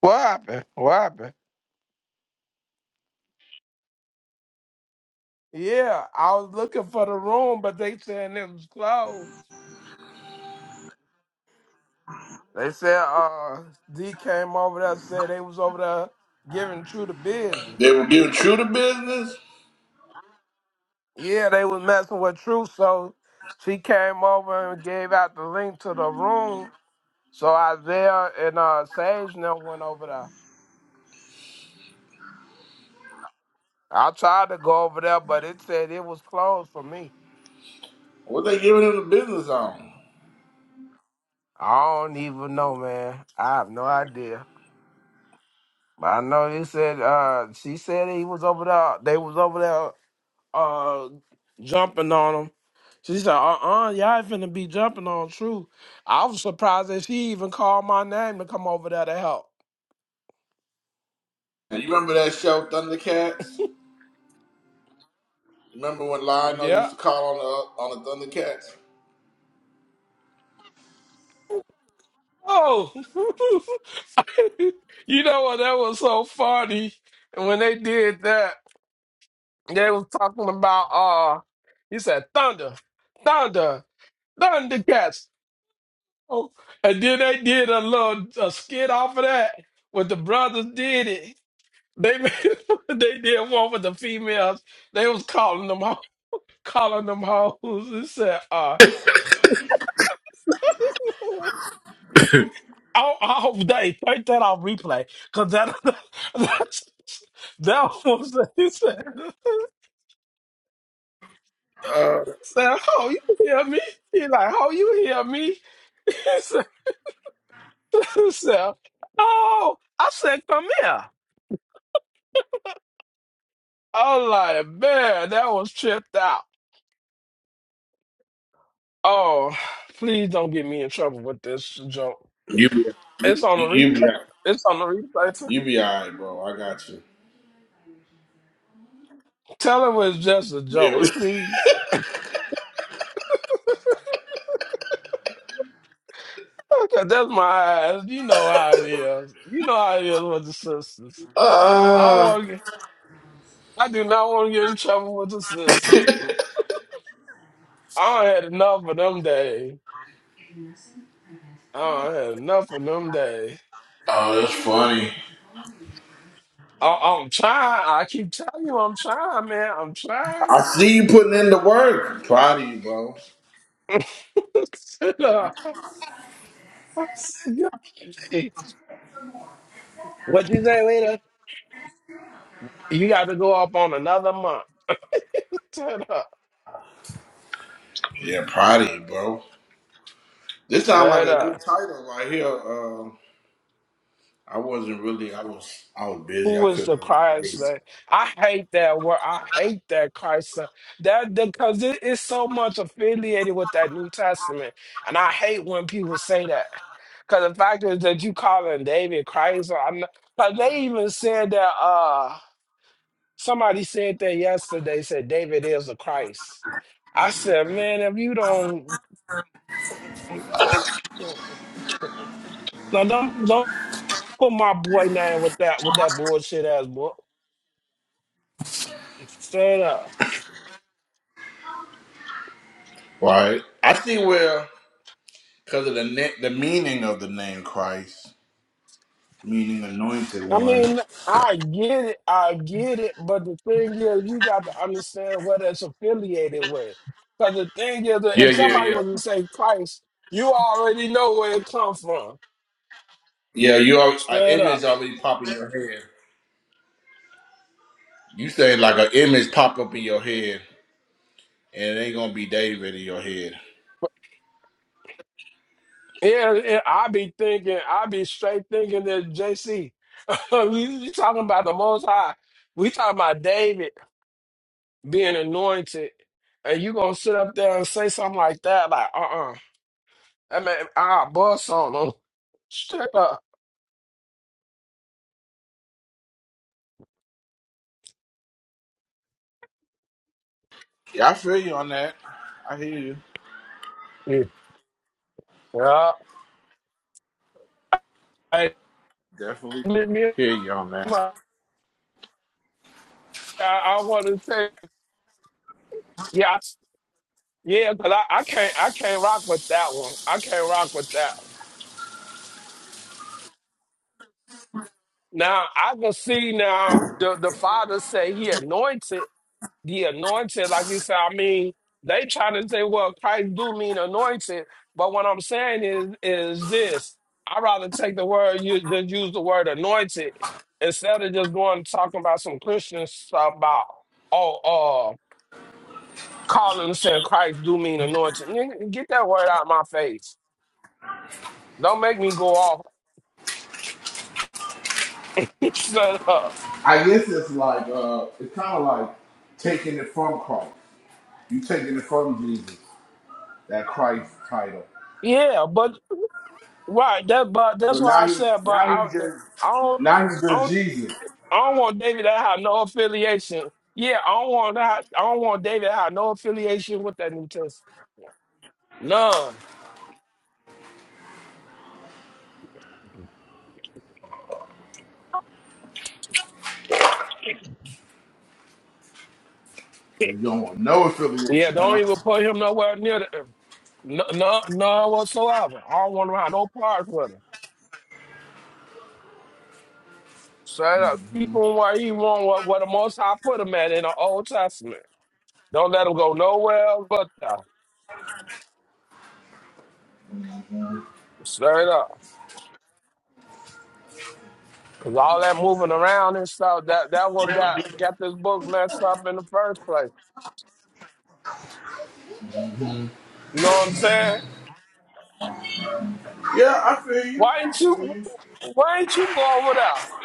[SPEAKER 1] What happened? What happened? Yeah, I was looking for the room, but they said it was closed. They said uh D came over there said they was over there giving True the
[SPEAKER 13] They
[SPEAKER 1] business.
[SPEAKER 13] were giving True the business.
[SPEAKER 1] Yeah, they was messing with True, so she came over and gave out the link to the room. So Isaiah and uh Sage now went over there. I tried to go over there, but it said it was closed for me.
[SPEAKER 13] What they giving him the business on?
[SPEAKER 1] I don't even know, man. I have no idea. But I know he said uh she said he was over there they was over there uh jumping on him. She said, uh uh y'all finna be jumping on True. I was surprised that she even called my name to come over there to help.
[SPEAKER 13] And you remember that show Thundercats? Remember when Lionel
[SPEAKER 1] Yeah.
[SPEAKER 13] used to call on the on the Thundercats?
[SPEAKER 1] Oh *laughs* you know what that was so funny when they did that, they was talking about uh he said thunder, thunder, thundercats. Oh, and then they did a little a skit off of that. What the brothers did it. They made, *laughs* they did one with the females. They was calling them ho- calling them hoes and said, uh *laughs* I, I hope they take that off replay. Cause that *laughs* that's that was *laughs* he said said, Oh, you hear me? He like, Oh, you hear me? *laughs* He said, he said, Oh, I said, come here. I'm like, man, that was tripped out. Oh, please don't get me in trouble with this joke.
[SPEAKER 13] You be you,
[SPEAKER 1] It's on the replay.
[SPEAKER 13] you be out.
[SPEAKER 1] It's on the replay.
[SPEAKER 13] You be alright, bro. I got you.
[SPEAKER 1] Tell him it's just a
[SPEAKER 13] Yeah.
[SPEAKER 1] joke,
[SPEAKER 13] what- *laughs*
[SPEAKER 1] please. Okay, that's my eyes. You know how it is. You know how it is with the sisters. I don't
[SPEAKER 13] Uh,
[SPEAKER 1] want to get. I do not want to get in trouble with the sisters. I done had enough of them days. I done had enough of them days.
[SPEAKER 13] oh, that's funny.
[SPEAKER 1] I, I'm trying. I keep telling you, I'm trying, man. I'm trying.
[SPEAKER 13] I see you putting in the work. Proud of you, bro.
[SPEAKER 1] *laughs* What you say, later? You got to go up on another month. Shut up.
[SPEAKER 13] Yeah, proud of you, bro. This sounds like
[SPEAKER 1] Shut
[SPEAKER 13] a
[SPEAKER 1] up.
[SPEAKER 13] good title right here. Uh, I wasn't really. I was. I was
[SPEAKER 1] Who
[SPEAKER 13] busy. I
[SPEAKER 1] was the
[SPEAKER 13] couldn't.
[SPEAKER 1] Christ?
[SPEAKER 13] Really
[SPEAKER 1] That I hate that word. I hate that Christ. thing. That because it is so much affiliated with that New Testament, and I hate when people say that. Because the fact is that you calling David Christ. I'm not, like they even said that. Uh, somebody said that yesterday. Said David is a Christ. I said, man, if you don't Now don't don't put my boy name with that with that bullshit ass boy. Straight up.
[SPEAKER 13] Right. I see where, because of the ne- the meaning of the name Christ, meaning anointed
[SPEAKER 1] I
[SPEAKER 13] one.
[SPEAKER 1] mean, I get it, I get it, but the thing is, you got to understand what it's affiliated with. Because the thing is, that
[SPEAKER 13] Yeah,
[SPEAKER 1] if
[SPEAKER 13] yeah,
[SPEAKER 1] somebody
[SPEAKER 13] yeah.
[SPEAKER 1] was to say Christ, you already know where it comes from.
[SPEAKER 13] Yeah, you are an
[SPEAKER 1] Straight
[SPEAKER 13] image
[SPEAKER 1] up.
[SPEAKER 13] already pop in your head. You saying like an image pop up in your head, and it ain't gonna be David in your head.
[SPEAKER 1] Yeah, yeah, I be thinking, I be straight thinking that JC. we, we *laughs* talking about the Most High. We talking about David. being anointed, and you gonna sit up there and say something like that, like uh uh I mean I bust on them. Shut up.
[SPEAKER 13] Yeah, I feel you on that. I hear you.
[SPEAKER 1] Yeah. I,
[SPEAKER 13] Definitely
[SPEAKER 1] me, me-
[SPEAKER 13] hear you on that.
[SPEAKER 1] my, I, I want to say yeah, I- yeah, because I, I can't I can't rock with that one. I can't rock with that one. Now I can see now the the father say he anointed. the anointed, like you said, I mean, they try to say, well, Christ do mean anointed, but what I'm saying is is this. I'd rather take the word you just use the word anointed instead of just going talking about some Christian stuff about oh uh calling and saying Christ do mean anointed. Nigga, Get that word out of my face. Don't make me go off. *laughs* Shut up.
[SPEAKER 13] I guess it's like uh, it's kind of like taking it from Christ. You taking it from Jesus, that Christ title.
[SPEAKER 1] Yeah, but right, that but
[SPEAKER 13] So
[SPEAKER 1] that's why
[SPEAKER 13] now
[SPEAKER 1] I
[SPEAKER 13] you
[SPEAKER 1] said, but
[SPEAKER 13] now you
[SPEAKER 1] I
[SPEAKER 13] just
[SPEAKER 1] I
[SPEAKER 13] now you
[SPEAKER 1] don't
[SPEAKER 13] just Jesus.
[SPEAKER 1] I don't want David to have no affiliation. Yeah, I don't want that. I don't want David to have no affiliation with that New Testament. None.
[SPEAKER 13] Cause you don't want no
[SPEAKER 1] Yeah,
[SPEAKER 13] affiliation, huh?
[SPEAKER 1] don't even put him nowhere near the no, no, none whatsoever. I don't want him to have no part with him. Straight up. Keep him where he want what, what the most I put him at in the Old Testament. Don't let him go nowhere else but that.
[SPEAKER 13] Mm.
[SPEAKER 1] Straight up. Cause all that moving around and stuff, that that what got got this book messed up in the first place. You know what I'm saying?
[SPEAKER 13] Yeah, I feel you.
[SPEAKER 1] Why
[SPEAKER 13] I
[SPEAKER 1] ain't
[SPEAKER 13] feel
[SPEAKER 1] you
[SPEAKER 13] you.
[SPEAKER 1] why ain't you go over there?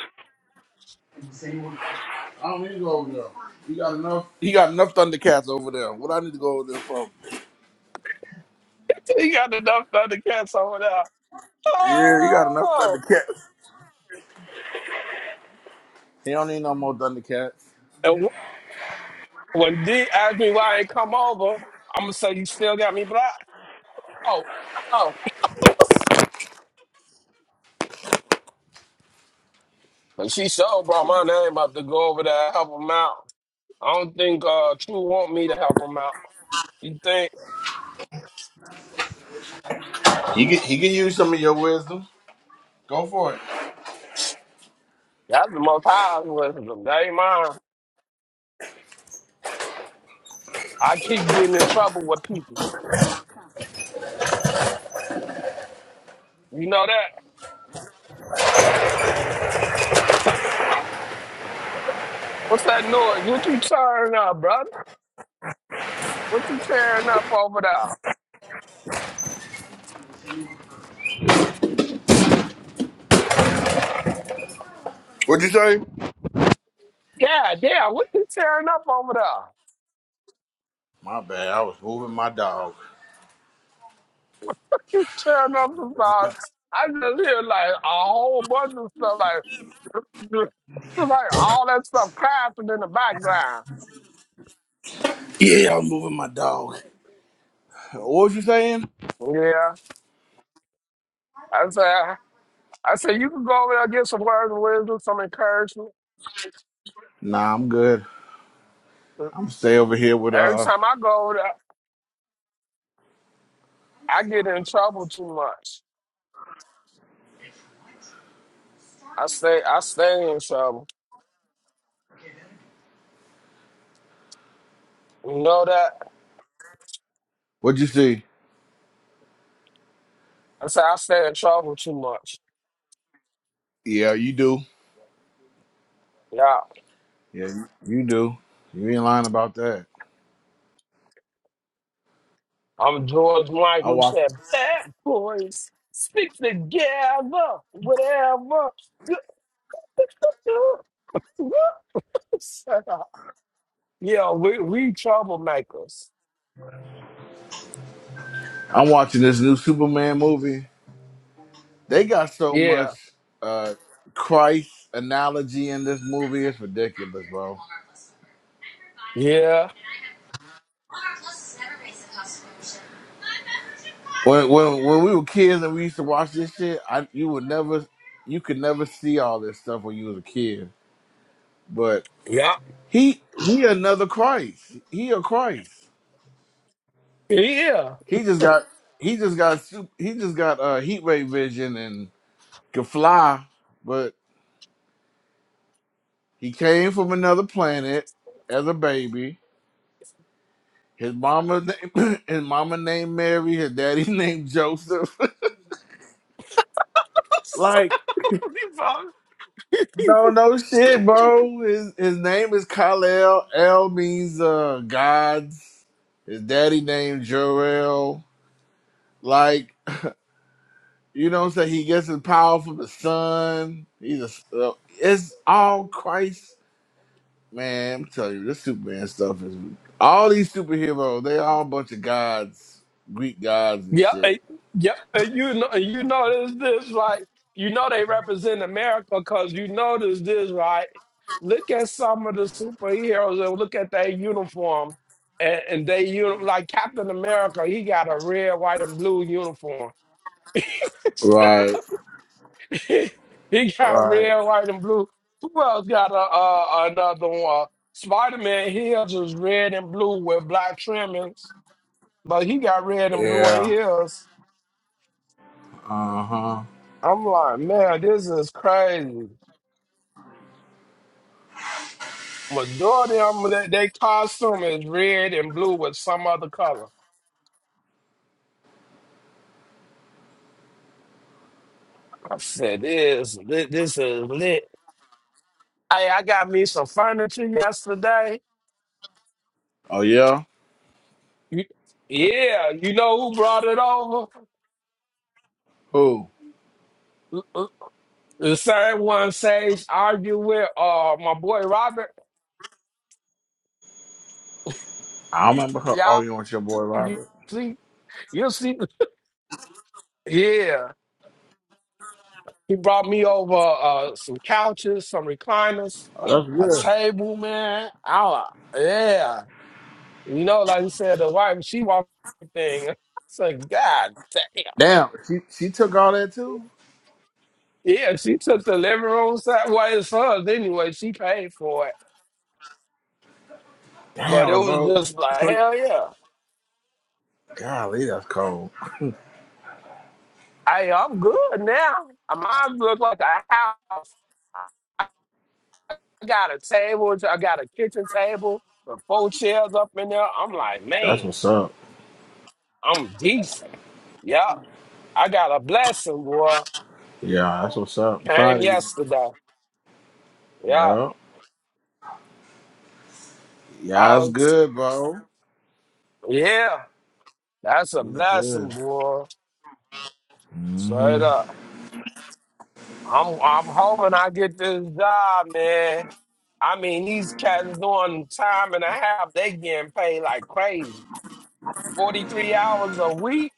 [SPEAKER 13] I don't need to go over there. You got enough. He got enough Thundercats over there. What I need to go over there for?
[SPEAKER 1] He got enough other cats over there.
[SPEAKER 13] Yeah, he got enough
[SPEAKER 1] Oh
[SPEAKER 13] Thundercats. He don't need no more Thundercats.
[SPEAKER 1] and wh- when D asked me why I ain't come over, I'ma say you still got me blocked. Oh, oh. *laughs* And she sure brought my name up to go over there and help him out. I don't think uh True want me to help him out. You think
[SPEAKER 13] He can, he can use some of your wisdom. Go for it.
[SPEAKER 1] *sniffs* that's the most high wisdom. That ain't mine. I keep getting in trouble with people. You know that? What's that noise? What you turn up, bro? What you tearing up over there?
[SPEAKER 13] What'd you say?
[SPEAKER 1] Yeah, damn, what you tearing up over there?
[SPEAKER 13] My bad. I was moving my dog.
[SPEAKER 1] What You tearing up about I just hear like a whole bunch of stuff like *laughs* like all that stuff crashing in the background.
[SPEAKER 13] Yeah, I was moving my dog. What was you saying?
[SPEAKER 1] Yeah. I said I said you can go over there and get some words of wisdom, some encouragement.
[SPEAKER 13] Nah, I'm good. I'm gonna stay over here with
[SPEAKER 1] Every
[SPEAKER 13] uh.
[SPEAKER 1] time I go over there, I get in trouble too much. I stay I stay in trouble. You know that?
[SPEAKER 13] What'd you see?
[SPEAKER 1] I say I stay in trouble too much.
[SPEAKER 13] Yeah, you do.
[SPEAKER 1] Yeah.
[SPEAKER 13] Yeah, you you do. You ain't lying about that.
[SPEAKER 1] I'm George
[SPEAKER 13] I
[SPEAKER 1] Michael
[SPEAKER 13] watch.
[SPEAKER 1] said, bad boys stick together, whatever. *laughs* yeah, we we troublemakers.
[SPEAKER 13] I'm watching this new Superman movie. They got so
[SPEAKER 1] Yeah,
[SPEAKER 13] much uh Christ analogy in this movie. It's ridiculous, bro.
[SPEAKER 1] yeah,
[SPEAKER 13] When when when we were kids and we used to watch this shit, I you would never, you could never see all this stuff when you was a kid. But
[SPEAKER 1] yeah,
[SPEAKER 13] he he another Christ. He a Christ.
[SPEAKER 1] yeah.
[SPEAKER 13] He just got he just got sup- he just got uh, heat ray vision and could fly, but he came from another planet as a baby. His mama name, *coughs* *clears throat* his mama named Mary. His daddy *laughs* named Joseph. *laughs*
[SPEAKER 1] *laughs*
[SPEAKER 13] like
[SPEAKER 1] So,
[SPEAKER 13] no no shit, bro. His his name is Kal-El. El means uh, gods. His daddy named Jor-El. Like you know what I'm saying? He gets his power from the sun. He's a, uh, it's all Christ Man, I'm telling you, this Superman stuff is all these superheroes. They all a bunch of gods, Greek gods and
[SPEAKER 1] Yep, eh,
[SPEAKER 13] shit.
[SPEAKER 1] yep. And you know, eh, you notice this, right? You know they represent America because you notice this, right? Look at some of the superheroes and look at their uniform, and, and they uni- like Captain America. He got a red, white, and blue uniform. *laughs*
[SPEAKER 13] Right,
[SPEAKER 1] he got
[SPEAKER 13] right,
[SPEAKER 1] red, white, and blue. Who else got a uh, another one? Spider Man his is red and blue with black trimmings, but he got red and blue in
[SPEAKER 13] yeah,
[SPEAKER 1] his.
[SPEAKER 13] uh huh.
[SPEAKER 1] I'm like, man, this is crazy. Majority of them, they, they costume is red and blue with some other color. I said, this, this, this is lit. Hey, I got me some furniture yesterday.
[SPEAKER 13] Oh yeah,
[SPEAKER 1] You, yeah, you know who brought it over?
[SPEAKER 13] who?
[SPEAKER 1] L- l- The same one says argue with uh my boy Robert.
[SPEAKER 13] I remember her
[SPEAKER 1] Y'all,
[SPEAKER 13] arguing with your boy
[SPEAKER 1] you
[SPEAKER 13] Robert.
[SPEAKER 1] see, you see, yeah. He brought me over uh, some couches, some recliners,
[SPEAKER 13] Oh, that's
[SPEAKER 1] a
[SPEAKER 13] good.
[SPEAKER 1] table, man. I, yeah. You know, like you said, the wife, she walked the thing. *laughs* It's like, God damn.
[SPEAKER 13] Damn, she she took all that too.
[SPEAKER 1] Yeah, she took
[SPEAKER 13] That's
[SPEAKER 1] the living room set. Well, it's hers anyway. She paid for it. But it
[SPEAKER 13] damn,
[SPEAKER 1] was
[SPEAKER 13] bro.
[SPEAKER 1] just like,
[SPEAKER 13] So,
[SPEAKER 1] hell yeah.
[SPEAKER 13] golly, that's cold.
[SPEAKER 1] Hey, I'm good now. Mine look like a house. I got a table. I got a kitchen table with four chairs up in there. I'm like,
[SPEAKER 13] That's
[SPEAKER 1] man.
[SPEAKER 13] what's up.
[SPEAKER 1] I'm decent. Yeah, I got a blessing, boy.
[SPEAKER 13] Yeah, that's what's up. I'm
[SPEAKER 1] Came
[SPEAKER 13] proud of you.
[SPEAKER 1] yesterday. Yeah,
[SPEAKER 13] Yeah,
[SPEAKER 1] I
[SPEAKER 13] yeah, it's
[SPEAKER 1] was.
[SPEAKER 13] good, bro.
[SPEAKER 1] Yeah, that's a
[SPEAKER 13] He's
[SPEAKER 1] blessing,
[SPEAKER 13] good.
[SPEAKER 1] boy.
[SPEAKER 13] Mm-hmm.
[SPEAKER 1] Straight up. I'm. I'm hoping I get this job, man. I mean, these cats doing time and a half. They getting paid like crazy. Forty three hours a week.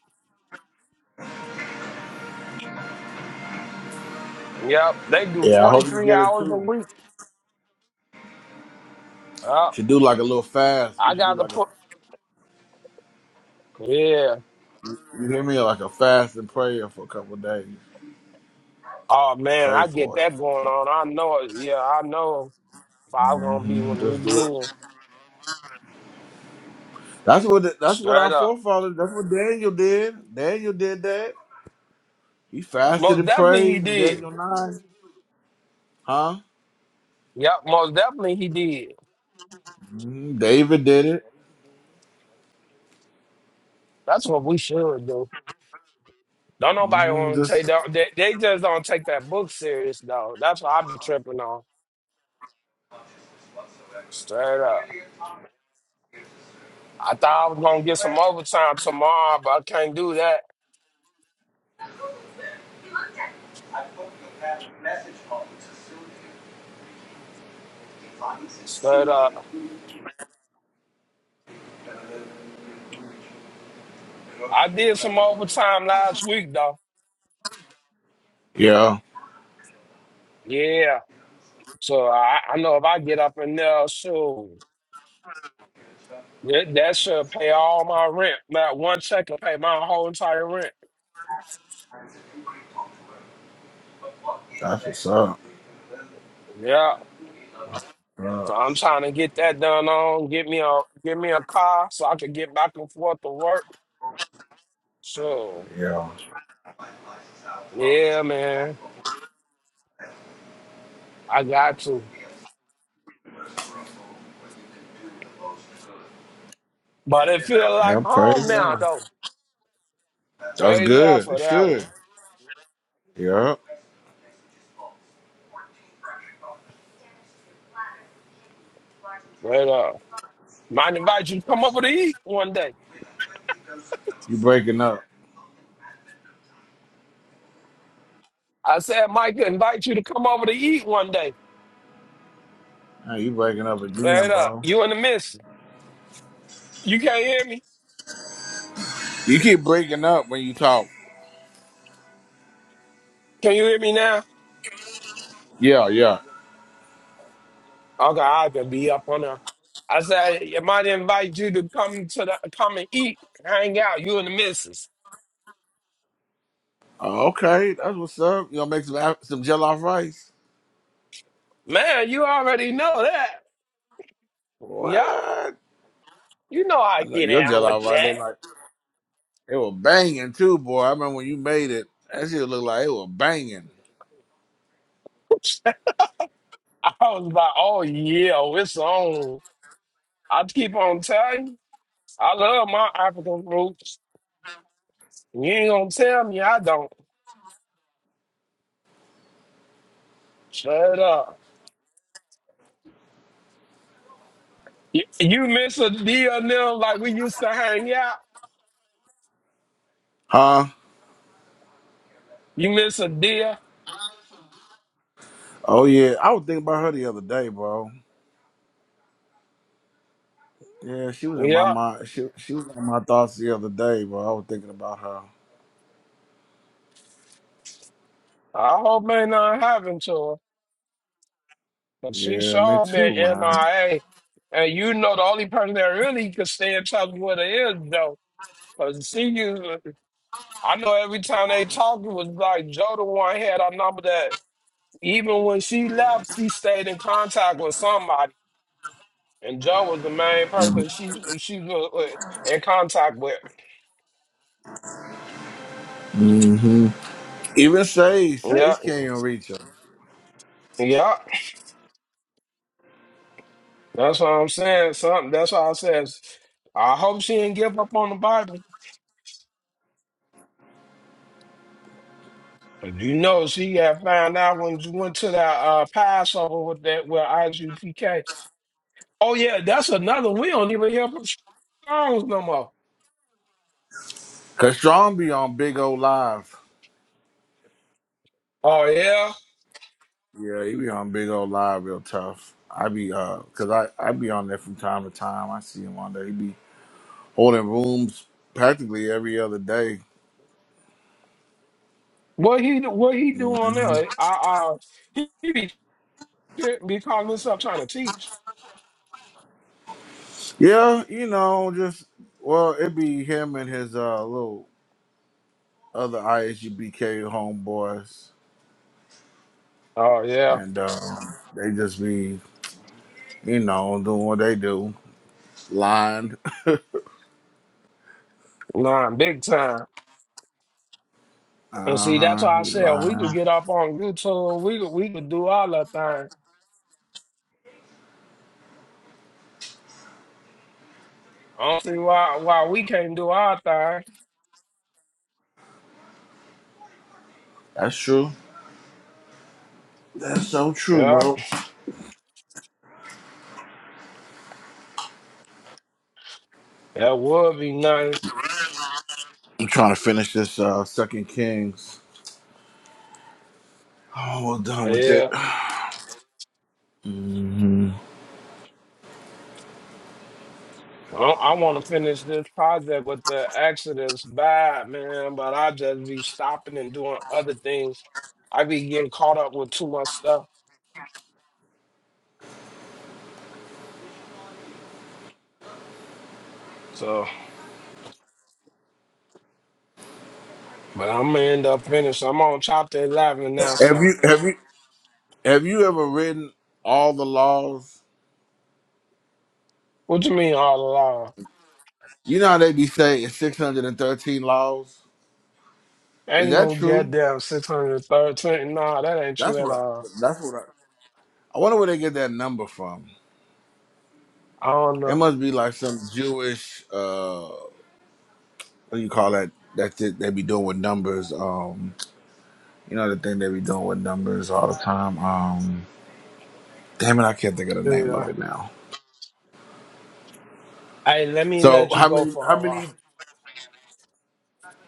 [SPEAKER 1] Yep, they do
[SPEAKER 13] Yeah, I
[SPEAKER 1] forty
[SPEAKER 13] hope you
[SPEAKER 1] three
[SPEAKER 13] get it
[SPEAKER 1] hours a
[SPEAKER 13] too.
[SPEAKER 1] week. Yep,
[SPEAKER 13] Should do like a little fast.
[SPEAKER 1] I
[SPEAKER 13] We should do
[SPEAKER 1] got to
[SPEAKER 13] like a,
[SPEAKER 1] put. Yeah.
[SPEAKER 13] you hear me, like a fast and prayer for a couple of days.
[SPEAKER 1] Oh man,
[SPEAKER 13] Pray
[SPEAKER 1] I get
[SPEAKER 13] for it.
[SPEAKER 1] that going on. I know it. Yeah, I know. Five gonna be
[SPEAKER 13] hmm
[SPEAKER 1] with
[SPEAKER 13] Just do
[SPEAKER 1] me
[SPEAKER 13] it.
[SPEAKER 1] then.
[SPEAKER 13] That's what the, that's what
[SPEAKER 1] Straight
[SPEAKER 13] our
[SPEAKER 1] up.
[SPEAKER 13] forefathers. That's what Daniel did. Daniel did that. He fasted
[SPEAKER 1] Most
[SPEAKER 13] and
[SPEAKER 1] definitely he
[SPEAKER 13] prayed in
[SPEAKER 1] did.
[SPEAKER 13] Daniel nine, huh?
[SPEAKER 1] Yep, most definitely he did.
[SPEAKER 13] hmm David did it.
[SPEAKER 1] That's what we should do. Don't nobody
[SPEAKER 13] hmm
[SPEAKER 1] want to take
[SPEAKER 13] Just
[SPEAKER 1] that. They, they just don't take that book serious though. That's what I be tripping on. Straight up. I thought I was gonna get some overtime tomorrow, but I can't do that. Straight up. I did some overtime last week though.
[SPEAKER 13] yeah,
[SPEAKER 1] Yeah. So I, I know if I get up in there soon, that, that should pay all my rent. Not one check will pay my whole entire rent.
[SPEAKER 13] that's what's up.
[SPEAKER 1] Yeah.
[SPEAKER 13] Yeah,
[SPEAKER 1] So I'm trying to get that done on. Get me a get me a car so I can get back and forth to work. So
[SPEAKER 13] yeah,
[SPEAKER 1] yeah, man. I got to. But it feel like
[SPEAKER 13] yeah.
[SPEAKER 1] home
[SPEAKER 13] Praise
[SPEAKER 1] now
[SPEAKER 13] God.
[SPEAKER 1] though.
[SPEAKER 13] That's
[SPEAKER 1] Praise God
[SPEAKER 13] good. It
[SPEAKER 1] for that
[SPEAKER 13] should.
[SPEAKER 1] one.
[SPEAKER 13] Yeah.
[SPEAKER 1] But uh might invite you to come over to eat one day.
[SPEAKER 13] You breaking up.
[SPEAKER 1] I said Mike invite you to come over to eat one day.
[SPEAKER 13] Hey, you breaking up again,
[SPEAKER 1] Straight up.
[SPEAKER 13] bro.
[SPEAKER 1] You in the midst. You can't hear me.
[SPEAKER 13] You keep breaking up when you talk.
[SPEAKER 1] Can you hear me now?
[SPEAKER 13] Yeah, yeah.
[SPEAKER 1] Okay, I have to be up on her. I said, I might invite you to come to the come and eat, hang out, you and the missus.
[SPEAKER 13] Oh, Okay, that's what's up. You gonna make some af- some jollof rice?
[SPEAKER 1] Man, you already know that. Yeah,
[SPEAKER 13] What?
[SPEAKER 1] you know I
[SPEAKER 13] I know
[SPEAKER 1] get
[SPEAKER 13] your
[SPEAKER 1] down with
[SPEAKER 13] jollof rice look
[SPEAKER 1] that.
[SPEAKER 13] like it was banging too, boy. I remember when you made it. That shit looked like it was banging.
[SPEAKER 1] *laughs* I was like, oh yeah, oh, it's on. I keep on telling you, I love my African roots. You ain't gonna tell me I don't. Shut up. You, you miss a deal now, like we used to hang out.
[SPEAKER 13] Huh?
[SPEAKER 1] You miss a deal.
[SPEAKER 13] Oh yeah. I was thinking about her the other day, bro. Yeah, she was in my
[SPEAKER 1] Yep.
[SPEAKER 13] mind. She she was in my thoughts the other day, bro. I was thinking about her.
[SPEAKER 1] I hope ain't nothing happened to her. But she
[SPEAKER 13] Yeah, me
[SPEAKER 1] sure been
[SPEAKER 13] too, man.
[SPEAKER 1] MIA. And you know the only person that really could stay in touch with her is Joe. Cause she used I know every time they talked it was like Joe the one had our number that even when she left, she stayed in contact with somebody. And Joe was the main person she she was uh, in contact with.
[SPEAKER 13] hmm Even Sage,
[SPEAKER 1] Yeah.
[SPEAKER 13] Sage can't even reach him.
[SPEAKER 1] Yeah. That's what I'm saying. Something that's why I says I hope she didn't give up on the Bible. But you know, she got found out when you went to that uh, Passover with that with IGPK. Oh yeah, that's another. We don't even hear from Strong's no more.
[SPEAKER 13] Cause Strong be on Big O Live.
[SPEAKER 1] Oh yeah,
[SPEAKER 13] Yeah, he be on Big O Live real tough. I be uh, cause I I be on there from time to time. I see him on there. He be holding rooms practically every other day.
[SPEAKER 1] what he do- what he
[SPEAKER 13] Mm.
[SPEAKER 1] doing there? I uh, he he be, be calling himself trying to teach.
[SPEAKER 13] Yeah, you know, just well, it be him and his uh little other ISUBK homeboys,
[SPEAKER 1] Oh yeah,
[SPEAKER 13] and um, they just be you know doing what they do, lying. *laughs* uh
[SPEAKER 1] nah, big time. And see, that's
[SPEAKER 13] huh,
[SPEAKER 1] why I said we could
[SPEAKER 13] lying.
[SPEAKER 1] get up on YouTube. We could we could do all that thing. I don't see why why we can't do our thing.
[SPEAKER 13] That's true. That's so true,
[SPEAKER 1] Yeah,
[SPEAKER 13] bro.
[SPEAKER 1] that would be nice.
[SPEAKER 13] I'm trying to finish this uh Second Kings. Oh, I'm almost
[SPEAKER 1] Oh,
[SPEAKER 13] done with
[SPEAKER 1] yeah.
[SPEAKER 13] it. hmm
[SPEAKER 1] Well, I want to finish this project with the Exodus bad, man, but I just be stopping and doing other things. I be getting caught up with too much stuff. So, but I'm gonna end up finishing. I'm on chapter 11 now.
[SPEAKER 13] Have you
[SPEAKER 1] So,
[SPEAKER 13] have you have you ever written all the laws?
[SPEAKER 1] what you mean all along?
[SPEAKER 13] You know how they be saying it's 613 laws. Is
[SPEAKER 1] Ain't
[SPEAKER 13] that
[SPEAKER 1] no
[SPEAKER 13] true?
[SPEAKER 1] goddamn 613. Nah, that ain't
[SPEAKER 13] That's
[SPEAKER 1] true at
[SPEAKER 13] what I.
[SPEAKER 1] all.
[SPEAKER 13] That's what I. I wonder where they get that number from.
[SPEAKER 1] I don't
[SPEAKER 13] It
[SPEAKER 1] know.
[SPEAKER 13] must be like some Jewish. uh What do you call that? That th- they be doing with numbers. Um, you know the thing they be doing with numbers all the time. Um, damn it, I can't think of the name
[SPEAKER 1] Yeah.
[SPEAKER 13] of it now.
[SPEAKER 1] Hey, let me
[SPEAKER 13] So
[SPEAKER 1] let you
[SPEAKER 13] how
[SPEAKER 1] go
[SPEAKER 13] many?
[SPEAKER 1] for
[SPEAKER 13] How
[SPEAKER 1] a while.
[SPEAKER 13] many?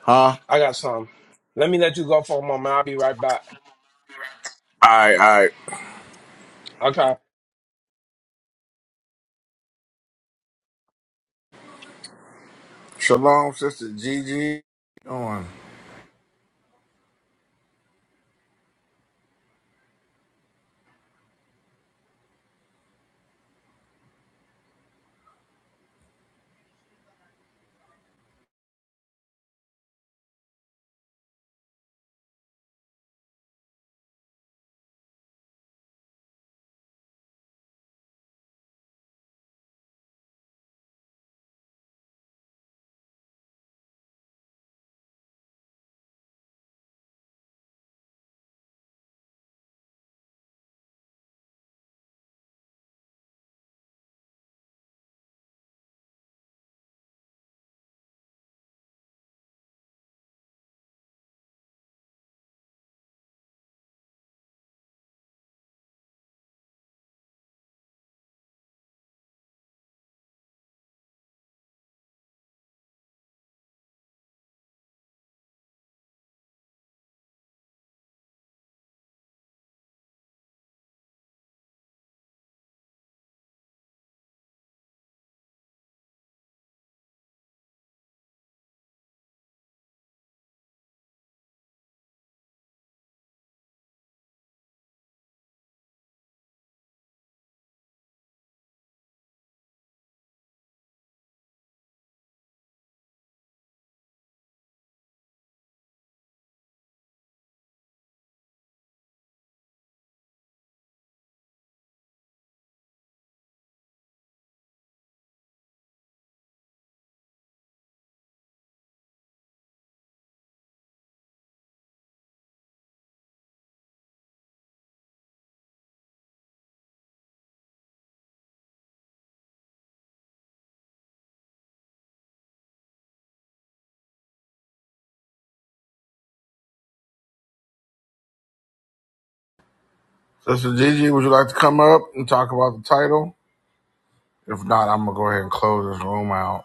[SPEAKER 13] Huh? All
[SPEAKER 1] I got something. Let me let you go for a moment. I'll be right back.
[SPEAKER 13] right, all right.
[SPEAKER 1] Okay.
[SPEAKER 13] Shalom, sister Gigi. On sister Gigi, would you like to come up and talk about the title? If not, I'm gonna go ahead and close this room out.